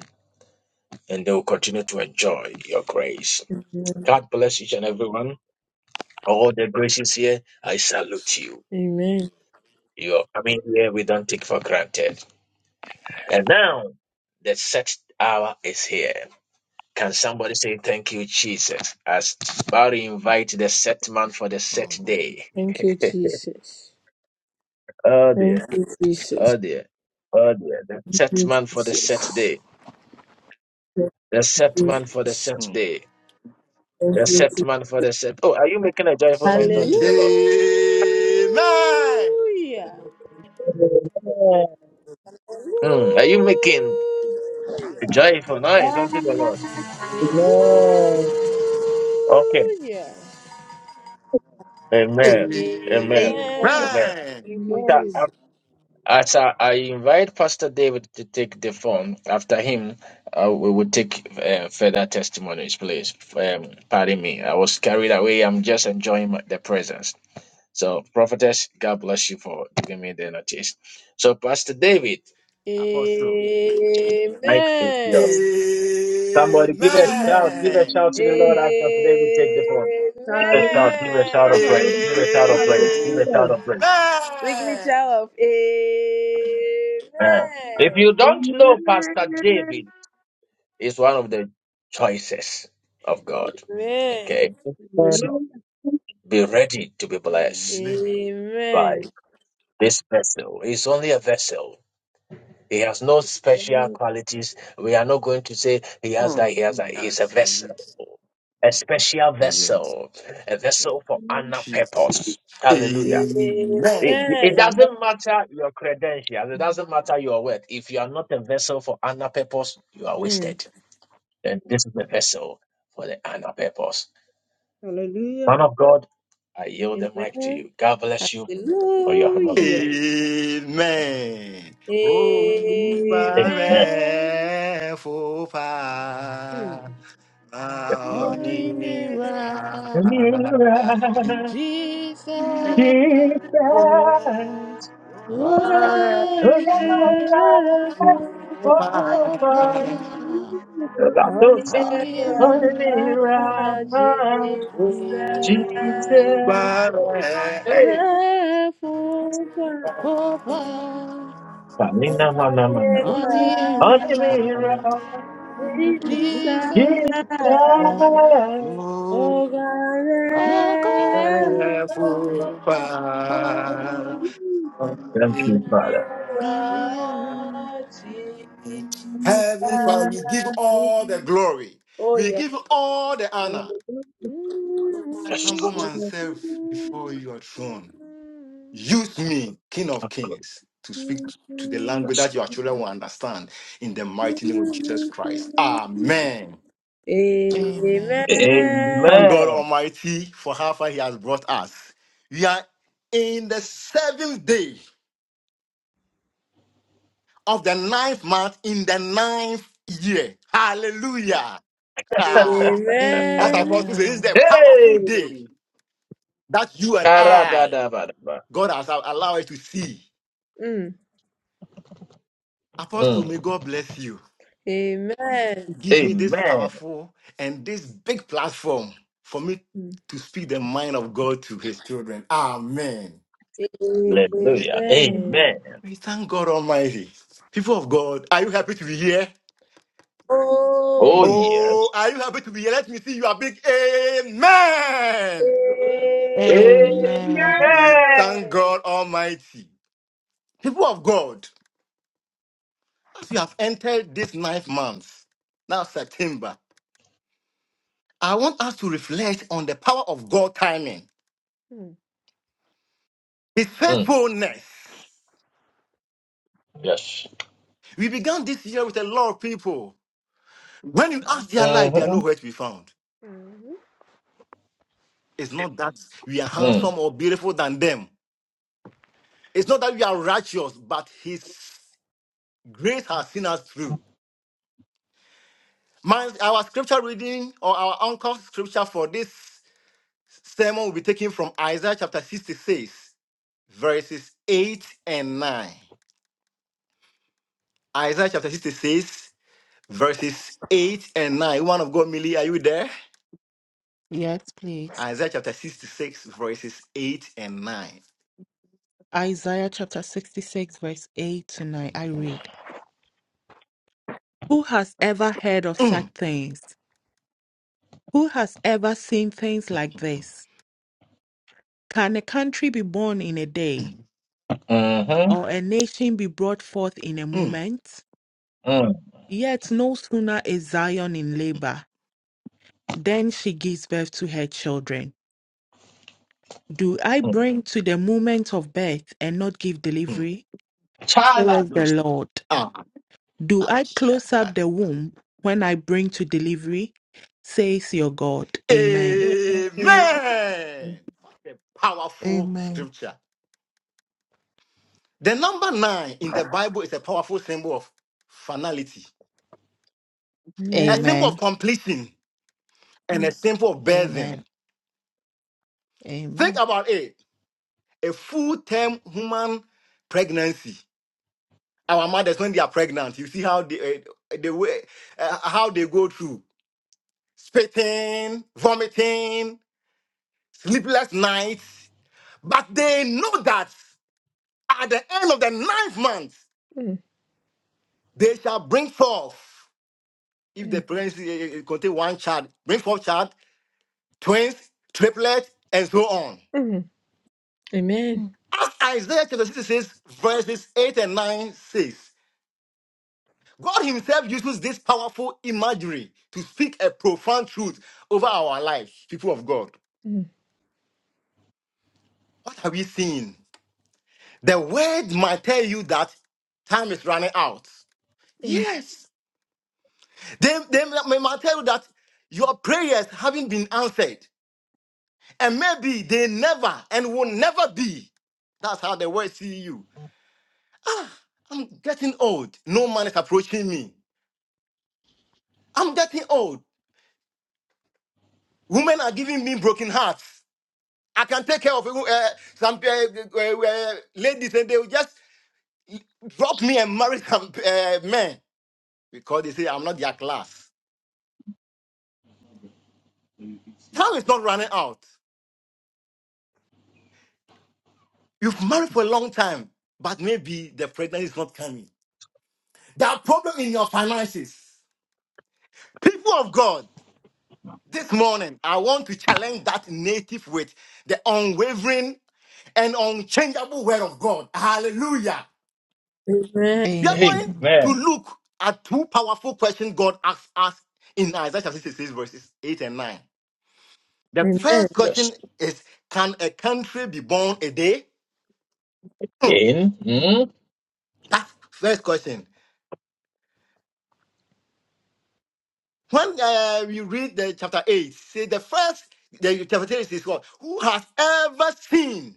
Speaker 1: and they will continue to enjoy your grace. God bless each and everyone. All the graces here, I
Speaker 3: Yes,
Speaker 1: salute you.
Speaker 4: Amen.
Speaker 1: You are coming here, we don't take for granted. And now, the set hour is here. Can somebody say thank you, Jesus? As Barry invite the set man for the set
Speaker 3: Lord.
Speaker 1: day.
Speaker 4: Thank you, Jesus.
Speaker 1: Oh
Speaker 4: Thank
Speaker 1: dear,
Speaker 4: you, Jesus.
Speaker 1: oh dear, oh dear. The set
Speaker 4: Thank
Speaker 1: man
Speaker 4: you,
Speaker 1: for the set
Speaker 4: Jesus.
Speaker 1: day. The set man for the set
Speaker 3: Mm.
Speaker 1: day. The set man for the set. Oh, are you making a joyful noise unto the Lord?
Speaker 4: Hallelujah.
Speaker 11: Amen.
Speaker 1: Hmm. Are you making a joyful noise unto the Lord?
Speaker 4: Hallelujah.
Speaker 1: Okay. Amen. Amen.
Speaker 3: Amen.
Speaker 4: Amen.
Speaker 1: Amen.
Speaker 3: Amen.
Speaker 4: Thank you,
Speaker 1: After
Speaker 4: Jesus.
Speaker 1: As I, I invite Pastor David to take the phone, after him, uh, we will take uh, further testimonies, please. Um, pardon me, I was carried away. I'm just enjoying my, the presence. So, prophetess, God bless you for giving me the notice. So, Pastor David,
Speaker 3: Apostle.
Speaker 1: Mike is yours.
Speaker 4: Amen.
Speaker 1: Somebody give a shout, give a
Speaker 3: Amen.
Speaker 1: shout to the Lord as Pastor David take the phone. Give a
Speaker 7: Hallelujah. Amen.
Speaker 1: shout, give a shout of
Speaker 4: Amen.
Speaker 1: praise, give a shout of praise, give
Speaker 3: Amen.
Speaker 1: a shout of praise.
Speaker 4: Signature of
Speaker 1: Uh, if
Speaker 4: Amen.
Speaker 1: you don't know Pastor David, It's one of the choices of God. Okay?
Speaker 11: Amen.
Speaker 1: So be ready to be blessed
Speaker 3: Amen.
Speaker 4: Amen.
Speaker 1: by this vessel. It's only a vessel. He has no special
Speaker 7: Hallelujah.
Speaker 1: qualities. We are not going to say he has that,
Speaker 3: Mm,
Speaker 1: he has that.
Speaker 3: mm. I
Speaker 1: He's a vessel,
Speaker 3: salute.
Speaker 1: a special
Speaker 3: Oh, yes.
Speaker 1: vessel, a vessel for honor
Speaker 3: Jesus.
Speaker 1: purpose. Hallelujah. It,
Speaker 3: Amen.
Speaker 1: it
Speaker 4: Amen. Amen.
Speaker 1: doesn't matter your credentials, it doesn't matter your worth. If you are not a vessel for honor purpose, you are
Speaker 4: Mm.
Speaker 1: wasted. And this is the vessel for the honor purpose.
Speaker 7: Hallelujah.
Speaker 1: Man of God, I yield the mic to
Speaker 4: Amen.
Speaker 1: you. God bless you for your
Speaker 4: Hallelujah.
Speaker 1: humility.
Speaker 3: Amen. Oh,
Speaker 7: Hallelujah.
Speaker 1: Amen.
Speaker 4: Amen.
Speaker 3: bare fufa,
Speaker 5: Oh,
Speaker 1: Lord.
Speaker 3: maoni
Speaker 5: me, me,
Speaker 3: ma.
Speaker 4: Mm.
Speaker 5: right.
Speaker 1: Deliver,
Speaker 3: Oh,
Speaker 5: Jesus.
Speaker 1: Jesus,
Speaker 5: Oh, God.
Speaker 1: who can
Speaker 5: show
Speaker 1: I
Speaker 3: bare fufa,
Speaker 1: love
Speaker 7: The promise
Speaker 3: oh,
Speaker 1: forever?
Speaker 5: up.
Speaker 7: is
Speaker 4: On
Speaker 1: Latosa,
Speaker 5: Oh,
Speaker 4: your
Speaker 5: me, right.
Speaker 4: love,
Speaker 1: Onimira,
Speaker 4: Jesus,
Speaker 1: Jesus,
Speaker 5: Jesus.
Speaker 3: bare fufa, oh, bare fufa.
Speaker 1: hey,
Speaker 4: the full time.
Speaker 5: Over
Speaker 1: Panina
Speaker 4: On
Speaker 1: Mana Mana,
Speaker 4: your
Speaker 5: on the air,
Speaker 1: Onimira,
Speaker 4: love, Jesus,
Speaker 5: Jesus,
Speaker 1: Jesus.
Speaker 4: oh
Speaker 5: oh God, over
Speaker 1: Thank you,
Speaker 4: on
Speaker 1: Father.
Speaker 4: your
Speaker 5: on the air.
Speaker 4: Jesus,
Speaker 3: Heavenly Father, we give all the glory.
Speaker 4: oh
Speaker 3: We
Speaker 4: yeah.
Speaker 3: give all the honor. I
Speaker 1: Bless
Speaker 3: humble myself before your throne. Use me, King of
Speaker 1: Lord.
Speaker 3: Kings, to speak to the language
Speaker 1: Bless
Speaker 3: that
Speaker 1: Lord.
Speaker 3: your children will understand in the mighty name of Jesus Christ.
Speaker 4: Amen.
Speaker 3: Amen.
Speaker 5: Amen.
Speaker 3: We Thank
Speaker 4: Amen.
Speaker 1: Amen.
Speaker 3: God Almighty for how far He has brought us. We are in the seventh day of the ninth month in the ninth year. Hallelujah. As
Speaker 4: Mm.
Speaker 3: Apostle says, it's the
Speaker 5: Amen.
Speaker 3: powerful day
Speaker 1: Hey!
Speaker 3: that you and I,
Speaker 1: Karadadabadaba.
Speaker 3: God has allowed us to see. Apostle,
Speaker 1: Mm.
Speaker 3: may God bless you.
Speaker 4: Amen.
Speaker 3: Give me this
Speaker 1: Amen.
Speaker 3: powerful and this big platform for me
Speaker 4: Mm.
Speaker 3: to speak the mind of God to his children. Amen.
Speaker 1: Hallelujah. Amen.
Speaker 4: Amen.
Speaker 3: We thank God Almighty. People of God, are you happy to be here?
Speaker 4: Oh
Speaker 1: Oh,
Speaker 5: Yeah.
Speaker 4: yes.
Speaker 1: yes.
Speaker 3: Oh, are you happy to be here? Let me see You your big amen.
Speaker 5: Amen.
Speaker 3: We
Speaker 1: Amen.
Speaker 3: thank God Almighty. People of God, As we have entered this ninth month, now September, I want us to reflect on the power of God timing, His
Speaker 1: Mm.
Speaker 3: faithfulness.
Speaker 1: Yes.
Speaker 3: We began this year with a lot of people. When you ask their life, they are
Speaker 1: Mm-hmm.
Speaker 3: nowhere to be found. It's not that we are
Speaker 1: Mm.
Speaker 3: handsome or beautiful than them. It's not that we are righteous, but His grace has seen us through. My, our scripture reading or our uncle's scripture for this sermon will be taken from Isaiah chapter 66, verses 8 and 9. Isaiah chapter 66, verses 8 and 9. One of God, Millie, are you there?
Speaker 5: Yes, please.
Speaker 3: Isaiah chapter 66, verses 8 and 9.
Speaker 5: Isaiah chapter 66, verse 8 to 9. I read Who has ever heard of such
Speaker 3: Mm,
Speaker 5: things? Who has ever seen things like
Speaker 3: mm,
Speaker 5: this? Can a country be born in a day,
Speaker 1: Mm-hmm.
Speaker 5: or a nation be brought forth in a
Speaker 3: mm.
Speaker 5: moment?
Speaker 1: Mm.
Speaker 5: Yet no sooner is Zion in labor than she gives birth to her children. Do I
Speaker 1: Mm.
Speaker 5: bring to the moment of birth and not give
Speaker 3: mm.
Speaker 5: delivery? Says the
Speaker 1: Chalados.
Speaker 5: Lord.
Speaker 3: Ah,
Speaker 5: Do I close up
Speaker 3: shaka.
Speaker 5: the womb when I bring to delivery? Says your God. Amen.
Speaker 3: Amen. What a powerful
Speaker 5: Amen.
Speaker 3: scripture. The number nine in the Bible is a powerful symbol of
Speaker 4: Amen.
Speaker 5: Amen.
Speaker 3: and
Speaker 5: Amen. Amen.
Speaker 3: our but
Speaker 4: Mm. Mhm. Amen. Mm. Mm. Mm. Amen.
Speaker 5: Mm.
Speaker 3: it says use this Marjorie to speak.
Speaker 4: Mm.
Speaker 3: What have we seen? The word might tell you that time is running out.
Speaker 4: Mm.
Speaker 3: Yes. They, they may might tell you that your prayers haven't been answered, and maybe they never and will never be. That's how the world see you. Ah, I'm getting old. No man is approaching me. I'm getting old. Women are giving me broken hearts. I can take care of uh, some uh, uh, uh, ladies, and they will just drop me and marry some uh, men because they say I'm not their class. Time is not running out. You've married for a long time, but maybe the pregnancy is not coming. That problem in your finances. People of God, this morning, I want to challenge that native with the unwavering and unchangeable word of God. Hallelujah. We are going
Speaker 5: Amen.
Speaker 3: to
Speaker 1: Amen.
Speaker 3: look at two powerful questions God asks us in Isaiah chapter 66, verses 8 and 9. The first
Speaker 1: Yes.
Speaker 3: question is Can a country be born a day?
Speaker 1: In. Mm.
Speaker 3: That's first question. When uh, we read the chapter 8, say the first, the chapter 8 is what? Who has ever seen?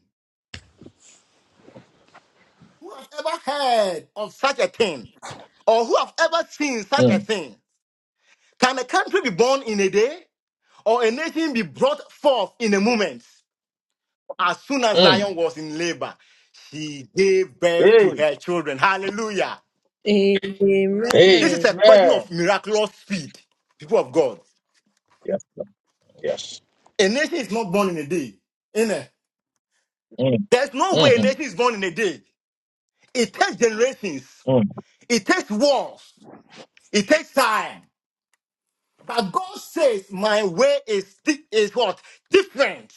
Speaker 3: Who has ever heard of such a thing? Or who have ever seen such a
Speaker 1: Mm.
Speaker 3: thing? Can a country be born in a day? Or a nation be brought forth in a moment? As soon as
Speaker 1: Mm.
Speaker 3: Zion was in labor, she gave birth to
Speaker 1: Amen.
Speaker 3: her children. Hallelujah. This is a question of
Speaker 1: Amen.
Speaker 3: miraculous speed, people of God.
Speaker 1: Yes. Lord. Yes.
Speaker 3: A nation is not born in a day. Innit?
Speaker 1: Mm.
Speaker 3: There's no way a
Speaker 1: Mm-hmm.
Speaker 3: nation is born in a day. It takes generations,
Speaker 1: Mm.
Speaker 3: it takes wars, it takes time. But God says, My way is, di- is what? Different.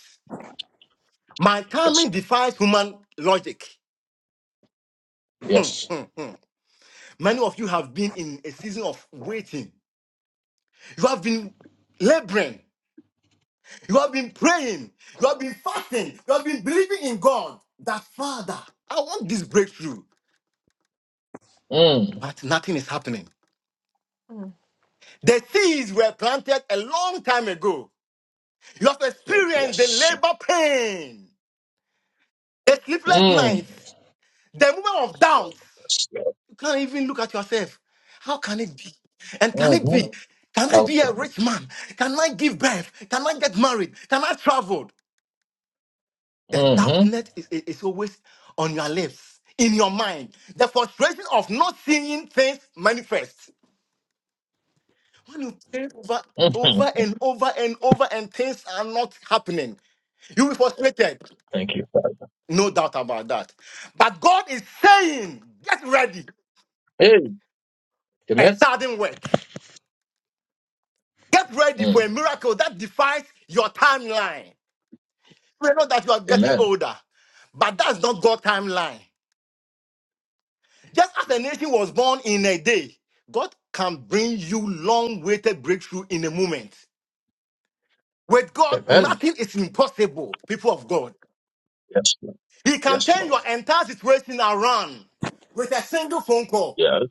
Speaker 3: My
Speaker 1: Yes.
Speaker 3: timing defies human logic. Hmm,
Speaker 1: Yes.
Speaker 3: hmm, hmm. Many of you have been in a season of waiting. You have been laboring. You have been praying. You have been fasting. You have been believing in God that, Father, I want this breakthrough.
Speaker 1: Mm.
Speaker 3: But nothing is happening. The seeds were planted a long time ago. You have experienced the
Speaker 1: Yes.
Speaker 3: labor pain, the sleepless
Speaker 1: Mm.
Speaker 3: nights, the moment of doubt,
Speaker 1: Yes.
Speaker 3: You can't even look at yourself. How can it be? And can it
Speaker 1: Mhm.
Speaker 3: be? Can I be a
Speaker 1: Hallelujah.
Speaker 3: rich man? Can I give birth? Can I get married? Can I travel? The
Speaker 1: Mhm.
Speaker 3: doubtness is, is, is always on your lips, in your mind. The frustration of not seeing things manifest. When you pray over,
Speaker 1: Mhm.
Speaker 3: over and over and over and things are not happening, you'll be frustrated.
Speaker 1: Thank you, Father.
Speaker 3: No doubt about that. But God is saying, get ready.
Speaker 1: Hey,
Speaker 3: A
Speaker 1: amen.
Speaker 3: sudden work. Get ready for
Speaker 1: Mm.
Speaker 3: a miracle that defies your timeline. We know that you are getting
Speaker 1: Amen.
Speaker 3: older, but that's not God's timeline. Just as a nation was born in a day, God can bring you long-awaited breakthrough in a moment. With God,
Speaker 1: Amen.
Speaker 3: nothing is impossible, people of God.
Speaker 1: Yes, Lord.
Speaker 3: He can
Speaker 1: Yes,
Speaker 3: turn your
Speaker 1: Lord.
Speaker 3: entire situation around with a single phone call.
Speaker 1: Yes.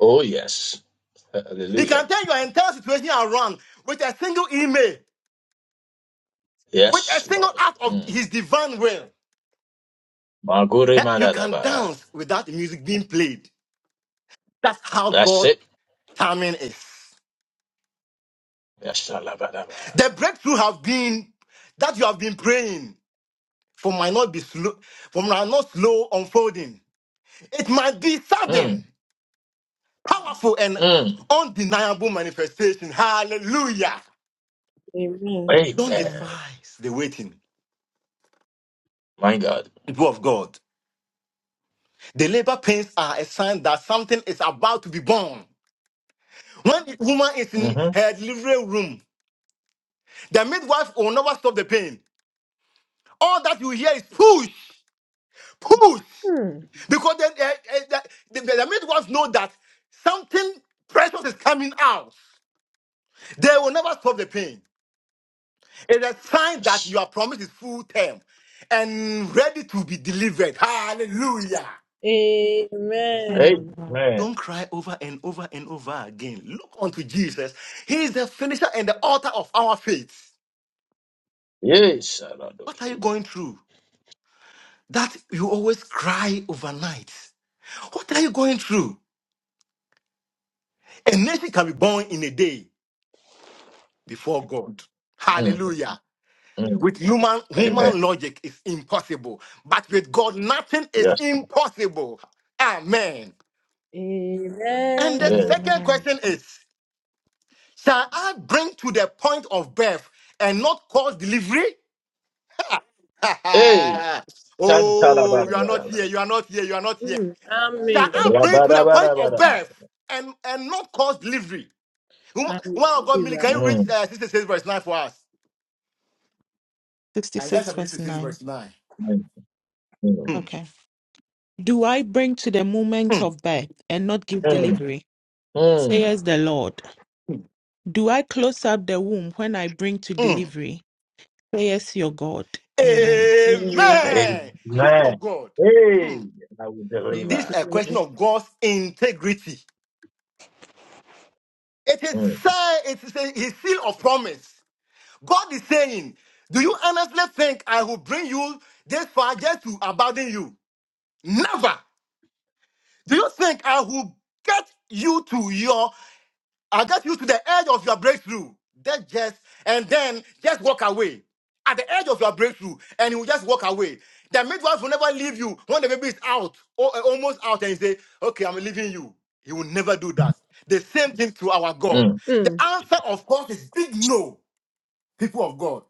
Speaker 1: Oh, yes.
Speaker 3: He can
Speaker 1: Hallelujah.
Speaker 3: turn your entire situation around with a single email, with a
Speaker 1: Yes,
Speaker 3: single
Speaker 1: Lord.
Speaker 3: act of
Speaker 1: Mm.
Speaker 3: his divine will.
Speaker 1: Magure
Speaker 3: Eh, You can
Speaker 1: madadaba.
Speaker 3: dance without the music being played. That's how
Speaker 1: That's
Speaker 3: God
Speaker 1: it.
Speaker 3: timing is.
Speaker 1: Yes, alabadaba.
Speaker 3: The breakthrough have been that you have been praying for might not be slow, for might not slow unfolding. It might be sudden,
Speaker 1: Mm.
Speaker 3: powerful, and
Speaker 1: Mm.
Speaker 3: undeniable manifestation. Hallelujah. Don't
Speaker 1: Amen.
Speaker 5: Amen.
Speaker 3: despise the waiting,
Speaker 1: My God.
Speaker 3: people of God. The labor pains are a sign that something is about to be born. When the woman is in
Speaker 1: Mm-hmm.
Speaker 3: her delivery room, the midwife will never stop the pain. All that you hear is push, push. Because then, uh, uh, the, the, the midwives know that something precious is coming out. They will never stop the pain. It's a sign that
Speaker 1: Yes.
Speaker 3: your promise is full term and ready to be delivered. Hallelujah.
Speaker 4: Amen. Amen.
Speaker 5: Amen.
Speaker 1: Amen.
Speaker 3: Don't cry over and over and over again. Look unto Jesus. He is the finisher and the author of our faith.
Speaker 1: Yes,
Speaker 3: What are you
Speaker 1: Aladoskiba.
Speaker 3: going through? That you always cry overnight. What are you going through? A nation can be born in a day before God.
Speaker 1: Mm.
Speaker 3: Hallelujah.
Speaker 4: Mm. Amen.
Speaker 1: Mm.
Speaker 4: Mm.
Speaker 3: With human
Speaker 1: Amen.
Speaker 3: human logic, it's impossible. But with God, nothing is
Speaker 1: Yes.
Speaker 3: impossible. Amen. And
Speaker 4: Amen.
Speaker 3: the
Speaker 1: Yeah.
Speaker 3: second
Speaker 5: Amen.
Speaker 3: question is: Shall I bring to the point of birth and not cause delivery?
Speaker 1: Hey.
Speaker 3: oh, you are not
Speaker 1: Tantalabadabadaba.
Speaker 3: here. You are not here. You are not here.
Speaker 4: Mm.
Speaker 3: Shall
Speaker 4: Amen.
Speaker 3: I bring to the point of
Speaker 1: Ra-ba-da-ba-da-ba-da.
Speaker 3: birth and and not cause delivery? Woman
Speaker 4: I will
Speaker 3: woman of God, Millie, can
Speaker 4: deliver.
Speaker 3: you read
Speaker 1: Mm,
Speaker 3: uh, 66 verse 9 for us? Isaiah
Speaker 5: 66
Speaker 3: chapter
Speaker 5: verse
Speaker 3: 66
Speaker 5: 9.
Speaker 3: verse 9.
Speaker 1: mm, mm,
Speaker 3: Hmm.
Speaker 5: Okay. Do I bring to the moment of birth and not give
Speaker 1: mm,
Speaker 5: delivery?
Speaker 1: mm.
Speaker 5: Says the Lord. Do I close up the womb when I bring to
Speaker 3: Hmm.
Speaker 5: delivery? Says your God. Amen.
Speaker 4: Amen.
Speaker 3: Amen. People of
Speaker 1: Amen.
Speaker 3: God,
Speaker 1: Hey,
Speaker 3: hmm,
Speaker 1: I will
Speaker 3: this
Speaker 1: deliver.
Speaker 3: is a question of God's integrity. It is
Speaker 1: Mm,
Speaker 3: say, it is a his seal of promise. God is saying, Do you honestly think I will bring you this far just to abandon you? Never. Do you think I will get you to your I'll get you to the edge of your breakthrough. That just and then just walk away. At the edge of your breakthrough, and you will just walk away. The midwife will never leave you when the baby is out or uh, almost out, and you say, "Okay, I'm leaving you." He will never do that. The same thing to our God.
Speaker 1: mm.
Speaker 3: The
Speaker 4: Mm.
Speaker 3: answer, of course, is big no, people of God.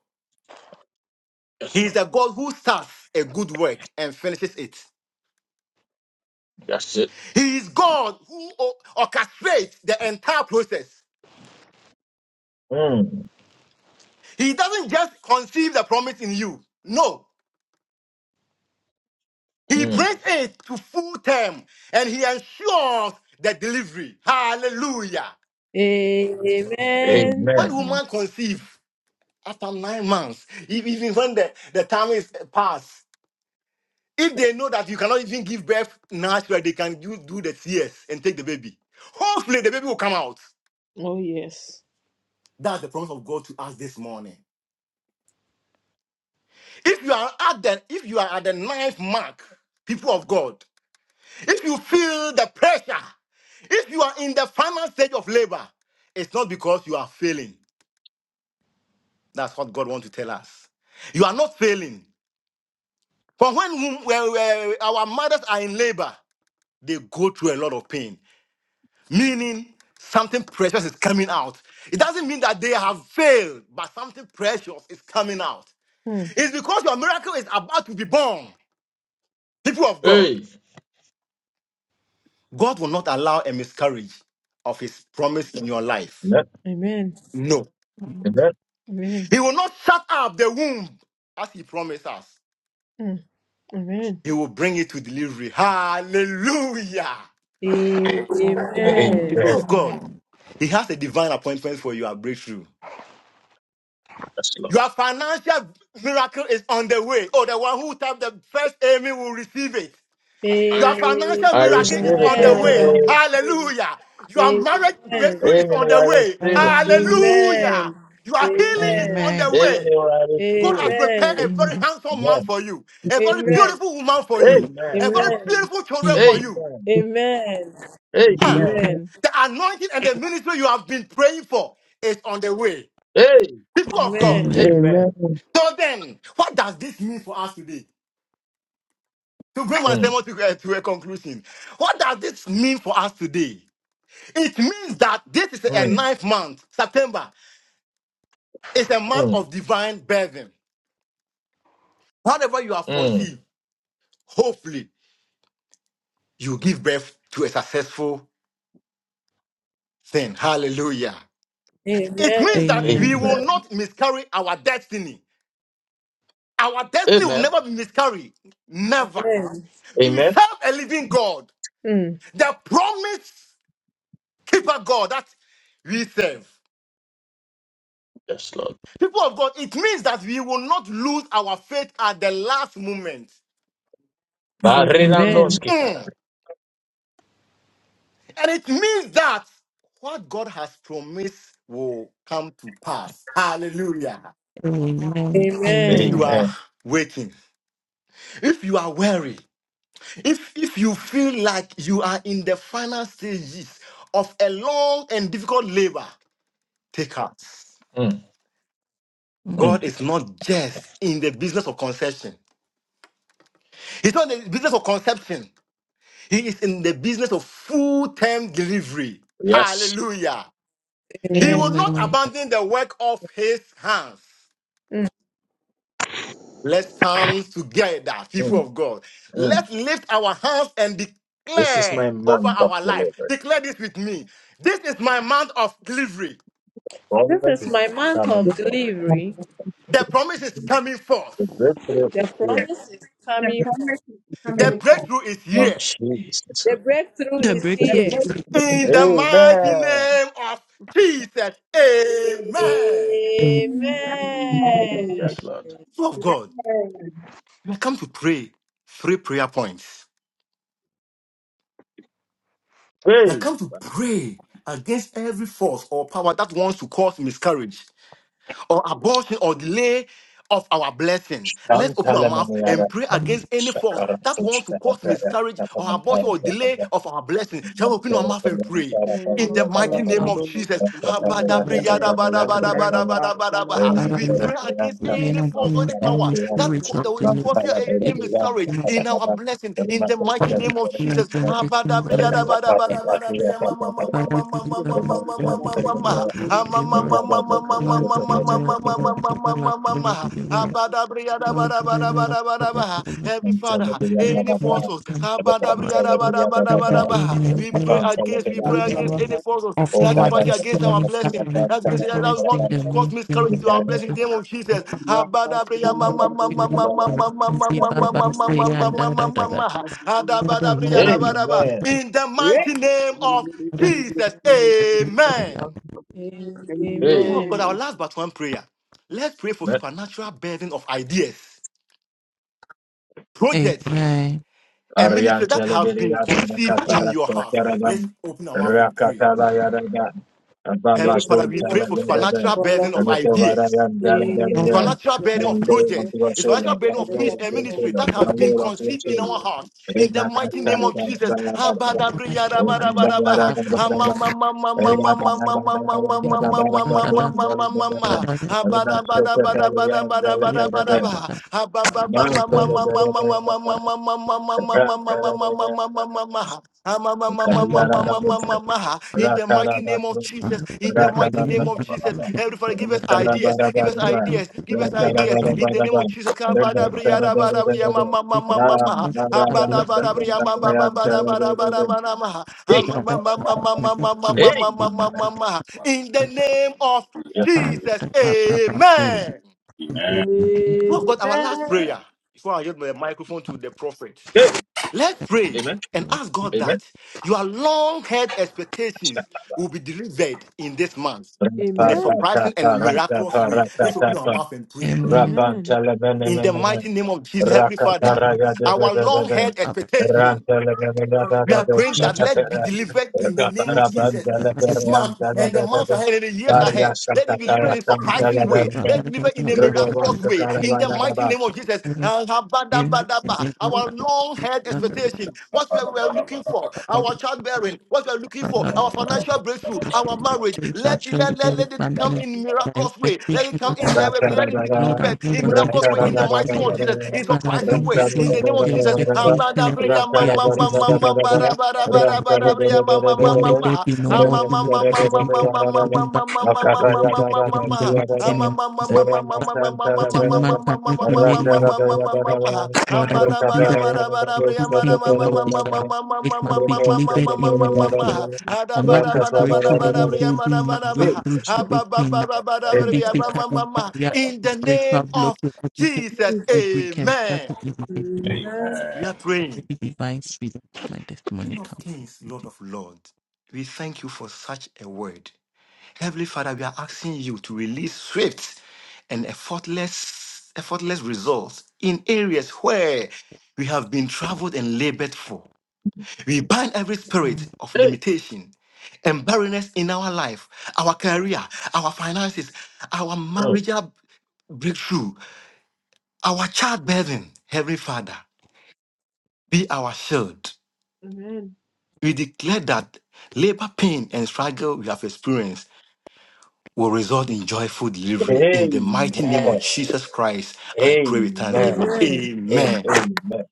Speaker 1: Yes,
Speaker 3: He is
Speaker 1: Lord.
Speaker 3: a God who starts a good work and finishes it.
Speaker 1: That's it.
Speaker 3: He is God who o- orchestrates the entire process.
Speaker 1: Mm,
Speaker 3: He doesn't just conceive the promise in you. No. He
Speaker 1: mm.
Speaker 3: brings it to full term and he ensures the delivery. Hallelujah.
Speaker 5: Amen.
Speaker 4: Amen.
Speaker 3: When
Speaker 1: Amen.
Speaker 3: woman conceives after nine months, e- even when the, the time is past, if they know that you cannot even give birth naturally, they can do, do the CS and take the baby. Hopefully the baby will come out.
Speaker 4: Oh, yes.
Speaker 3: That's the promise of God to us this morning. If you are at the if you are at the ninth mark, people of God. If you feel the pressure, if you are in the final stage of labor, it's not because you are failing. That's what God wants to tell us. You are not failing. For when wom- well, well, our mothers are in labor, they go through a lot of pain, meaning something precious is coming out. It doesn't mean that they have failed, but something precious is coming out.
Speaker 4: Mm.
Speaker 3: It's because your miracle is about to be born. People of God,
Speaker 1: Hey.
Speaker 3: God will not allow a miscarriage of his promise in your life.
Speaker 1: Amen.
Speaker 4: Amen.
Speaker 3: No.
Speaker 1: Amen.
Speaker 4: Amen.
Speaker 3: He will not shut up the womb as he promised us.
Speaker 4: Mm. Amen.
Speaker 3: He will bring it to delivery. Hallelujah.
Speaker 4: Amen.
Speaker 5: Amen. Amen.
Speaker 3: People
Speaker 1: Amen.
Speaker 3: of God, He has a divine appointment for your breakthrough.
Speaker 1: Yes, Lord.
Speaker 3: Your financial miracle is on the way. Oh, the one who typed the first amen will receive it. Your
Speaker 4: Amen.
Speaker 3: financial
Speaker 1: I
Speaker 3: miracle
Speaker 1: receive
Speaker 3: is
Speaker 1: it.
Speaker 3: on the
Speaker 1: Amen.
Speaker 3: way.
Speaker 4: I
Speaker 1: oh.
Speaker 4: receive.
Speaker 3: Hallelujah. Your marriage
Speaker 4: Amen.
Speaker 3: breakthrough is
Speaker 4: Amen.
Speaker 1: Amen.
Speaker 3: on
Speaker 1: oh,
Speaker 3: the
Speaker 1: I
Speaker 3: way.
Speaker 5: Amen.
Speaker 1: receive it.
Speaker 5: Amen.
Speaker 3: Hallelujah.
Speaker 4: Amen.
Speaker 3: Your healing is on
Speaker 4: Amen.
Speaker 3: the
Speaker 5: Amen.
Speaker 1: Amen.
Speaker 3: way.
Speaker 1: oh, I
Speaker 3: God
Speaker 1: receive
Speaker 3: has
Speaker 1: it.
Speaker 3: prepared
Speaker 4: Amen.
Speaker 3: a very
Speaker 5: Amen.
Speaker 3: handsome man
Speaker 1: Amen.
Speaker 3: for you, a very
Speaker 4: Amen.
Speaker 3: beautiful woman for you,
Speaker 1: Amen.
Speaker 3: a very
Speaker 4: Amen.
Speaker 3: beautiful children for you.
Speaker 1: Amen.
Speaker 11: Amen.
Speaker 3: Ah,
Speaker 1: Amen.
Speaker 4: Amen.
Speaker 3: the anointing and the ministry you have been praying for is on the way.
Speaker 1: Hey.
Speaker 3: People of God.
Speaker 4: Amen.
Speaker 5: Amen.
Speaker 1: Amen.
Speaker 3: So then, what does this mean for us today? To bring my
Speaker 1: Mm,
Speaker 3: sermon to, uh, to a conclusion, what does this mean for us today? It means that this is a
Speaker 1: mm,
Speaker 3: ninth month. September is a month
Speaker 1: mm,
Speaker 3: of divine birthing. Whatever you have
Speaker 1: mm.
Speaker 3: conceived, hopefully you give birth to a successful thing. Hallelujah. It
Speaker 4: Amen.
Speaker 3: means that
Speaker 5: Amen.
Speaker 3: we will
Speaker 1: Amen.
Speaker 3: not miscarry our destiny. Our destiny will
Speaker 1: Amen.
Speaker 3: never be miscarried. Never. We
Speaker 1: Amen.
Speaker 3: serve a living God,
Speaker 4: Mm.
Speaker 3: the promise keeper God that we serve.
Speaker 1: Yes, Lord.
Speaker 3: People of God, it means that we will not lose our faith at the last moment.
Speaker 1: Barina
Speaker 4: Amen.
Speaker 1: noski para.
Speaker 3: Mm. And it means that what God has promised will come to pass. Hallelujah.
Speaker 5: Amen. Amen.
Speaker 3: If
Speaker 4: Amen.
Speaker 5: Amen.
Speaker 3: you are
Speaker 1: Amen.
Speaker 3: waiting, if you are weary, If if you feel like you are in the final stages of a long and difficult labor, take heart.
Speaker 1: Mm, mm.
Speaker 3: God is not just in the business of conception. He's not in the business of conception. He is in the business of full-term delivery.
Speaker 1: Yes.
Speaker 3: Hallelujah. He
Speaker 4: Amen.
Speaker 3: will not
Speaker 5: Amen.
Speaker 3: abandon the work of his hands.
Speaker 4: Mm.
Speaker 3: Let's stand together, people
Speaker 1: Mm,
Speaker 3: of God.
Speaker 1: mm.
Speaker 3: Let's lift our hands and
Speaker 1: This is
Speaker 3: declare
Speaker 1: my
Speaker 3: over
Speaker 1: month of
Speaker 3: our life.
Speaker 1: deliverance.
Speaker 3: Declare this with me. This is my month of delivery.
Speaker 4: This
Speaker 1: Moment
Speaker 4: is
Speaker 1: is
Speaker 4: my month
Speaker 1: coming
Speaker 4: of
Speaker 1: soon.
Speaker 4: delivery.
Speaker 3: The promise is coming forth.
Speaker 1: The victory
Speaker 4: The
Speaker 1: is here.
Speaker 4: promise is coming.
Speaker 3: The
Speaker 7: coming forth.
Speaker 3: breakthrough is
Speaker 1: Of
Speaker 3: here.
Speaker 1: Jesus
Speaker 4: The
Speaker 1: Christ.
Speaker 4: breakthrough
Speaker 5: The
Speaker 4: is
Speaker 7: The
Speaker 5: breakthrough.
Speaker 4: here.
Speaker 7: promise is
Speaker 3: In
Speaker 7: coming
Speaker 3: the
Speaker 7: forth.
Speaker 3: mighty
Speaker 1: Amen.
Speaker 3: name of Jesus. Amen.
Speaker 4: Amen.
Speaker 7: Amen.
Speaker 1: Yes, Lord.
Speaker 3: People of God,
Speaker 7: Amen.
Speaker 3: we have come to pray three prayer points. We have
Speaker 1: Hey.
Speaker 3: come to pray against every force or power that wants to cause miscarriage Or abortion or delay of our blessing. Let's open our mouth
Speaker 1: Shantalamaniara,
Speaker 3: and pray against
Speaker 5: Amen.
Speaker 3: any force
Speaker 1: shakara,
Speaker 3: that wants to
Speaker 1: tushkara,
Speaker 3: cause
Speaker 1: kara,
Speaker 3: miscarriage or abortion
Speaker 1: tapamantara,
Speaker 3: or delay
Speaker 1: tapamantara,
Speaker 3: of our blessing. Shall we open our
Speaker 1: tapamantara,
Speaker 3: mouth and pray
Speaker 1: tapamantara,
Speaker 3: in
Speaker 4: Amen.
Speaker 3: the mighty
Speaker 1: tapamantara,
Speaker 3: name of Jesus?
Speaker 1: Terima
Speaker 3: We
Speaker 5: Hallelujah.
Speaker 3: pray against
Speaker 5: You
Speaker 3: any
Speaker 5: know,
Speaker 3: force, any
Speaker 5: things and
Speaker 3: power
Speaker 5: the
Speaker 3: that
Speaker 5: spirits of
Speaker 3: will
Speaker 5: the new.
Speaker 3: cause your enemy
Speaker 5: It,
Speaker 3: miscarriage
Speaker 5: you know, so
Speaker 3: in our blessing. In the mighty name of
Speaker 5: you know,
Speaker 3: Jesus.
Speaker 5: don't take them and then it- it- Father, deliver us, Lord, deliver us, Lord,
Speaker 3: Heavenly
Speaker 5: deliver us, Lord, deliver us, Lord, deliver us, Lord, deliver us, Lord, deliver us, Lord, deliver us.
Speaker 3: Father,
Speaker 5: Your
Speaker 3: any
Speaker 5: grace
Speaker 3: forces,
Speaker 5: comes to us, Lord. Father, in your name,
Speaker 3: we
Speaker 5: Father,
Speaker 3: pray
Speaker 5: Lord,
Speaker 3: against, we pray against any forces
Speaker 5: of your
Speaker 3: that's
Speaker 5: word,
Speaker 3: fighting
Speaker 5: there's so
Speaker 3: against our
Speaker 5: many Father,
Speaker 3: blessing,
Speaker 5: we
Speaker 3: that's against that
Speaker 5: translate
Speaker 3: want
Speaker 5: in
Speaker 3: to cause
Speaker 5: the name
Speaker 3: miscarriage
Speaker 5: of
Speaker 3: to our
Speaker 1: kasih.
Speaker 3: blessing in the name of Jesus.
Speaker 5: Jesus. Amen.
Speaker 1: Amen. Amen.
Speaker 3: In the mighty name of Jesus, amen.
Speaker 4: Amen.
Speaker 3: People of God,
Speaker 4: the
Speaker 7: Amen.
Speaker 3: our last but one prayer. Let's pray for supernatural burden of ideas, projects, and ministry
Speaker 1: Arian
Speaker 3: that have been
Speaker 1: teleberiat in the
Speaker 3: conceived in your
Speaker 1: cataracta
Speaker 3: heart. Let's
Speaker 1: caravan,
Speaker 3: open our mouth and pray.
Speaker 1: Rakatala Yaraga,
Speaker 3: Heavenly Father,
Speaker 1: Abalasun
Speaker 3: we
Speaker 4: name
Speaker 3: pray
Speaker 4: of
Speaker 3: for
Speaker 4: Jesus,
Speaker 1: teleberde,
Speaker 3: supernatural
Speaker 4: love
Speaker 3: burden of
Speaker 1: and the
Speaker 4: you forever.
Speaker 3: ideas.
Speaker 1: Tovarayan
Speaker 4: In the name
Speaker 1: Darabere,
Speaker 3: Financial
Speaker 4: of
Speaker 3: bearing of
Speaker 1: then
Speaker 4: Jesus,
Speaker 1: Lord
Speaker 3: projects,
Speaker 1: unto
Speaker 4: we
Speaker 1: your
Speaker 3: financial
Speaker 1: children,
Speaker 3: bearing
Speaker 4: can
Speaker 1: then
Speaker 3: of
Speaker 4: lift
Speaker 1: Lord
Speaker 4: up the
Speaker 1: unto your
Speaker 4: name
Speaker 3: ministry
Speaker 4: of
Speaker 3: that
Speaker 1: children, then
Speaker 3: has been
Speaker 1: Lord unto your
Speaker 3: conceived in our hearts. In the mighty name of Jesus.
Speaker 1: children. Rata
Speaker 3: Ama-ma-ma-ma-ma-ma-ma-ma-ma-ha. In the mighty name of Jesus, in the mighty name of Jesus, Heavenly Father, give us ideas, give us ideas, give us ideas. In the name of Jesus, ha ha, ba ba ba ba ba ba ba da da da da da ma ma ma ma ma ma ma ma ma ma ma ma ma ma ma
Speaker 1: Hey,
Speaker 3: ma
Speaker 1: hey,
Speaker 3: ma ma ma ha. in the name of Jesus, amen.
Speaker 12: and
Speaker 3: We've got our last prayer before I give the microphone to the prophet.
Speaker 1: Good.
Speaker 3: Let's pray
Speaker 1: Amen.
Speaker 3: and ask God
Speaker 1: Amen.
Speaker 3: that your long held expectations will be delivered in this month in a
Speaker 4: Amen.
Speaker 3: surprising and miraculous way. Let's open our mouth and pray. In the mighty name of Jesus, Heavenly Father, our long held expectation. We are praying that let be delivered in the name of Jesus this month
Speaker 4: Amen.
Speaker 3: and
Speaker 4: Amen.
Speaker 3: the
Speaker 5: Amen.
Speaker 3: months ahead and the years
Speaker 5: Surely
Speaker 3: ahead. Let it be delivered in a surprising way. Let it be delivered in a miraculous way. In the mighty
Speaker 1: Rakapara
Speaker 3: name of Jesus. Ah, habadabadaba. Our long held expectation, what we are we are looking for, our childbearing, what we are looking for, our financial breakthrough, our marriage. Let it, let, let,
Speaker 5: there is
Speaker 3: let it
Speaker 5: an
Speaker 3: come
Speaker 5: end.
Speaker 3: in
Speaker 5: My
Speaker 3: miraculous way. Let it
Speaker 5: expectation
Speaker 3: come
Speaker 5: and
Speaker 3: in
Speaker 5: not
Speaker 3: let it
Speaker 1: Hey,
Speaker 3: let it be
Speaker 5: Lord, I
Speaker 3: delivered
Speaker 5: hold
Speaker 3: in
Speaker 5: on to this
Speaker 3: miraculous way in the
Speaker 5: promise
Speaker 3: mighty name
Speaker 5: today.
Speaker 3: of Jesus. In
Speaker 5: But I
Speaker 3: surprising
Speaker 5: bring
Speaker 3: way.
Speaker 5: before
Speaker 3: In
Speaker 5: you
Speaker 3: the name of
Speaker 5: every
Speaker 3: Jesus.
Speaker 5: expectation and
Speaker 3: Habadabriya ma-
Speaker 5: fear,
Speaker 3: ma-
Speaker 5: every
Speaker 3: ma- ma-
Speaker 5: seed of
Speaker 3: ma- ma- ra-
Speaker 5: evil
Speaker 3: ba- ra-
Speaker 5: carry
Speaker 3: ba- ra- ba-
Speaker 5: before
Speaker 3: ra-
Speaker 5: them.
Speaker 3: briya ma- ma- ma-
Speaker 5: Lord,
Speaker 3: ma- ma-
Speaker 5: let
Speaker 3: ma.
Speaker 5: there be no
Speaker 3: In
Speaker 5: more healing, let every child holding back, let every destroyed in the mighty name of Jesus. Father, that a woman cannot remain
Speaker 12: yeah.
Speaker 5: in labor Lord, I believe that my things will not be trapped. It must be delivered immediately. I command the spiritual window being my breakthrough to open now.
Speaker 1: Hey,
Speaker 5: Every satanic barrier,
Speaker 3: the
Speaker 5: every spiritual
Speaker 3: name of
Speaker 5: blockade, every
Speaker 3: Jesus,
Speaker 5: satanic brick and
Speaker 3: amen.
Speaker 5: scattered limitation.
Speaker 4: Amen.
Speaker 3: We are praying.
Speaker 5: Every divine speed of my
Speaker 3: King
Speaker 5: testimony
Speaker 3: of
Speaker 5: come forth.
Speaker 3: kings, Lord of lords, we thank you for such a word. Heavenly Father, we are asking you to release swift and effortless, effortless results in areas where we have been traveled and labored for. We bind every
Speaker 5: in
Speaker 3: spirit of limitation and barrenness in our life, our career, our finances, our
Speaker 1: hey.
Speaker 3: marital breakthrough, our childbearing. Heavenly Father, be our shield.
Speaker 4: Amen.
Speaker 3: We declare that labor pain and struggle we have experienced will result in joyful delivery. In the
Speaker 1: Amen.
Speaker 3: mighty name of Jesus Christ, I pray with
Speaker 1: Amen.
Speaker 3: thanksgiving.
Speaker 1: And
Speaker 3: Amen.
Speaker 1: amen.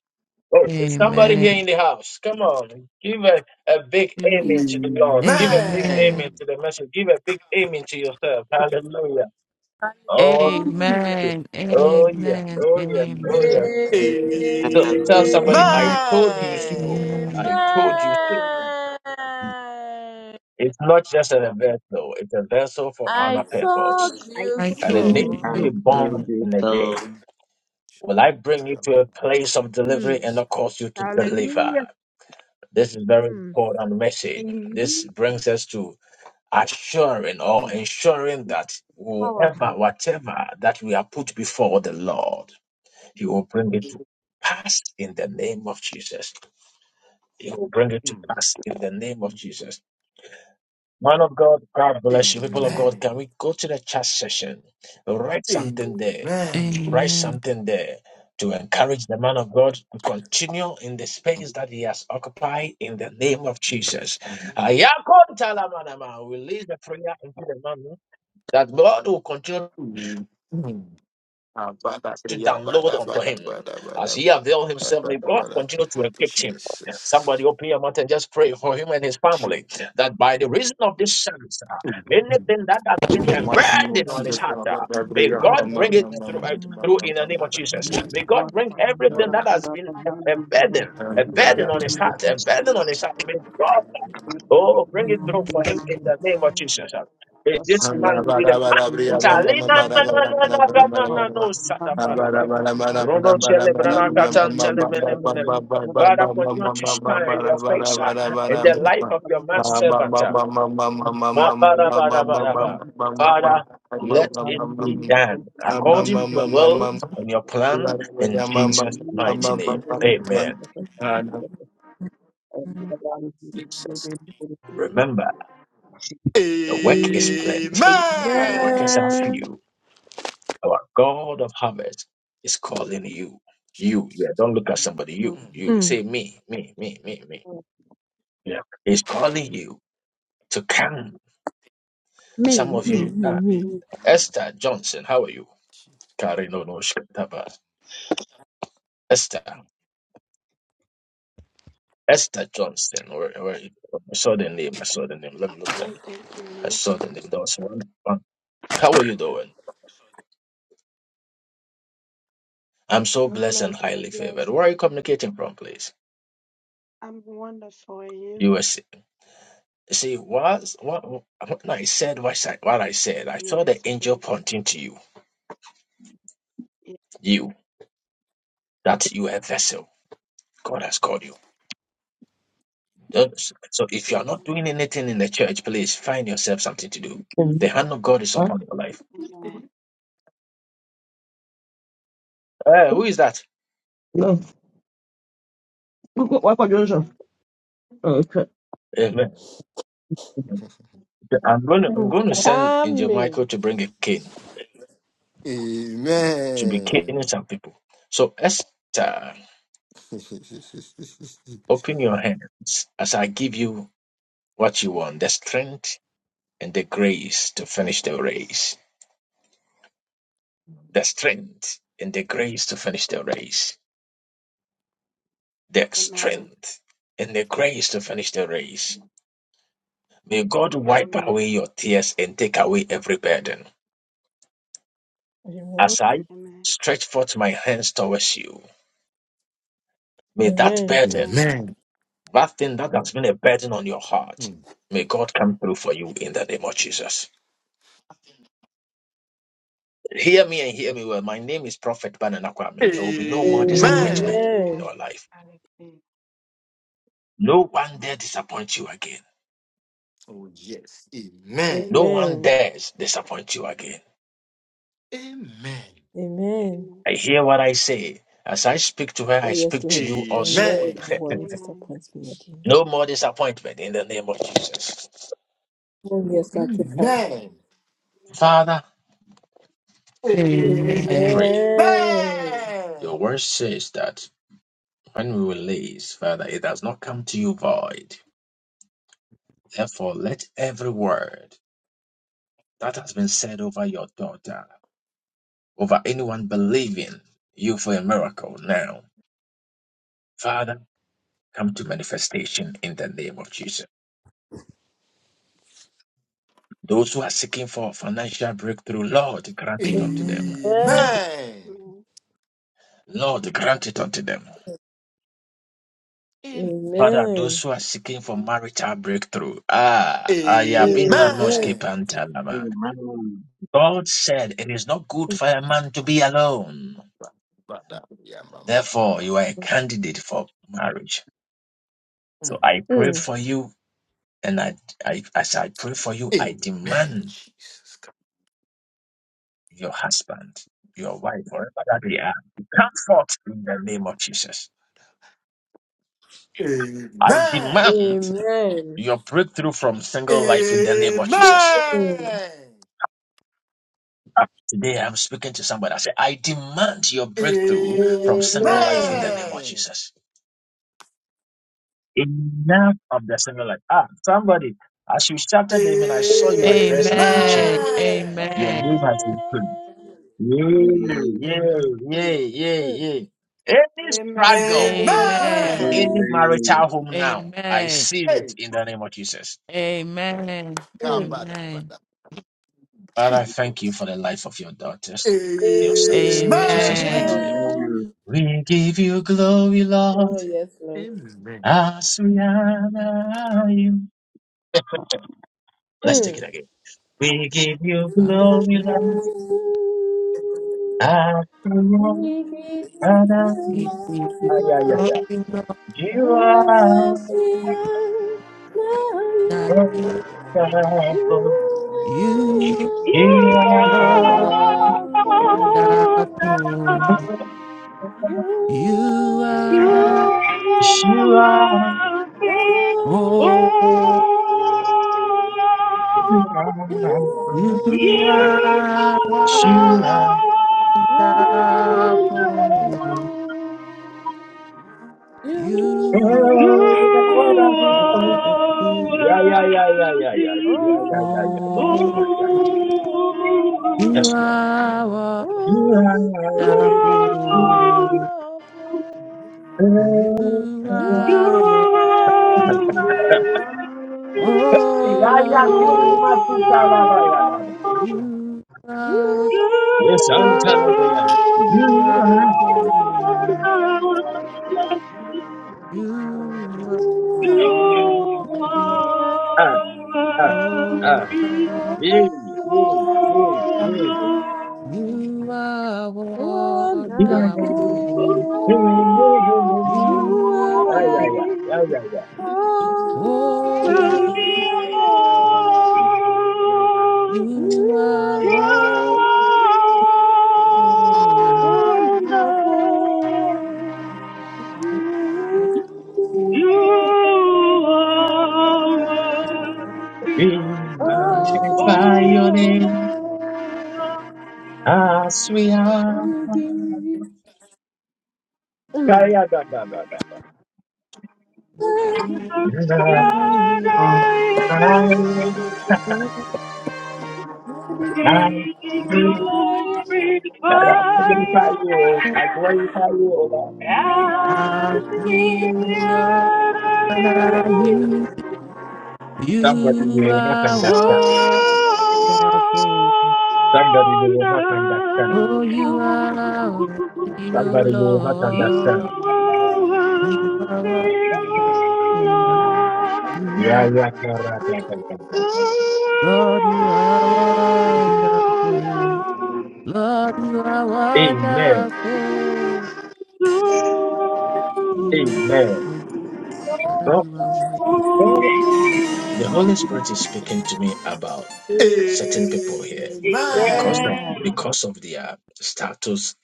Speaker 1: Oh, is somebody here
Speaker 5: Amen.
Speaker 1: in the house? Come on. Give a, a big
Speaker 4: Amen.
Speaker 1: amen
Speaker 9: Amen.
Speaker 1: to the Lord. Give a big
Speaker 5: Amen.
Speaker 3: Amen.
Speaker 1: amen to the message. Give a big amen to yourself. Hallelujah. Oh,
Speaker 4: Hallelujah.
Speaker 1: yeah.
Speaker 5: Amen.
Speaker 1: oh yeah.
Speaker 5: Amen.
Speaker 1: Oh yeah.
Speaker 13: And
Speaker 1: Oh yeah.
Speaker 5: Amen.
Speaker 3: Amen.
Speaker 1: So
Speaker 13: I
Speaker 1: tell somebody,
Speaker 4: Amen.
Speaker 1: I
Speaker 5: Amen.
Speaker 1: told you so.
Speaker 5: Amen.
Speaker 1: I told you so. It's not just a vessel, it's a vessel for
Speaker 4: I
Speaker 1: honor purpose.
Speaker 4: told
Speaker 7: I
Speaker 4: you
Speaker 5: I
Speaker 1: And
Speaker 7: told
Speaker 1: it
Speaker 5: can't
Speaker 1: makes
Speaker 7: you
Speaker 5: beat
Speaker 1: you
Speaker 4: so.
Speaker 1: be
Speaker 13: told
Speaker 7: so.
Speaker 5: them.
Speaker 1: born
Speaker 13: you
Speaker 1: in a
Speaker 13: so.
Speaker 1: day. Will I bring you to a place of delivery
Speaker 4: Mm,
Speaker 1: and not cause you to
Speaker 7: Hallelujah.
Speaker 1: deliver? This is very
Speaker 4: mm,
Speaker 1: important message. This
Speaker 7: Amen.
Speaker 1: brings us to assuring or
Speaker 3: Mm,
Speaker 1: ensuring that whoever, whatever that we are put before the Lord, He will bring it to pass in the name of Jesus. He will bring it to
Speaker 3: mm.
Speaker 1: pass in the name of Jesus. Man of God, God bless you. People of God, can we go to the chat session? Write something there.
Speaker 3: Amen.
Speaker 1: Write
Speaker 5: Amen.
Speaker 1: something there to encourage the man of God to continue in the space that he has occupied in the name of Jesus. Ayakonta lamanama. Release the prayer into the man that God will continue
Speaker 3: Amen. Abada,
Speaker 1: to
Speaker 3: kriya,
Speaker 1: download
Speaker 3: bada,
Speaker 1: unto
Speaker 3: bada,
Speaker 1: him
Speaker 3: bada, bada,
Speaker 1: as he availed
Speaker 3: bada,
Speaker 1: himself. May
Speaker 3: bada,
Speaker 1: God
Speaker 3: bada.
Speaker 1: continue to equip him. Somebody
Speaker 3: Jesus.
Speaker 1: open your mouth and just pray for him and his family that by the reason of this service, uh, anything that has
Speaker 3: In
Speaker 1: been
Speaker 3: the
Speaker 1: a
Speaker 7: Yes,
Speaker 3: mighty
Speaker 7: Lord,
Speaker 3: name of
Speaker 1: burden
Speaker 7: Son
Speaker 1: on his
Speaker 7: of
Speaker 3: Jesus,
Speaker 1: heart,
Speaker 3: I
Speaker 1: uh,
Speaker 7: the
Speaker 1: may
Speaker 7: Son of
Speaker 1: God
Speaker 7: the
Speaker 1: bring
Speaker 7: Lord.
Speaker 1: it
Speaker 7: Lord.
Speaker 1: through, uh, through in the name of Jesus.
Speaker 7: We
Speaker 1: May God
Speaker 7: cross
Speaker 1: bring
Speaker 7: our Lord,
Speaker 1: everything
Speaker 7: our
Speaker 1: that
Speaker 7: Lord,
Speaker 1: has
Speaker 7: our
Speaker 1: been
Speaker 7: Lord, now we
Speaker 1: a, a
Speaker 7: give them
Speaker 1: burden,
Speaker 7: to
Speaker 1: a
Speaker 7: the Lord, that
Speaker 1: burden
Speaker 3: pray.
Speaker 7: we
Speaker 1: on his
Speaker 7: will
Speaker 1: heart, a burden
Speaker 7: receive.
Speaker 1: on his heart. May God
Speaker 7: I thank
Speaker 1: Oh,
Speaker 7: you,
Speaker 1: bring
Speaker 7: Lord,
Speaker 1: it
Speaker 7: we
Speaker 1: through for
Speaker 7: thank
Speaker 1: him in
Speaker 7: you.
Speaker 1: the name of Jesus. May
Speaker 7: Yes,
Speaker 1: this
Speaker 3: Amen.
Speaker 7: Lord,
Speaker 1: man
Speaker 7: we
Speaker 1: be the
Speaker 7: thank you,
Speaker 1: man.
Speaker 7: Lord, we thank
Speaker 1: Talina na na na
Speaker 7: you.
Speaker 1: na na
Speaker 7: Yes,
Speaker 1: na
Speaker 7: Lord.
Speaker 1: na no
Speaker 7: We ask our
Speaker 1: sataparaba.
Speaker 7: God to give us
Speaker 1: Rono
Speaker 7: the
Speaker 1: celebrana
Speaker 7: love and
Speaker 1: katan
Speaker 7: we will be
Speaker 1: telemene
Speaker 7: set
Speaker 1: mene.
Speaker 7: on the wisdom to come with God.
Speaker 1: Father, continue to shine
Speaker 7: We
Speaker 1: your
Speaker 7: thank
Speaker 1: face
Speaker 7: you, Lord,
Speaker 1: uh,
Speaker 7: we
Speaker 1: in the life
Speaker 7: thank
Speaker 1: of your
Speaker 7: you,
Speaker 1: man
Speaker 7: Lord, we thank
Speaker 1: servant. uh.
Speaker 7: you. We thank you,
Speaker 1: Ma para para
Speaker 7: Lord,
Speaker 1: para
Speaker 7: that
Speaker 1: ba.
Speaker 7: we thank you.
Speaker 1: Father, let it
Speaker 7: You
Speaker 1: be done according to your will and your plan in Jesus' mighty name. Amen. Remember, the work is
Speaker 4: Amen.
Speaker 1: plenty, but the workers are few. Our God of harvest is calling you. You, yeah, don't look at somebody. You, you,
Speaker 4: mm.
Speaker 1: say me, me, me, me, me. He's calling you to come.
Speaker 4: Me,
Speaker 1: Some of
Speaker 4: me,
Speaker 1: you,
Speaker 4: me,
Speaker 1: ah,
Speaker 4: me.
Speaker 1: Esther Johnson, how are you? Karino no no Shkataba. Esther, Esther Johnson. Where, where, I saw the name. I saw the name. Let
Speaker 14: I'm
Speaker 1: me look at
Speaker 14: fine,
Speaker 1: it.
Speaker 14: thank you. And
Speaker 1: I
Speaker 14: you?
Speaker 1: saw the name. There was one. one. How are you doing? I'm so
Speaker 14: I'm
Speaker 1: blessed and
Speaker 14: blessed. I'm
Speaker 1: highly favored.
Speaker 14: blessed.
Speaker 1: Where are you communicating from, please?
Speaker 14: I'm wonderful. And you?
Speaker 1: USA. See, whilst, what, what I said what I, what I said, I saw the
Speaker 14: Yes,
Speaker 1: angel
Speaker 14: please.
Speaker 1: pointing to you,
Speaker 14: Yeah.
Speaker 1: you, that you are a vessel. God has called you. Those- So if you are not doing
Speaker 14: Amen.
Speaker 1: anything in the church, please find yourself something to do. The
Speaker 11: Amen.
Speaker 1: hand of God is
Speaker 11: Huh?
Speaker 1: upon your life.
Speaker 14: Amen.
Speaker 1: Eh, who is that?
Speaker 11: No. What, what,
Speaker 14: Amen.
Speaker 11: what, what,
Speaker 1: Amen. I'm going, to, I'm
Speaker 4: Mm.
Speaker 1: going to send Angel
Speaker 4: Amen.
Speaker 1: Michael to bring a cane, to be caning some people. So Esther, open your hands as I give you what you want, the strength and the grace to finish
Speaker 14: Yes,
Speaker 1: the
Speaker 14: please.
Speaker 1: race. the strength and the grace to finish the race. The
Speaker 14: Amen.
Speaker 1: strength and the grace to finish the race. May God wipe
Speaker 14: Amen.
Speaker 1: away your tears and take away every burden.
Speaker 4: Amen.
Speaker 1: As I
Speaker 14: Amen.
Speaker 1: stretch forth my hands towards you, may that
Speaker 4: Amen.
Speaker 1: burden,
Speaker 14: Amen.
Speaker 3: Amen.
Speaker 1: that thing that has been a burden on your heart,
Speaker 3: Mm.
Speaker 1: may God come through for you in the name of Jesus. Hear me and hear me well. My name is Prophet Banana Kwame. There will be no more disappointment
Speaker 5: Amen.
Speaker 3: Amen.
Speaker 1: in
Speaker 4: Amen.
Speaker 14: Amen.
Speaker 1: your life.
Speaker 14: I receive.
Speaker 1: No one dare disappoint you again.
Speaker 3: Oh, yes. Amen.
Speaker 1: No
Speaker 14: Amen.
Speaker 1: one
Speaker 4: Amen.
Speaker 1: dares disappoint you again.
Speaker 3: Amen.
Speaker 4: Amen.
Speaker 14: Amen.
Speaker 1: I hear what I say. As I speak to her, I
Speaker 4: Oh, yes,
Speaker 1: speak to
Speaker 4: Lord.
Speaker 1: you also.
Speaker 4: Amen.
Speaker 3: Amen.
Speaker 4: No one
Speaker 14: Amen.
Speaker 4: disappoints me again.
Speaker 1: No more disappointment in the name of Jesus.
Speaker 4: Oh, yes, God, you come.
Speaker 3: Amen.
Speaker 1: Father, I
Speaker 5: Amen.
Speaker 1: pray.
Speaker 3: Amen.
Speaker 4: Amen.
Speaker 1: Your word says that when we release, Father, it does not come to you void. Therefore, let every word that has been said over your daughter, over anyone believing you for a miracle now, Father, come to manifestation in the name of Jesus. Those who are seeking for financial breakthrough, Lord, grant it unto them.
Speaker 5: Amen.
Speaker 4: Amen.
Speaker 3: Amen.
Speaker 14: Amen.
Speaker 1: Lord, grant it unto them.
Speaker 3: Amen.
Speaker 1: Father, those
Speaker 4: Amen.
Speaker 1: who are seeking for marital breakthrough, ah, ayabina
Speaker 4: Amen.
Speaker 1: noske
Speaker 3: Amen.
Speaker 1: pantalaba.
Speaker 13: Amen.
Speaker 1: God said it is not good for a man to be alone.
Speaker 3: Father, yeah, ma, ma, ma,
Speaker 1: Therefore,
Speaker 3: ma.
Speaker 1: you are a candidate for marriage.
Speaker 3: Mm.
Speaker 1: So I pray
Speaker 4: Mm.
Speaker 1: for you, and I, I as I pray for you, I
Speaker 3: Amen.
Speaker 1: demand your husband, your wife, wherever that they are, to come forth in the name of Jesus. I
Speaker 3: Amen.
Speaker 1: demand
Speaker 4: Amen.
Speaker 1: your breakthrough from single life in the name of Jesus. Today I'm speaking to somebody. I say, I demand your breakthrough from
Speaker 3: Amen.
Speaker 1: single life in the
Speaker 4: Amen.
Speaker 1: name of
Speaker 3: Amen.
Speaker 1: Jesus. Enough of the single life. Ah, somebody, as you shouted the amen, I saw your address has been changed.
Speaker 5: Amen.
Speaker 14: Amen.
Speaker 3: Amen.
Speaker 1: Your name
Speaker 5: Amen.
Speaker 14: Amen.
Speaker 1: has been
Speaker 4: Amen.
Speaker 1: changed. Yay,
Speaker 13: Amen.
Speaker 1: yay,
Speaker 5: Amen.
Speaker 1: yay, yay, yay. Any
Speaker 14: Amen.
Speaker 1: struggle in
Speaker 5: Amen.
Speaker 3: Amen.
Speaker 1: any
Speaker 4: Amen.
Speaker 1: marital
Speaker 13: Amen.
Speaker 1: home now, I
Speaker 5: Amen.
Speaker 1: see
Speaker 3: Hey,
Speaker 1: it in the name of Jesus.
Speaker 5: Amen. Amen.
Speaker 4: Mm.
Speaker 3: kabada, bada.
Speaker 5: Amen.
Speaker 1: Father, I thank you for the life of your daughters, your sons.
Speaker 3: Amen.
Speaker 1: Jesus' mighty name.
Speaker 4: Amen.
Speaker 13: Amen.
Speaker 1: We give you glory, Lord.
Speaker 4: Oh, yes, Lord.
Speaker 1: Asuyanayim. Let's take
Speaker 4: Mm.
Speaker 1: it again. We give you glory, Lord.
Speaker 5: Amen.
Speaker 1: Asuyanayim.
Speaker 4: We give you glory,
Speaker 1: Ah, yeah, yeah, yeah.
Speaker 4: Lord.
Speaker 5: Amen.
Speaker 4: As we
Speaker 1: You
Speaker 4: are
Speaker 1: are
Speaker 4: now you,
Speaker 5: Amen.
Speaker 4: you
Speaker 1: wonderful.
Speaker 4: are
Speaker 5: You
Speaker 1: You are
Speaker 5: are
Speaker 1: wonderful.
Speaker 14: Amen.
Speaker 4: wonderful.
Speaker 5: wonderful.
Speaker 1: You
Speaker 4: You
Speaker 5: You
Speaker 4: are
Speaker 14: Amen.
Speaker 5: are
Speaker 4: worthy,
Speaker 1: are
Speaker 4: oh
Speaker 5: oh,
Speaker 14: Lord,
Speaker 4: Lord.
Speaker 1: wonderful.
Speaker 5: you are
Speaker 1: You
Speaker 5: wonderful.
Speaker 1: are
Speaker 4: You are wonderful.
Speaker 1: Oh,
Speaker 5: You
Speaker 4: You
Speaker 7: You
Speaker 4: are
Speaker 1: you are wonderful.
Speaker 5: are
Speaker 7: are
Speaker 5: worthy.
Speaker 1: Yeah,
Speaker 4: worthy.
Speaker 1: yeah, yeah, yeah, yeah, yeah, yeah, yeah, yeah,
Speaker 4: Oh,
Speaker 7: worthy,
Speaker 1: yeah, yeah,
Speaker 5: oh,
Speaker 1: yeah, yeah.
Speaker 7: oh
Speaker 5: you
Speaker 7: Lord.
Speaker 1: Yes, Lord.
Speaker 5: are wonderful.
Speaker 1: Yaya
Speaker 5: You
Speaker 7: You
Speaker 5: are
Speaker 7: are
Speaker 5: worthy.
Speaker 7: worthy,
Speaker 5: oh
Speaker 7: oh
Speaker 1: kuru
Speaker 5: Lord,
Speaker 1: matuta lava yada.
Speaker 7: Lord.
Speaker 5: you are.
Speaker 7: You
Speaker 1: Yes, antalabaya.
Speaker 5: Wonderful.
Speaker 7: are worthy.
Speaker 5: You are
Speaker 7: You
Speaker 5: worthy,
Speaker 7: are
Speaker 1: Ah, ah, ah.
Speaker 5: oh
Speaker 7: worthy.
Speaker 5: Lord.
Speaker 4: Oh,
Speaker 1: Yay, yay, yay,
Speaker 7: Oh,
Speaker 1: yay.
Speaker 5: You are
Speaker 1: Yeah,
Speaker 4: Wonderful,
Speaker 5: wonderful.
Speaker 1: yeah,
Speaker 4: you
Speaker 5: You
Speaker 4: are
Speaker 5: are,
Speaker 1: yeah,
Speaker 4: worthy,
Speaker 1: yeah, yeah, yeah.
Speaker 4: oh
Speaker 5: oh,
Speaker 4: Lord. You
Speaker 5: you are wonderful.
Speaker 4: are wonderful,
Speaker 5: oh,
Speaker 4: you
Speaker 5: You are
Speaker 4: are worthy,
Speaker 5: Wonderful.
Speaker 1: We
Speaker 4: oh
Speaker 1: magnify your name
Speaker 4: Lord.
Speaker 1: as we are.
Speaker 4: We give you
Speaker 1: Yeah,
Speaker 4: Mm.
Speaker 1: yeah, da, da,
Speaker 5: You are my hero.
Speaker 3: Amen.
Speaker 5: my
Speaker 1: da,
Speaker 7: We
Speaker 1: da.
Speaker 7: glorify
Speaker 1: But magnify
Speaker 7: your
Speaker 1: you,
Speaker 5: hero.
Speaker 1: I
Speaker 7: name
Speaker 1: glorify you, O Lord.
Speaker 5: I
Speaker 7: as we
Speaker 5: sing your
Speaker 7: enter you
Speaker 5: name.
Speaker 1: Somebody
Speaker 5: You
Speaker 1: will not
Speaker 7: to
Speaker 1: understand.
Speaker 5: are wonderful.
Speaker 1: Somebody will not understand.
Speaker 5: Oh, you are
Speaker 7: wonderful.
Speaker 5: worthy, oh
Speaker 1: Somebody will not
Speaker 7: You
Speaker 5: Lord.
Speaker 1: understand.
Speaker 5: You
Speaker 7: are
Speaker 5: are
Speaker 7: the
Speaker 5: wonderful.
Speaker 7: Lord,
Speaker 5: You
Speaker 1: Yeah,
Speaker 5: are
Speaker 1: yeah, yeah, yeah, yeah, yeah, yeah,
Speaker 7: the
Speaker 5: Lord, you are wonderful.
Speaker 7: wonderful.
Speaker 5: Lord, you are
Speaker 1: yeah. Amen.
Speaker 5: wonderful.
Speaker 7: Lord,
Speaker 5: You are
Speaker 1: Amen.
Speaker 5: good. Father,
Speaker 1: So,
Speaker 5: you are worthy.
Speaker 7: oh
Speaker 1: so the Holy Spirit is
Speaker 7: Lord.
Speaker 1: speaking to me about certain people here. And because
Speaker 3: Amen.
Speaker 1: of,
Speaker 15: Amen.
Speaker 7: Amen.
Speaker 1: because of their status,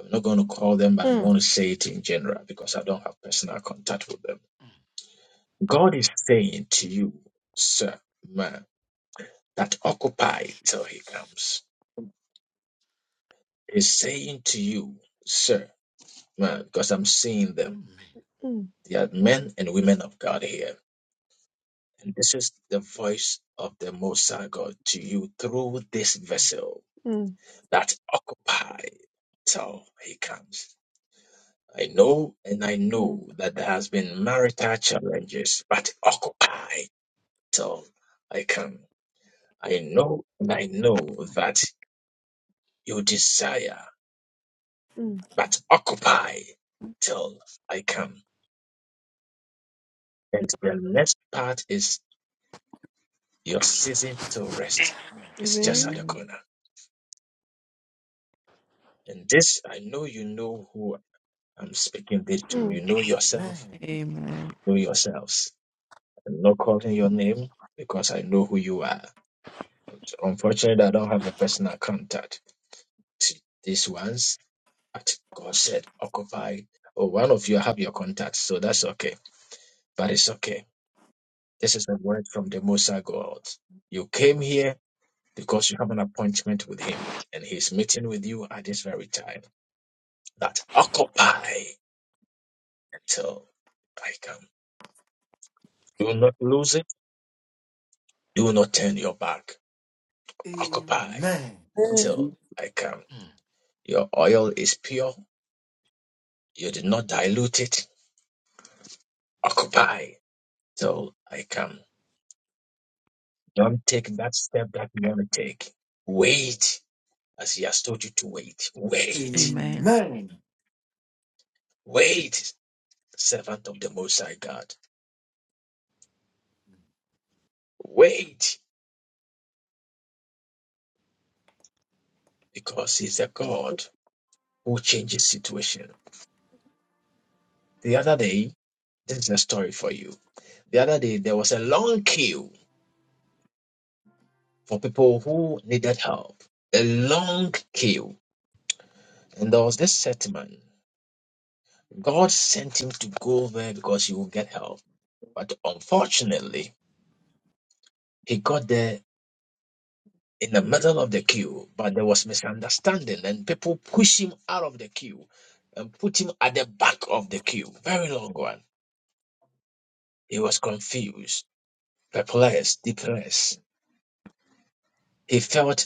Speaker 1: I'm not going to call them, but I'm
Speaker 4: Mm.
Speaker 1: going to say it in general because I don't have personal contact with them. God is saying to you, sir, man. that occupy till he comes is saying to you, sir, man, because I'm seeing them.
Speaker 4: Mm.
Speaker 1: They are men and women of God here. And this is the voice of the Most High God to you through this vessel
Speaker 4: Mm.
Speaker 1: that occupy till he comes. I know and I
Speaker 4: Mm.
Speaker 1: know that there has been marital challenges, but occupy till I come. I know and I know that you desire
Speaker 4: Mm.
Speaker 1: but occupy till I come. And the next part is your season to rest. It's just
Speaker 4: Amen.
Speaker 1: at the
Speaker 5: Amen.
Speaker 1: corner. And this, I know you know who I'm speaking this to. You
Speaker 4: Mm.
Speaker 1: know yourself.
Speaker 5: Amen.
Speaker 1: You know yourselves. I'm not calling your name because I know who you are. But unfortunately, I don't have a personal contact to these ones. But God said, occupy. Oh, one of you have your contact, so that's okay. But it's okay. This is a word from the Most High God. You came here because you have an appointment with him and he's meeting with you at this very time. That occupy till I come. You will not lose it. You will not turn your back. Occupy till I come. Your oil is pure. You did not dilute it. Occupy till I come. Don't take that step that you want to take. Wait as he has told you to wait.
Speaker 3: Amen.
Speaker 1: Wait.
Speaker 5: Amen.
Speaker 3: Amen.
Speaker 1: Wait, servant of the Most High God. Wait because he's a God who changes situation. The other day, this is a story for you. The other day, there was a long queue for people who needed help. A long queue. And there was this settlement. God sent him to go there because he would get help. But unfortunately, he got there in the middle of the queue, but there was misunderstanding and people pushed him out of the queue and put him at the back of the queue. Very long one. He was confused, perplexed, depressed. He felt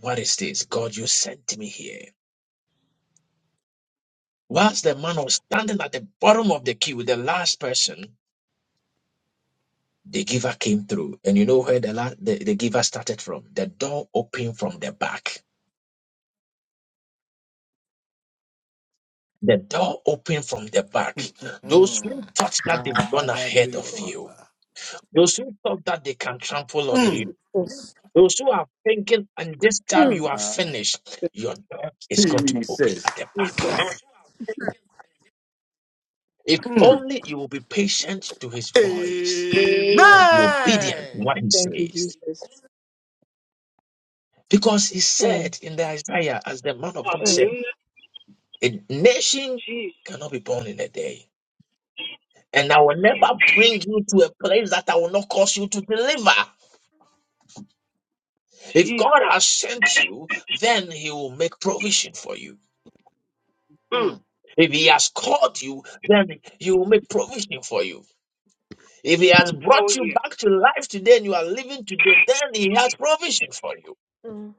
Speaker 1: What is this? God, you sent me here. Whilst the man was standing at the bottom of the queue, the last person, the giver came through. And you know where the, la- the, the giver started from? The door opened from the back. The door opened from the back. Those
Speaker 3: Mm.
Speaker 1: who thought that they've gone
Speaker 3: Habri-
Speaker 1: ahead of you, those who thought that they can trample on
Speaker 3: Mm.
Speaker 1: you, those who are thinking, and this time you are
Speaker 3: Aye.
Speaker 1: finished, your door is going to be open at the
Speaker 4: Mm.
Speaker 1: back. If
Speaker 3: Mm.
Speaker 1: only you will be patient to his voice. and be obedient to
Speaker 3: Amen.
Speaker 1: what he
Speaker 4: Thank you,
Speaker 1: says.
Speaker 4: Jesus.
Speaker 1: Because he
Speaker 4: Mm.
Speaker 1: said in the Isaiah, as the man of God
Speaker 4: Mm.
Speaker 1: said,
Speaker 7: Hallelujah.
Speaker 1: a nation
Speaker 7: Jesus.
Speaker 1: cannot be born in a day. And I will never bring you to a place that I will not cause you to deliver. If God
Speaker 7: Jesus.
Speaker 1: has sent you, then he will make provision for you.
Speaker 7: Mm.
Speaker 3: Mm.
Speaker 1: If he has called you, then he will make provision for you. If he has
Speaker 7: Oh,
Speaker 1: brought you
Speaker 7: yeah.
Speaker 1: back to life today and you are living today, then he has provision for you.
Speaker 4: Mm.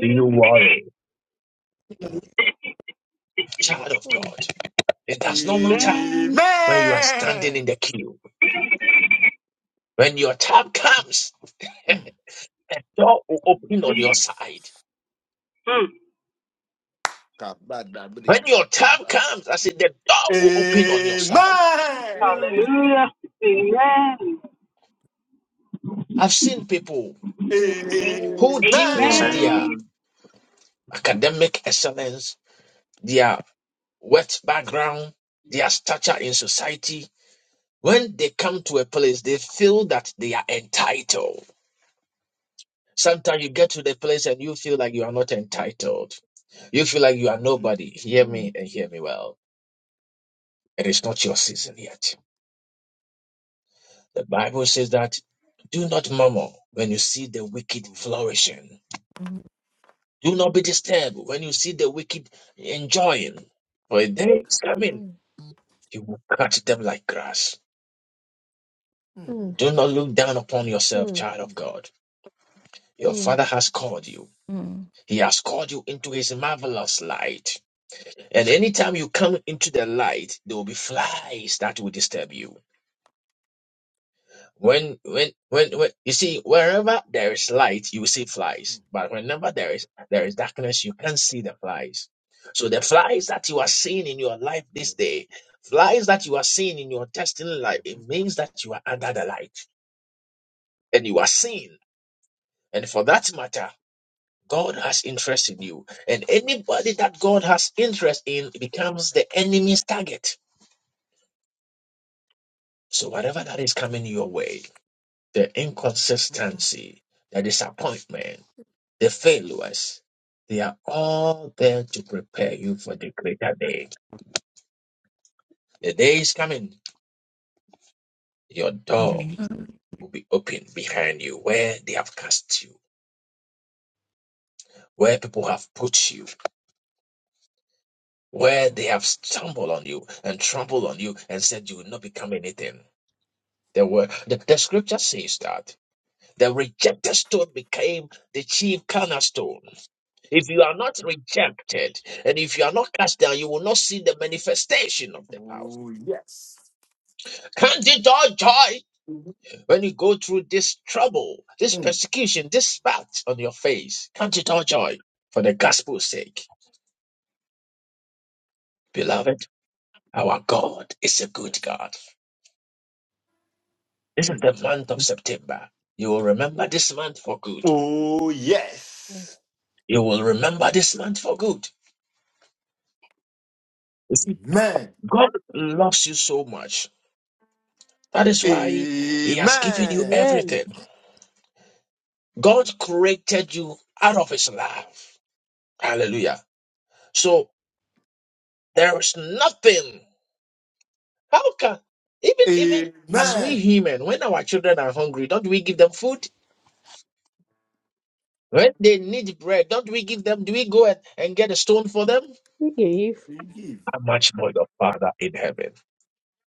Speaker 1: Do you worry, child of
Speaker 4: Mm.
Speaker 1: God? It does not matter.
Speaker 7: Amen.
Speaker 1: when you are standing
Speaker 3: Amen.
Speaker 1: in the queue, when your time comes,
Speaker 3: Mm.
Speaker 1: the door will open on your
Speaker 3: Jesus.
Speaker 1: side.
Speaker 7: Mm.
Speaker 3: kabadabri
Speaker 1: When your time comes, I said the door will open on your side.
Speaker 3: Amen.
Speaker 7: Hallelujah. Amen.
Speaker 1: I've seen people
Speaker 4: Amen.
Speaker 1: who, due
Speaker 13: Amen.
Speaker 1: to
Speaker 3: Amen.
Speaker 1: their
Speaker 7: Amen.
Speaker 13: Amen.
Speaker 1: academic excellence, their wet background, their stature in society, when they come to a place, they feel that they are entitled. Sometimes you get to the place and you feel like you are not entitled. You feel like you are
Speaker 3: Mm.
Speaker 1: nobody. Hear
Speaker 4: Mm,
Speaker 1: me and hear me well It is not your season yet. The Bible says that do not murmur when you see the
Speaker 3: Oh,
Speaker 1: wicked
Speaker 3: yeah.
Speaker 1: flourishing.
Speaker 5: Mhm,
Speaker 1: Do not be disturbed when you see the wicked enjoying. For a day is coming,
Speaker 4: mm,
Speaker 1: you will cut them like grass.
Speaker 3: Mm, mm,
Speaker 4: mm,
Speaker 1: Do not look down upon yourself,
Speaker 4: mm,
Speaker 1: child
Speaker 3: mm.
Speaker 1: of God. Your
Speaker 4: mm,
Speaker 1: father has called you.
Speaker 5: mhm,
Speaker 1: He has called you into his marvelous light. And anytime you come into the light, there will be flies that will disturb you. When, when, when, when, you see, wherever there is light, you see flies. But whenever there is, there is darkness, you can't see the flies. So the flies that you are seeing in your life this
Speaker 3: Yes.
Speaker 1: day, flies that you are seeing in your destiny life,
Speaker 3: Mhm,
Speaker 1: it means that you are under the light and you are seen. And for that matter, God has interest in you. And anybody that God has interest in becomes the enemy's target. So whatever that is coming your way, the
Speaker 3: mhm.
Speaker 1: inconsistency, the disappointment, the failures, they are all there to prepare you for the greater day. The day is coming. Your door
Speaker 5: mhm,
Speaker 1: will be open behind you where they have cast you, where people have put you, where they have stumbled on you and trampled on you and said you will not become anything. The word the, the scripture says that the rejected stone became the chief cornerstone. If you are not rejected and if you are not cast down, you will not see the manifestation of the power.
Speaker 3: Oh, yes.
Speaker 1: Count it all joy
Speaker 3: Mhm.
Speaker 1: When you go through this trouble, this
Speaker 3: Mm,
Speaker 1: persecution, this spat on your face, can't it all joy for the gospel's sake. Beloved, our God is a good
Speaker 3: yes.
Speaker 1: God. This is
Speaker 3: Mm.
Speaker 1: the month of September. You will remember this month for good.
Speaker 3: Oh,
Speaker 4: mm.
Speaker 3: yes.
Speaker 1: You will remember this month for good. You see,
Speaker 3: Amen.
Speaker 1: God loves you so much. That is why He has given you
Speaker 3: Amen.
Speaker 4: Amen.
Speaker 1: everything. God created you out of His love. Hallelujah. So there is nothing How can even even as
Speaker 4: Mm.
Speaker 1: we
Speaker 3: Amen.
Speaker 1: human, when our children are hungry, don't we give them food? When they need bread, don't we give them? Do we go and, and get a stone for them?
Speaker 4: We give.
Speaker 3: We give.
Speaker 1: How much more your Father in heaven?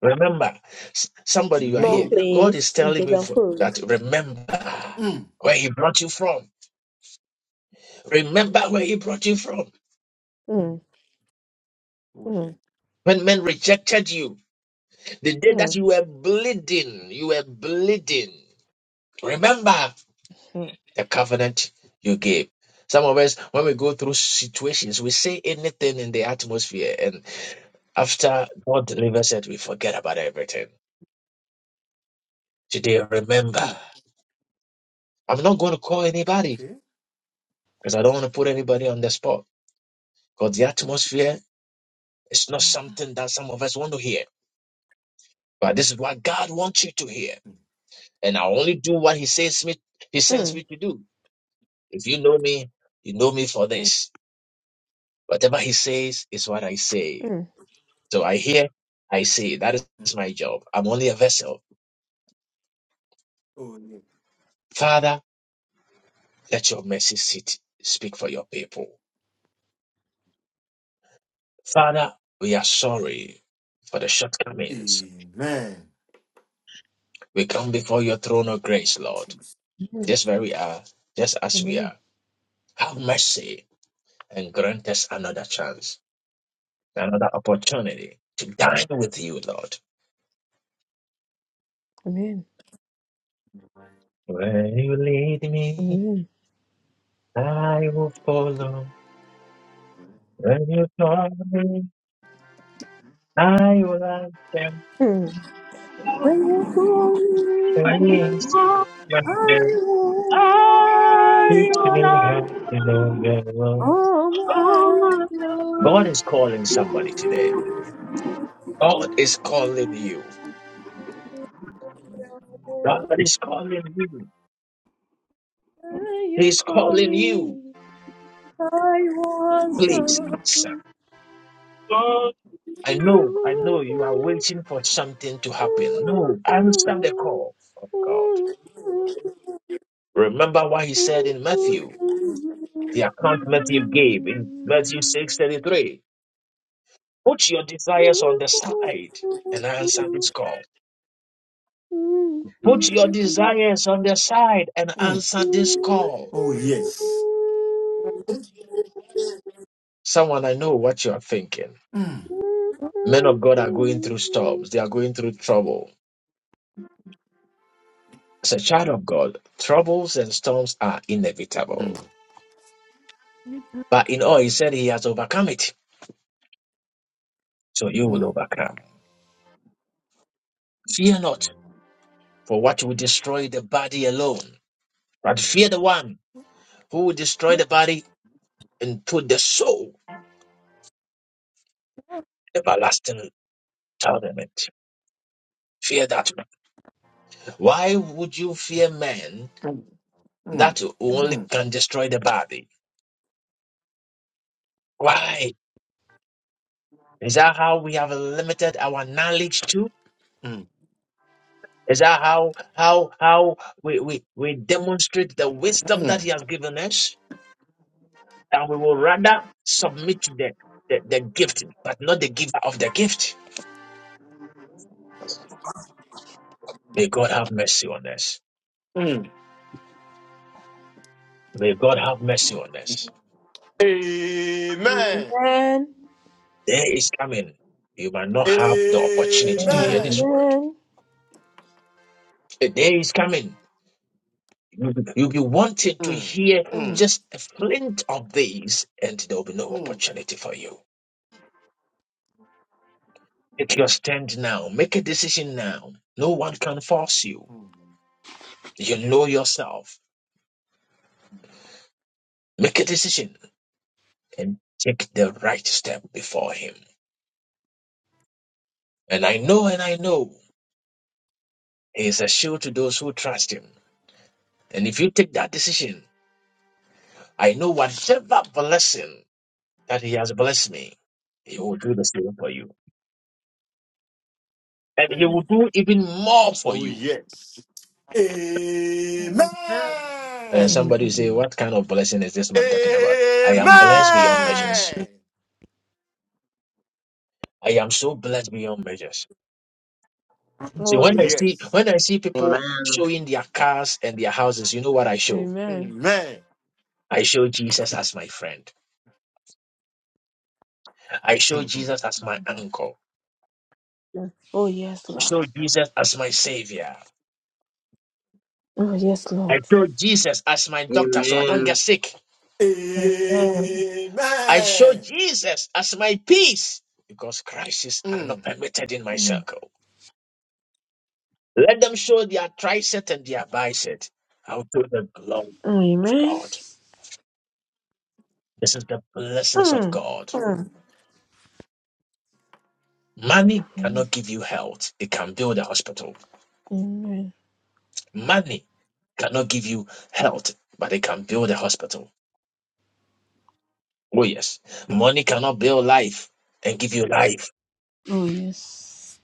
Speaker 1: Remember, s- somebody you are
Speaker 4: No
Speaker 1: here.
Speaker 3: No.
Speaker 1: God is
Speaker 4: place.
Speaker 1: telling
Speaker 4: Okay,
Speaker 1: me
Speaker 4: them
Speaker 1: for
Speaker 4: food.
Speaker 1: that. Remember
Speaker 3: Mm.
Speaker 1: where He brought you from. Remember where He brought you from.
Speaker 3: Mm.
Speaker 4: Mm,
Speaker 3: Oh, yeah.
Speaker 4: mm,
Speaker 1: When men rejected you, the day that
Speaker 4: mm,
Speaker 1: you were bleeding, you were bleeding. Remember.
Speaker 4: mm,
Speaker 1: the covenant you gave. Some of us, when we go through situations, we say anything in the atmosphere, and after God delivers it, we forget about everything. Today, remember,
Speaker 3: Mm.
Speaker 1: I'm not going to call anybody
Speaker 3: Okay.
Speaker 1: because I don't want to put anybody on the spot. Because the atmosphere is not something that some of us want to hear, but this is what God wants you to hear. And I only do what He says me, He
Speaker 3: Mm.
Speaker 1: sends
Speaker 4: mm,
Speaker 1: me to do. If you know me, you know me for
Speaker 4: mm,
Speaker 1: this. Whatever He says is what I say.
Speaker 4: mm.
Speaker 1: So I hear, I see. That is my job. I'm only a vessel. Father, let your mercy seat speak for your people. Father, we are sorry for the shortcomings.
Speaker 3: Amen.
Speaker 1: We come before your throne of grace, Lord,
Speaker 4: mm.
Speaker 1: just where we are, just as we
Speaker 4: Amen.
Speaker 1: are. Have mercy and grant us another chance, another opportunity to dine with you, Lord.
Speaker 4: Amen.
Speaker 1: When you lead,
Speaker 4: Amen.
Speaker 1: I will follow. When you call me, I will answer.
Speaker 4: Mm. When you call
Speaker 7: When you
Speaker 4: me,
Speaker 1: Please,
Speaker 7: talk,
Speaker 4: I will
Speaker 7: I will
Speaker 4: answer.
Speaker 7: answer.
Speaker 4: Oh
Speaker 7: Oh,
Speaker 4: my
Speaker 7: my
Speaker 1: God
Speaker 4: God.
Speaker 1: is calling somebody today. God is calling you. God is calling you.
Speaker 4: When
Speaker 1: He
Speaker 4: you
Speaker 1: is
Speaker 4: call
Speaker 1: calling you.
Speaker 4: me. I want
Speaker 1: Please
Speaker 4: some.
Speaker 1: answer.
Speaker 7: God.
Speaker 1: I know, I know you are waiting for something to happen. No, answer the call of God. Remember what he said in Matthew, the account Matthew gave in Matthew 6:33. Put your desires on the side and answer this call. Put
Speaker 3: Mm.
Speaker 1: your desires on the side and
Speaker 3: Mm.
Speaker 1: answer this call.
Speaker 3: Oh, yes.
Speaker 1: Someone, I know what you are thinking.
Speaker 3: Mm.
Speaker 1: Men of God are going through storms, they are going through trouble. As a child of God, troubles and storms are
Speaker 3: Mm.
Speaker 1: inevitable. But in all, he said he has overcome it. So you will
Speaker 3: Mm,
Speaker 1: overcome. Fear not, for what will destroy the body alone, but fear the one who will destroy the body and put the soul in everlasting torment. Fear that. man. Why would you fear men
Speaker 3: mm,
Speaker 1: that only
Speaker 3: mm,
Speaker 1: can destroy the body? Why? Is that how we have limited our knowledge to?
Speaker 3: mm,
Speaker 1: Is that how how how we, we, we demonstrate the wisdom that
Speaker 3: mm,
Speaker 1: he has given us? And we will rather submit to the, the, the gift, but not the giver of the gift. May God have mercy on us.
Speaker 3: mm.
Speaker 1: May God have mercy on us.
Speaker 3: Amen.
Speaker 4: Amen.
Speaker 1: Day is coming. You might not have the opportunity to hear this
Speaker 5: mhm,
Speaker 3: Amen.
Speaker 1: word.
Speaker 4: Amen.
Speaker 1: A day is coming. You'll be you'll be wanting to hear
Speaker 4: Mm.
Speaker 1: just a flint of these, and there will be no opportunity for you. Take your stand now. Make a decision now. No one can force you. You know yourself. Make a decision and take the right step before Him. And I know and I know He is a shield to those who trust Him. And if you take that decision, I know whatever blessing that He has blessed me, He will do the same for you. And He
Speaker 3: Mm.
Speaker 1: will do even more for
Speaker 3: Oh,
Speaker 1: you.
Speaker 3: yes. Amen.
Speaker 1: And
Speaker 5: mhm,
Speaker 1: somebody say,
Speaker 5: mhm.
Speaker 1: What kind of blessing is this man talking about? I am blessed beyond
Speaker 4: Amen.
Speaker 1: measures.
Speaker 3: Amen.
Speaker 1: I am so blessed beyond measures. See,
Speaker 4: Oh
Speaker 3: Oh,
Speaker 1: when I
Speaker 4: yes.
Speaker 1: see
Speaker 3: yes.
Speaker 1: when I see
Speaker 13: Amen. Amen.
Speaker 1: people showing their cars and their houses, you know what I show?
Speaker 4: Amen.
Speaker 3: Amen.
Speaker 1: I show Jesus as my friend. I show
Speaker 3: Mhm.
Speaker 1: Jesus as
Speaker 4: Bye
Speaker 1: my
Speaker 4: bye.
Speaker 1: uncle.
Speaker 4: Oh yes,
Speaker 1: I
Speaker 4: Lord.
Speaker 1: show Jesus as my savior.
Speaker 4: Oh yes, Lord.
Speaker 1: I show Jesus as my doctor so I don't get sick.
Speaker 4: Amen.
Speaker 3: Amen.
Speaker 1: I show Jesus as my peace because crises are not
Speaker 3: Mm.
Speaker 1: permitted in my
Speaker 4: Mm.
Speaker 1: circle. Let them show their tricep and their bicep. I'll show the glory of
Speaker 4: Amen.
Speaker 1: God. This is the blessings of
Speaker 4: Mm.
Speaker 1: God.
Speaker 4: Mm.
Speaker 1: Money
Speaker 4: Mm.
Speaker 1: cannot give you health. It can build a hospital.
Speaker 4: Amen.
Speaker 1: Money cannot give you health, but it can build a hospital. Oh, yes. Money cannot build life and give you life.
Speaker 4: Oh, yes.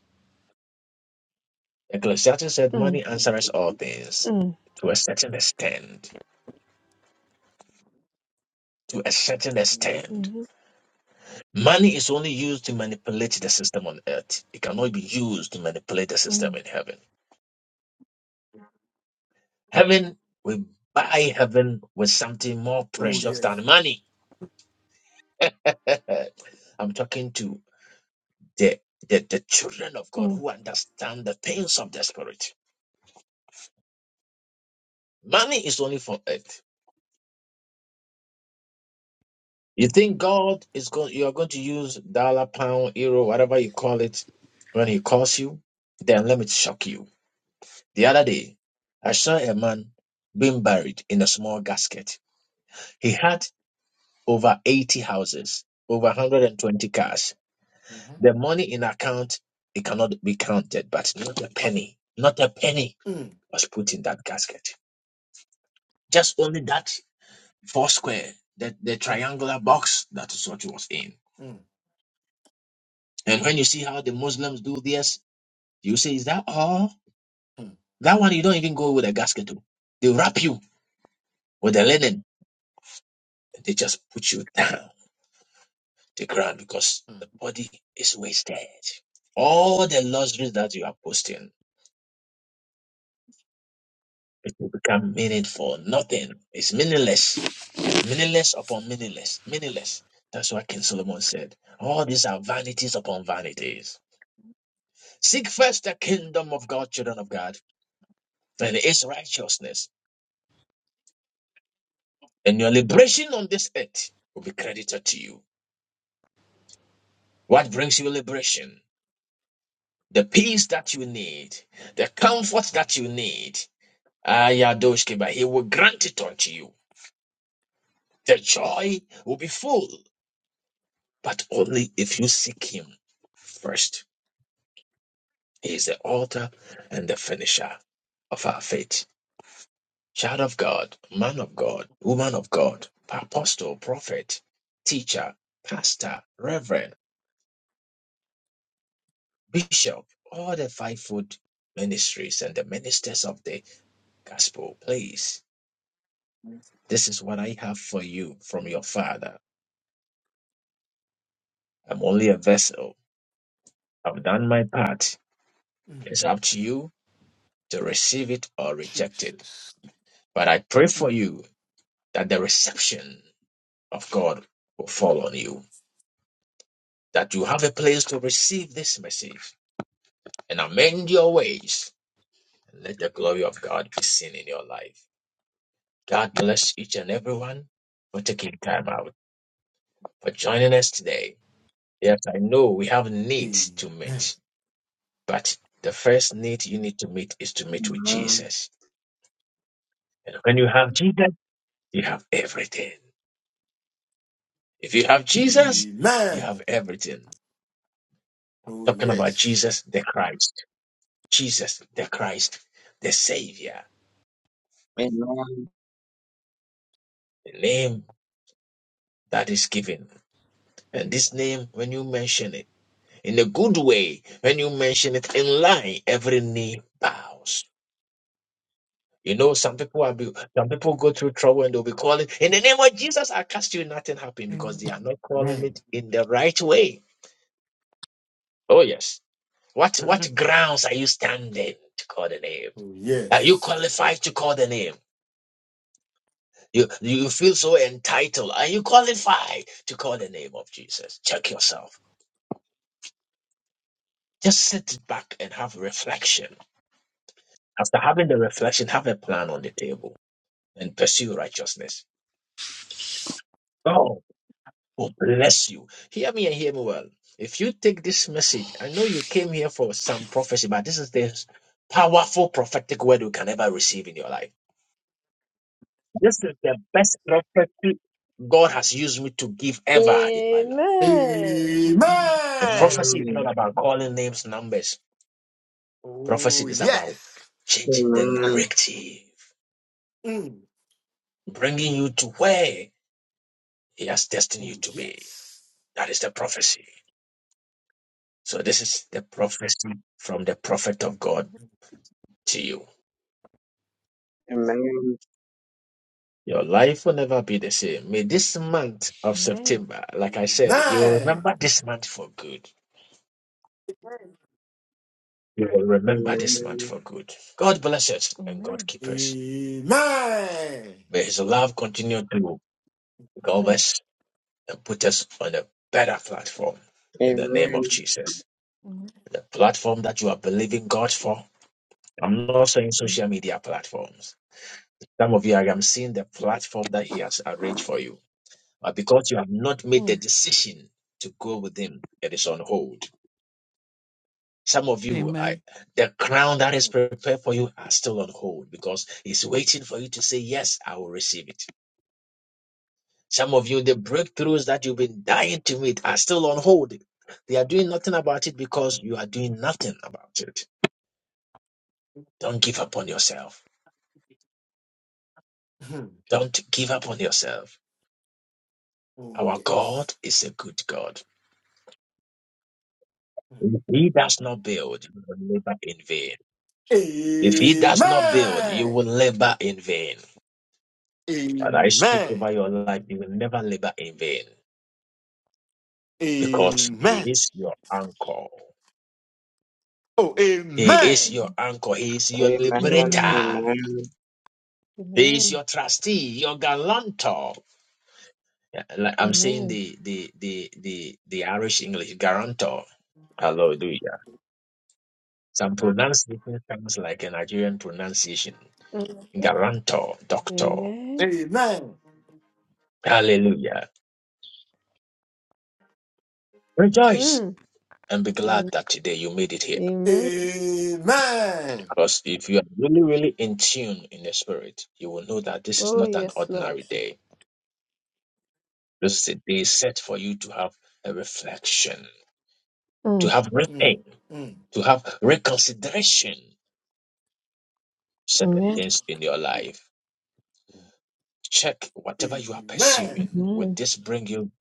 Speaker 1: Ecclesiastes said
Speaker 4: Mm.
Speaker 1: money answers all things
Speaker 4: Mm.
Speaker 1: to a certain extent. To a certain
Speaker 3: Mhm.
Speaker 1: extent.
Speaker 4: Mhm.
Speaker 1: Money is only used to manipulate the system on earth. It cannot be used to manipulate the system
Speaker 4: Mm.
Speaker 1: in heaven. Heaven, we buy heaven with something more
Speaker 3: Oh,
Speaker 4: Mm.
Speaker 1: precious
Speaker 3: yes.
Speaker 1: than money. Uh, I'm talking to the, the, the children of God
Speaker 4: Mm.
Speaker 1: who understand the things of the spirit. Money is only for earth. You think God is going? You are going to use dollar, pound, euro, whatever you call it, when He calls you? Then let me shock you. The other day, I saw a man being buried in a small gasket. He had over 80 houses, over 120 cars.
Speaker 3: Mhm.
Speaker 1: The money in account it cannot be counted, but not a penny, not a penny
Speaker 3: Mm,
Speaker 1: was put in that gasket. Just only that four square, that the
Speaker 3: mm,
Speaker 1: triangular box that is what he was in.
Speaker 3: mm,
Speaker 1: And when you see how the Muslims do this, you say, Is that all?
Speaker 3: mm, mm,
Speaker 1: That one you don't even go with a gasket to. They wrap you with a linen and they just put you down the ground because the body is wasted. All the luxuries that you are posting, it will become meaningful. Nothing. It's meaningless. Meaningless upon meaningless. Meaningless. That's what King Solomon said. All these are vanities upon vanities. Seek first the kingdom of God, children of God, and his righteousness and your liberation on this earth will be credited to you. What brings you liberation? The peace that you need, the comfort that you need. Ayadoshke, but he will grant it unto you. The joy will be full, but only if you seek him first. He is the author and the finisher of our faith. Child of God, man of God, woman of God, apostle, prophet, teacher, pastor, reverend. Bishop, all the fivefold ministries and the ministers of the gospel, please. This is what I have for you from your father. I'm only a vessel. I've done my part.
Speaker 3: mm.
Speaker 1: It's up to you to receive it or reject it.
Speaker 3: Jesus.
Speaker 1: But I pray for
Speaker 3: Mm.
Speaker 1: you that the reception of God will fall on you, that you have a place to receive this message and amend your ways. And let the glory of God be seen in your life. God bless each and everyone for taking time out. for joining us today. Yes, I know we have needs
Speaker 3: A-
Speaker 1: to meet, but the first need you need to meet is to meet with Jesus. And when you have Jesus, you have everything. If you have Jesus, you
Speaker 3: Amen.
Speaker 1: have everything.
Speaker 3: Oh,
Speaker 1: Talking about
Speaker 3: yes.
Speaker 1: Jesus the Christ, Jesus the Christ, the Savior,
Speaker 13: Amen.
Speaker 1: the name that is given. And this name, when you mention it in a good way, when you mention it in line, every knee bows You know, some people are be, some people go through trouble and they'll be calling in the name of Jesus. I cast you, nothing happened because they are
Speaker 5: Amen.
Speaker 1: not calling
Speaker 3: Amen.
Speaker 1: it in the right way. Oh yes. What what grounds are you standing to call the name?
Speaker 3: Oh,
Speaker 1: Are you
Speaker 3: yes.
Speaker 1: qualified to call the name? You you feel so entitled. Are you qualified to call the name of Jesus? Check yourself. Just sit back and have reflection. After having the reflection, have a plan on the table and pursue righteousness. Oh, Oh, bless you. Hear me and hear me well. If you take this message, I know you came here for some prophecy, but this is the powerful prophetic word you can ever receive in your life. This is the best prophecy God has used me to give ever in my life.
Speaker 4: Amen.
Speaker 3: Amen.
Speaker 5: Mhm.
Speaker 1: The prophecy is not about calling names, numbers. Prophecy
Speaker 3: Oh,
Speaker 1: is about
Speaker 3: yes.
Speaker 1: changing the
Speaker 13: Amen. Amen. Amen.
Speaker 1: narrative,
Speaker 3: Mm.
Speaker 1: bringing you to where He has destined you
Speaker 3: Oh,
Speaker 1: to be.
Speaker 3: yes.
Speaker 1: That is the prophecy. So, this is the prophecy from the prophet of God to you.
Speaker 13: Amen.
Speaker 1: Your life will never be the same. May this month of
Speaker 4: Amen.
Speaker 1: September, like I said, you'll
Speaker 3: Amen.
Speaker 1: remember this month for good. You will remember this month for good. God bless us and God
Speaker 4: Amen.
Speaker 1: keep
Speaker 3: A-
Speaker 1: us. May His love continue to cover
Speaker 4: Mm.
Speaker 1: us and put us on a better platform in the name of Jesus.
Speaker 4: Mm.
Speaker 1: The platform that you are believing God for. I'm not saying social media platforms. Some of you, I am seeing the platform that He has arranged for you. But because you have not made the decision to go with Him, it is on hold. Some of you, I,
Speaker 5: Amen.
Speaker 1: the crown that is
Speaker 3: Hmm.
Speaker 1: prepared for you are still on hold because it's waiting for you to say, Yes, I will receive it. Some of you, the breakthroughs that you've been dying to meet are still on hold. They are doing nothing about it because you are doing nothing about it. Don't give up on yourself.
Speaker 3: Hmm.
Speaker 1: Don't give up on yourself.
Speaker 3: oh,
Speaker 1: Our
Speaker 3: yes.
Speaker 1: God is a good God.
Speaker 3: Hmm.
Speaker 1: If He does not build, you will labor in vain. If He does not build, you will
Speaker 3: Amen.
Speaker 1: labor in vain. But I speak
Speaker 3: Amen.
Speaker 1: over your life, you will never labor in vain. because he
Speaker 3: Amen.
Speaker 1: is your anchor.
Speaker 3: Oh,
Speaker 1: He is
Speaker 3: amen.
Speaker 1: your anchor. He is your
Speaker 5: Amen.
Speaker 1: liberator. He is
Speaker 4: Amen.
Speaker 1: your trustee, your guarantor. Yeah, like I'm saying
Speaker 4: Amen.
Speaker 1: the the the the the Irish English guarantor. Hallelujah. Some pronunciation sounds like a Nigerian pronunciation.
Speaker 4: Mm.
Speaker 1: Guarantor, doctor.
Speaker 4: Amen.
Speaker 3: Amen.
Speaker 1: Hallelujah. Rejoice
Speaker 4: Mm.
Speaker 1: and be
Speaker 4: Mm.
Speaker 1: glad that today you made it here.
Speaker 4: Amen.
Speaker 3: Amen.
Speaker 1: Because if you are really, really in tune in the spirit, you will know that this is
Speaker 4: Oh,
Speaker 1: not an
Speaker 4: yes, Lord.
Speaker 1: ordinary day. This day is a set for you to have a reflection, to
Speaker 4: Mm.
Speaker 1: have
Speaker 3: Mm,
Speaker 1: repent,
Speaker 3: mm.
Speaker 1: to have reconsideration certain
Speaker 4: Amen.
Speaker 1: things in your life. Check whatever you are pursuing.
Speaker 3: Amen.
Speaker 1: Would
Speaker 4: Amen.
Speaker 1: this bring you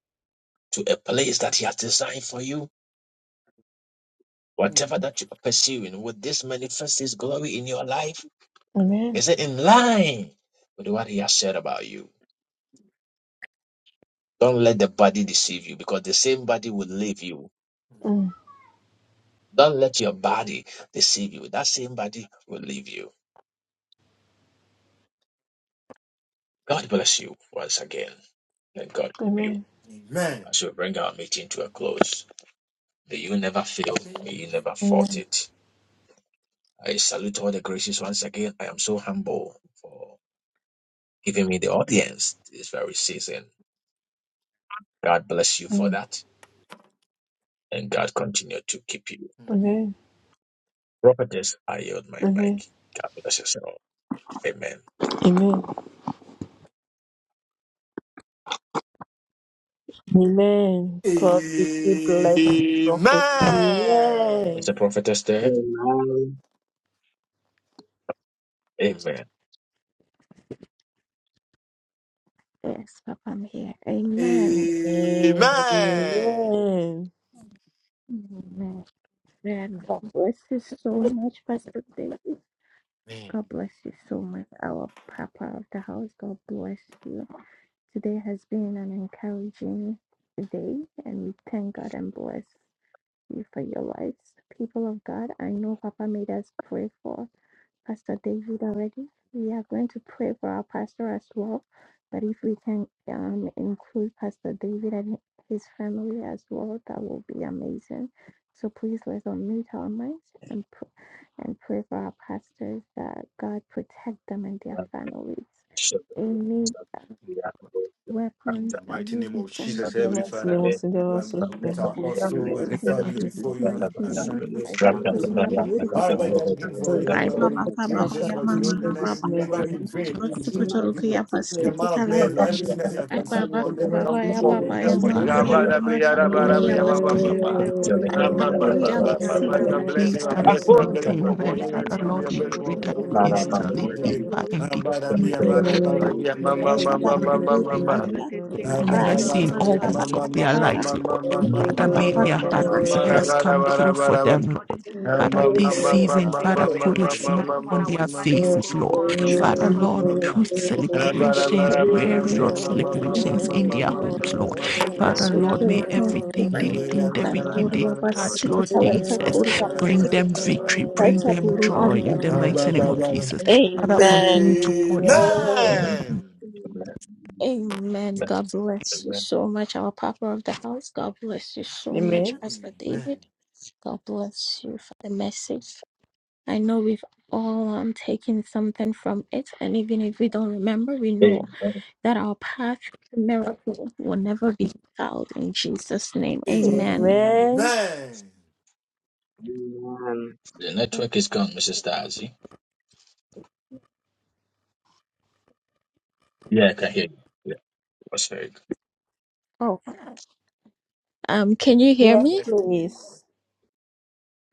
Speaker 1: to a place that He has designed for you? Whatever that you are pursuing, would this manifest His glory in your life?
Speaker 4: Amen.
Speaker 1: Is it in line with what He has said about you? Don't let the body deceive you because the same body will leave you.
Speaker 4: Mm.
Speaker 1: Don't let your body deceive you. That same body will leave you. God bless you once again. Let God help you
Speaker 4: Amen.
Speaker 3: Amen.
Speaker 1: as we bring our meeting to a close. May you never fail. May you
Speaker 3: Amen.
Speaker 1: never
Speaker 4: Amen.
Speaker 1: fought it. I salute all the graces once again. I am so humble for giving me the audience this very season. God bless you for
Speaker 4: Mm.
Speaker 1: that, and God continue to keep you.
Speaker 3: Mm.
Speaker 4: Amen.
Speaker 1: Prophetess, I yield my mic.
Speaker 4: Amen.
Speaker 1: God bless us all. Amen.
Speaker 4: Amen. Amen. God really bless you,
Speaker 3: Amen.
Speaker 4: Prophet.
Speaker 1: Is
Speaker 4: Amen.
Speaker 1: the prophetess there? Amen.
Speaker 9: yes, Papa, I'm here. Amen.
Speaker 3: Amen.
Speaker 4: Amen.
Speaker 9: Amen. Man, God bless you so much, Pastor David. God bless you so much, our Papa of the house. God bless you. Today has been an encouraging day, and we thank God and bless you for your lives. People of God, I know Papa made us pray for. Pastor David already. We are going to pray for our pastor as well. But if we can um, include Pastor David and his family as well, that will be amazing. So please let's unmute our minds and pr- and pray for our pastors that God protect them and their families. Any uh, weapons that will be
Speaker 3: name of
Speaker 9: formed
Speaker 3: Jesus,
Speaker 4: In the
Speaker 3: Heavenly
Speaker 9: against
Speaker 4: mighty
Speaker 3: Father.
Speaker 4: name
Speaker 9: them,
Speaker 4: of the
Speaker 3: And
Speaker 4: Lord,
Speaker 3: Lord, we
Speaker 4: so
Speaker 1: The
Speaker 4: thank
Speaker 3: commit
Speaker 9: we
Speaker 3: our
Speaker 4: you for your
Speaker 3: apostle
Speaker 9: destroy
Speaker 3: and
Speaker 9: it
Speaker 3: the
Speaker 5: If
Speaker 9: in
Speaker 5: God
Speaker 3: family
Speaker 9: Jesus'
Speaker 3: before you
Speaker 9: mighty
Speaker 4: you.
Speaker 3: and
Speaker 5: is for
Speaker 9: name.
Speaker 3: sharing
Speaker 5: you,
Speaker 3: this
Speaker 9: Like
Speaker 3: in
Speaker 13: Amen.
Speaker 9: the
Speaker 3: your
Speaker 5: for your
Speaker 3: mighty
Speaker 13: Amen.
Speaker 9: Korea,
Speaker 3: name.
Speaker 9: but
Speaker 5: will,
Speaker 4: Lord,
Speaker 9: seek it
Speaker 3: All right,
Speaker 9: away.
Speaker 3: you're looking for you,
Speaker 13: Amen.
Speaker 3: Lord, in
Speaker 4: Prophet,
Speaker 13: Amen.
Speaker 4: we are
Speaker 3: Jesus,
Speaker 4: crying,
Speaker 3: mighty
Speaker 4: we need
Speaker 3: name,
Speaker 13: Thank
Speaker 4: every
Speaker 3: let them
Speaker 4: single
Speaker 3: labor
Speaker 5: God
Speaker 4: one of
Speaker 3: in
Speaker 4: you.
Speaker 3: vain
Speaker 5: shall-
Speaker 3: in
Speaker 4: We
Speaker 3: Jesus'
Speaker 4: need
Speaker 3: mighty
Speaker 9: Rosikotoruku
Speaker 3: name.
Speaker 4: Prophet, we need
Speaker 3: The
Speaker 4: every
Speaker 9: yabasiki
Speaker 3: amount of beds
Speaker 4: single
Speaker 3: and
Speaker 9: talaita.
Speaker 4: one
Speaker 5: shall
Speaker 4: of
Speaker 3: everything that you
Speaker 4: you.
Speaker 3: have conceived,
Speaker 9: Ababa
Speaker 3: Lord,
Speaker 4: In the
Speaker 3: let it
Speaker 9: kuraba
Speaker 3: come
Speaker 4: mighty
Speaker 9: ya
Speaker 3: forth
Speaker 4: name
Speaker 3: in
Speaker 4: of
Speaker 9: baba
Speaker 3: Jesus'
Speaker 9: ya
Speaker 14: we
Speaker 3: mighty
Speaker 5: God
Speaker 3: name.
Speaker 9: mama
Speaker 4: Jesus.
Speaker 9: ya
Speaker 5: alone,
Speaker 3: Abba,
Speaker 14: worship you.
Speaker 9: mama
Speaker 3: dabri,
Speaker 14: We give
Speaker 3: yaraba,
Speaker 14: you
Speaker 5: and
Speaker 14: the
Speaker 9: kandori
Speaker 5: we
Speaker 3: dabri, yaba,
Speaker 14: glory.
Speaker 3: ba,
Speaker 5: pray
Speaker 14: We
Speaker 9: yabasiki
Speaker 3: ba,
Speaker 5: in
Speaker 14: give you
Speaker 3: ba.
Speaker 5: this
Speaker 14: the
Speaker 5: name.
Speaker 14: honor,
Speaker 3: Ah,
Speaker 4: Amen.
Speaker 9: talaita.
Speaker 14: Lord.
Speaker 3: ba,
Speaker 14: We
Speaker 3: ba,
Speaker 14: give
Speaker 9: Kuri
Speaker 14: you
Speaker 3: ba, ba,
Speaker 14: all the
Speaker 3: ba, ba.
Speaker 9: yabasiki
Speaker 5: The
Speaker 3: God
Speaker 14: adoration,
Speaker 3: bless him,
Speaker 5: peace
Speaker 3: I
Speaker 5: that
Speaker 14: Father.
Speaker 5: is
Speaker 3: bless him, I bless him
Speaker 14: In
Speaker 3: for,
Speaker 14: the
Speaker 5: maintained
Speaker 3: for
Speaker 5: there,
Speaker 3: him and
Speaker 14: mighty
Speaker 3: his
Speaker 5: Father
Speaker 14: name
Speaker 5: Lord,
Speaker 14: of
Speaker 3: family, I
Speaker 5: we
Speaker 3: bless him
Speaker 5: pray
Speaker 3: for,
Speaker 14: Jesus,
Speaker 3: for
Speaker 5: that
Speaker 3: me
Speaker 14: oh
Speaker 3: and
Speaker 5: you
Speaker 14: God,
Speaker 3: my
Speaker 14: I
Speaker 3: family,
Speaker 14: have
Speaker 3: in
Speaker 14: a
Speaker 5: install
Speaker 3: Jesus'
Speaker 5: it
Speaker 14: king
Speaker 3: mighty
Speaker 14: of
Speaker 3: name.
Speaker 5: deeper
Speaker 14: glory.
Speaker 5: and deeper
Speaker 3: Abba,
Speaker 5: in
Speaker 3: dabri,
Speaker 14: We
Speaker 3: yaba,
Speaker 14: thank you for
Speaker 3: dabba,
Speaker 5: the
Speaker 14: your
Speaker 3: dabri,
Speaker 14: word
Speaker 3: yaba,
Speaker 14: that
Speaker 3: ma, ma,
Speaker 9: talaita
Speaker 14: comes
Speaker 3: ma,
Speaker 5: Have
Speaker 14: forward.
Speaker 9: baita
Speaker 3: ma,
Speaker 14: We
Speaker 3: ma, ma,
Speaker 9: buru
Speaker 14: thank
Speaker 3: ma.
Speaker 14: you for
Speaker 9: anda.
Speaker 14: this day. We
Speaker 3: Amen. Amen.
Speaker 9: Rai
Speaker 14: thank you,
Speaker 5: mercy
Speaker 14: our
Speaker 5: in
Speaker 9: mama
Speaker 14: Lord,
Speaker 5: all
Speaker 14: and our
Speaker 3: Amen.
Speaker 9: kaba
Speaker 5: walks
Speaker 14: King,
Speaker 5: of
Speaker 14: our
Speaker 9: ya
Speaker 5: their
Speaker 13: you.
Speaker 9: baba.
Speaker 14: Savior.
Speaker 5: lives, Lord.
Speaker 14: We thank
Speaker 9: Ya
Speaker 5: Father,
Speaker 14: you,
Speaker 13: Amen. Amen.
Speaker 14: our
Speaker 5: may
Speaker 9: baba
Speaker 5: their
Speaker 14: protector,
Speaker 5: heart
Speaker 9: kababa.
Speaker 14: our shield,
Speaker 5: desires
Speaker 14: oh
Speaker 5: come
Speaker 14: God,
Speaker 5: through for
Speaker 14: Father.
Speaker 5: them,
Speaker 14: Thank God, the
Speaker 5: Lord.
Speaker 14: glory for
Speaker 5: Father,
Speaker 14: your
Speaker 5: this
Speaker 14: mercy.
Speaker 5: season,
Speaker 14: Thank you
Speaker 5: Father,
Speaker 14: for your
Speaker 5: put a
Speaker 14: mighty
Speaker 5: smile
Speaker 14: help on
Speaker 5: on their
Speaker 14: our life, oh
Speaker 5: faces,
Speaker 14: God,
Speaker 5: Lord.
Speaker 14: upon our children,
Speaker 5: Father,
Speaker 14: upon our
Speaker 5: Lord,
Speaker 14: family
Speaker 5: through
Speaker 14: this morning. Lord,
Speaker 5: celebrations,
Speaker 14: thank you,
Speaker 5: various
Speaker 14: Father, for the great and
Speaker 5: celebrations
Speaker 14: mighty
Speaker 5: in
Speaker 14: things
Speaker 5: their
Speaker 14: you're about to
Speaker 5: homes,
Speaker 14: do.
Speaker 5: Lord.
Speaker 14: Thank you for how
Speaker 5: Father,
Speaker 9: Yes, we
Speaker 14: you
Speaker 5: Lord,
Speaker 14: have
Speaker 9: pray.
Speaker 5: may
Speaker 14: brought,
Speaker 9: Thank
Speaker 14: oh
Speaker 9: you,
Speaker 5: everything
Speaker 9: man.
Speaker 5: they do, everything
Speaker 9: Kandori
Speaker 5: they touch,
Speaker 9: yabasiki
Speaker 5: Lord
Speaker 9: talaita.
Speaker 5: Jesus,
Speaker 9: Kuri
Speaker 5: bring
Speaker 9: yabasiki
Speaker 14: Lord.
Speaker 5: them victory, bring
Speaker 9: talaita
Speaker 5: them
Speaker 9: buru
Speaker 5: joy
Speaker 9: anda.
Speaker 5: in the mighty name of Jesus. Father,
Speaker 9: Amen.
Speaker 5: continue to pour your anointing upon
Speaker 9: Amen. God bless you so much, our Papa of the house. God bless you so much,
Speaker 4: Amen.
Speaker 9: Pastor David. God bless you for the message. I know we've all um, taken something from it, and even if we don't remember, we know that our path to miracle will never be fouled in Jesus' name. Amen.
Speaker 4: Amen.
Speaker 1: network is gone, Mrs. Darcy. Yeah, I can hear you. Yeah, it was very good.
Speaker 9: Oh, um, can you hear
Speaker 4: Yes,
Speaker 9: me?
Speaker 3: Yes, please.
Speaker 4: please.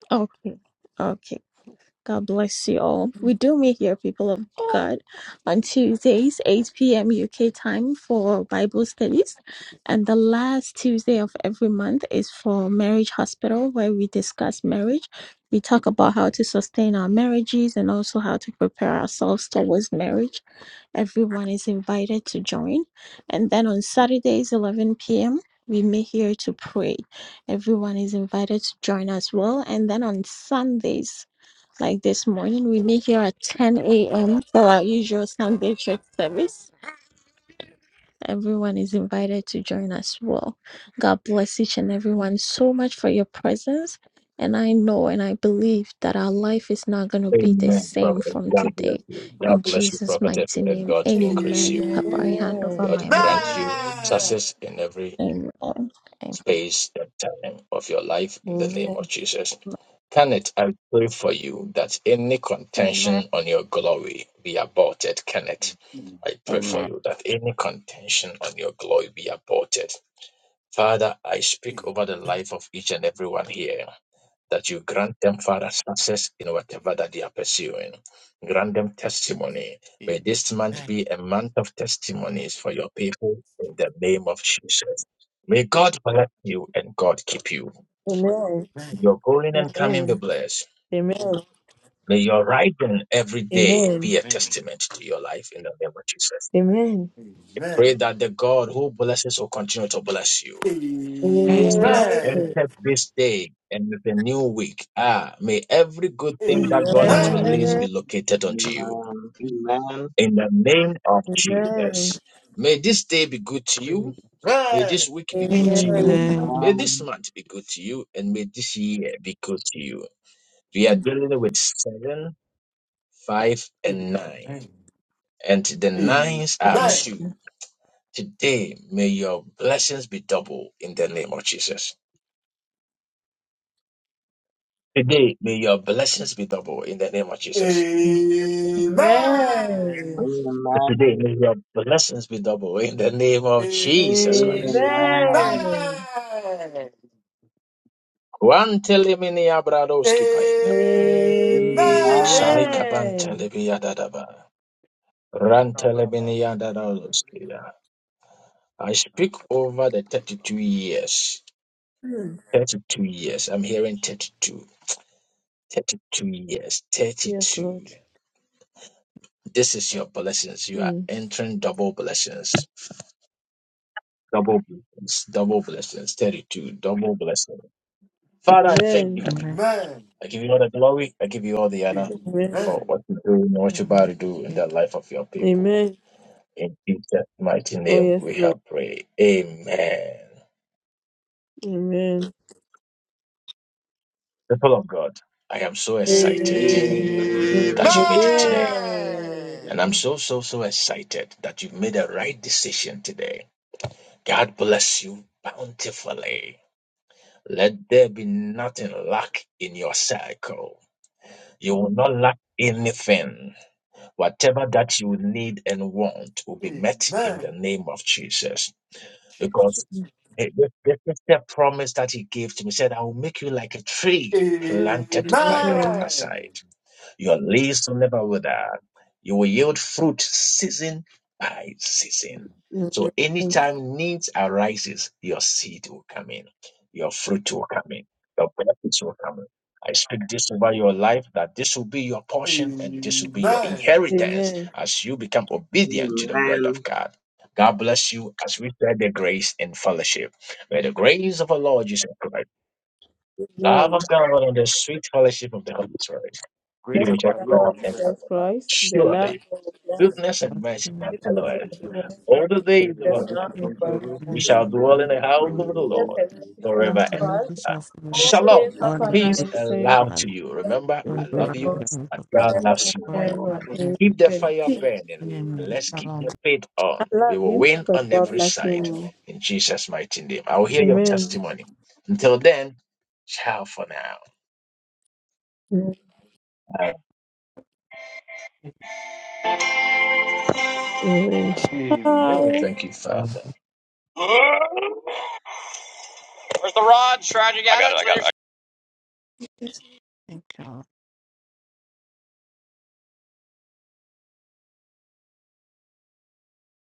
Speaker 9: Okay, okay. God bless you all. We do meet here, people of God, on Tuesdays, 8 p.m. UK time for Bible studies. And the last Tuesday of every month is for Marriage Hospital, where we discuss marriage. We talk about how to sustain our marriages and also how to prepare ourselves towards marriage. Everyone is invited to join. And then on Saturdays, 11 p.m., we meet here to pray. Everyone is invited to join as well. And then on Sundays, like this morning, we meet here at 10 a.m. for our usual Sunday church service. Everyone is invited to join as well. God bless each and everyone so much for your presence. And I know and I believe that our life is not going to be the
Speaker 1: Amen,
Speaker 9: same
Speaker 1: prophet.
Speaker 9: from
Speaker 1: God bless
Speaker 9: today.
Speaker 1: you.
Speaker 9: In
Speaker 1: God bless you,
Speaker 9: Jesus'
Speaker 1: prophetess,
Speaker 9: mighty
Speaker 1: and
Speaker 9: name,
Speaker 1: God
Speaker 3: Amen. Amen. Amen. Amen. Amen. Amen. Amen. Amen. Amen.
Speaker 1: increase you.
Speaker 9: amen. Papa, I hand over
Speaker 4: Amen.
Speaker 1: God
Speaker 9: my mic.
Speaker 1: grant you success in every
Speaker 9: Amen. Amen.
Speaker 1: space and time of your life in the name
Speaker 4: Amen.
Speaker 1: of Jesus. Can it, I pray for you that any
Speaker 9: Amen.
Speaker 1: contention on your glory be aborted. Can it, I pray
Speaker 9: Amen.
Speaker 1: for you that any contention on your glory be aborted. Father, I speak over the life of each and everyone here that you grant them, Father, success in whatever that they are pursuing. Grant them testimony. May this month be a month of testimonies for your people in the name of Jesus. May God bless you and God keep you.
Speaker 4: Amen.
Speaker 1: Your going and coming be
Speaker 4: Amen.
Speaker 1: blessed.
Speaker 4: Amen.
Speaker 1: May your rising every day
Speaker 4: Amen.
Speaker 1: be a testament to your life in the name of Jesus.
Speaker 4: Amen.
Speaker 1: Pray that the God who blesses will continue to bless you.
Speaker 5: Jesus.
Speaker 1: You have
Speaker 4: Amen.
Speaker 1: entered this day and with a new week. Ah, may every good thing that
Speaker 4: Amen.
Speaker 1: God has
Speaker 3: Amen.
Speaker 1: released
Speaker 5: Amen.
Speaker 1: be located unto you. In the name of
Speaker 4: Amen.
Speaker 1: Jesus. May this day be good to you. May this week be good to you.
Speaker 5: Amen.
Speaker 1: May this
Speaker 13: Amen.
Speaker 1: month be good to you. And may this year be good to you. We are dealing with seven, five, and nine. And the nines are
Speaker 3: Amen.
Speaker 1: two. Today, may your blessings be double in the name of Jesus. Today, may your blessings be double in the name of Jesus. Today, may
Speaker 13: Amen.
Speaker 1: your blessings be double in the name of Jesus
Speaker 5: Amen.
Speaker 4: Amen.
Speaker 1: Christ.
Speaker 13: Amen.
Speaker 1: Kwantelemini abradoski payadaba.
Speaker 13: Amen.
Speaker 4: Amen.
Speaker 1: Shalikabantelemi yadadaba.
Speaker 3: Amen.
Speaker 1: Rantelemini yadadadoski ya. I speak over the 32
Speaker 3: Amen.
Speaker 1: years.
Speaker 4: Mm.
Speaker 1: 32 years. I'm hearing 32. 32 years.
Speaker 4: Yes, Lord.
Speaker 1: 32. This is your blessings. You are
Speaker 4: Mm.
Speaker 1: entering double blessings. Double blessings. Double blessings. 32. Double blessings. Father, I thank you.
Speaker 4: Amen.
Speaker 5: Amen.
Speaker 3: Amen.
Speaker 1: I give you all the glory. I give you all the honor
Speaker 4: Amen.
Speaker 1: for
Speaker 3: Amen.
Speaker 1: what you do and what you're about to do in the life of your people.
Speaker 4: Amen.
Speaker 1: In Jesus' mighty
Speaker 4: Oh,
Speaker 1: name,
Speaker 4: yes,
Speaker 1: we
Speaker 4: Lord.
Speaker 1: have prayed. Amen.
Speaker 4: Amen.
Speaker 1: People of God, I am so excited
Speaker 4: Amen.
Speaker 5: Amen.
Speaker 3: Amen.
Speaker 1: that
Speaker 13: Amen.
Speaker 1: you made it today.
Speaker 4: Amen.
Speaker 1: And I'm so, so, so excited that you made the right decision today. God bless you bountifully. Let there be nothing lack in your circle. You will not lack anything Whatever that you need and want will be met in the
Speaker 3: Amen.
Speaker 1: name of Jesus.
Speaker 3: Jesus.
Speaker 1: Because it- this this is the promise that he gave to me. He said, I will make you like a tree planted by the
Speaker 4: Amen.
Speaker 3: Amen.
Speaker 1: riverside. Your leaves will never wither. You will yield fruit season by season.
Speaker 3: Mm.
Speaker 1: So anytime needs arises, your seed will come in, your fruit will come in, your benefits will come in. I speak this over your life that this will be your portion and this will be your
Speaker 3: Amen.
Speaker 1: inheritance
Speaker 4: Amen.
Speaker 1: as you become obedient to the word of
Speaker 13: Amen.
Speaker 1: God. God bless you as we share the grace and fellowship. May the grace of our Lord Jesus Christ, love
Speaker 4: Amen.
Speaker 1: of God, and the sweet fellowship of the Holy Spirit you
Speaker 3: Grace
Speaker 4: Blessed
Speaker 3: of
Speaker 4: be
Speaker 1: shall
Speaker 3: our
Speaker 4: the
Speaker 1: cry
Speaker 4: Lord
Speaker 1: out
Speaker 3: Lord
Speaker 1: and
Speaker 3: Jesus.
Speaker 4: Jesus Christ, the love
Speaker 1: Surely,
Speaker 4: of God.
Speaker 1: goodness and mercy shall
Speaker 4: This
Speaker 1: follow
Speaker 4: visit
Speaker 1: us
Speaker 4: of the Holy
Speaker 1: all the
Speaker 4: Spirit
Speaker 1: days
Speaker 13: Let's
Speaker 1: of our
Speaker 13: have
Speaker 4: just
Speaker 13: a
Speaker 4: now
Speaker 1: life.
Speaker 13: few
Speaker 4: and forevermore.
Speaker 13: controversies
Speaker 1: We
Speaker 13: and
Speaker 1: shall
Speaker 13: things
Speaker 1: dwell in the
Speaker 13: that are
Speaker 1: house of the
Speaker 13: wrong
Speaker 4: Jesus
Speaker 13: and
Speaker 1: Lord
Speaker 4: has
Speaker 13: things
Speaker 4: mercy on
Speaker 1: forever and
Speaker 5: Nothing
Speaker 4: us.
Speaker 5: is
Speaker 1: ever.
Speaker 5: shall for
Speaker 4: All
Speaker 5: us.
Speaker 4: the
Speaker 1: Shalom,
Speaker 4: days of
Speaker 5: All
Speaker 13: that are
Speaker 5: the
Speaker 4: our
Speaker 13: not
Speaker 1: peace
Speaker 5: things
Speaker 4: lives,
Speaker 13: just
Speaker 1: and
Speaker 4: save
Speaker 1: love
Speaker 13: about the
Speaker 1: to
Speaker 5: run.
Speaker 1: you.
Speaker 13: information.
Speaker 1: Remember,
Speaker 5: All
Speaker 13: Very
Speaker 5: the
Speaker 1: I
Speaker 4: and
Speaker 1: love
Speaker 5: blood
Speaker 13: important
Speaker 5: and
Speaker 4: God
Speaker 1: you,
Speaker 5: the hope
Speaker 1: and
Speaker 5: of the
Speaker 1: God
Speaker 5: Lord.
Speaker 13: is that
Speaker 4: forever
Speaker 1: loves you
Speaker 4: and
Speaker 13: we
Speaker 5: Forever
Speaker 13: are
Speaker 1: more.
Speaker 4: ever.
Speaker 5: and
Speaker 13: important
Speaker 5: ever.
Speaker 1: Keep the
Speaker 4: Amen.
Speaker 1: fire
Speaker 13: to the
Speaker 4: Peace.
Speaker 1: burning. and
Speaker 5: Amen.
Speaker 1: Let's keep the faith
Speaker 4: I
Speaker 1: on. We
Speaker 4: love
Speaker 1: will
Speaker 4: you,
Speaker 1: win
Speaker 4: but
Speaker 1: on
Speaker 4: God
Speaker 1: every
Speaker 4: loves you
Speaker 1: side
Speaker 4: more.
Speaker 1: in Jesus' mighty name. I will hear your
Speaker 4: Amen.
Speaker 1: testimony. Until then, ciao for now.
Speaker 4: Amen.
Speaker 5: Shalom.
Speaker 3: Amen.
Speaker 4: Ciao.
Speaker 1: Thank you, Father.
Speaker 16: Uh,
Speaker 1: I got it. I got it.
Speaker 5: Thank you.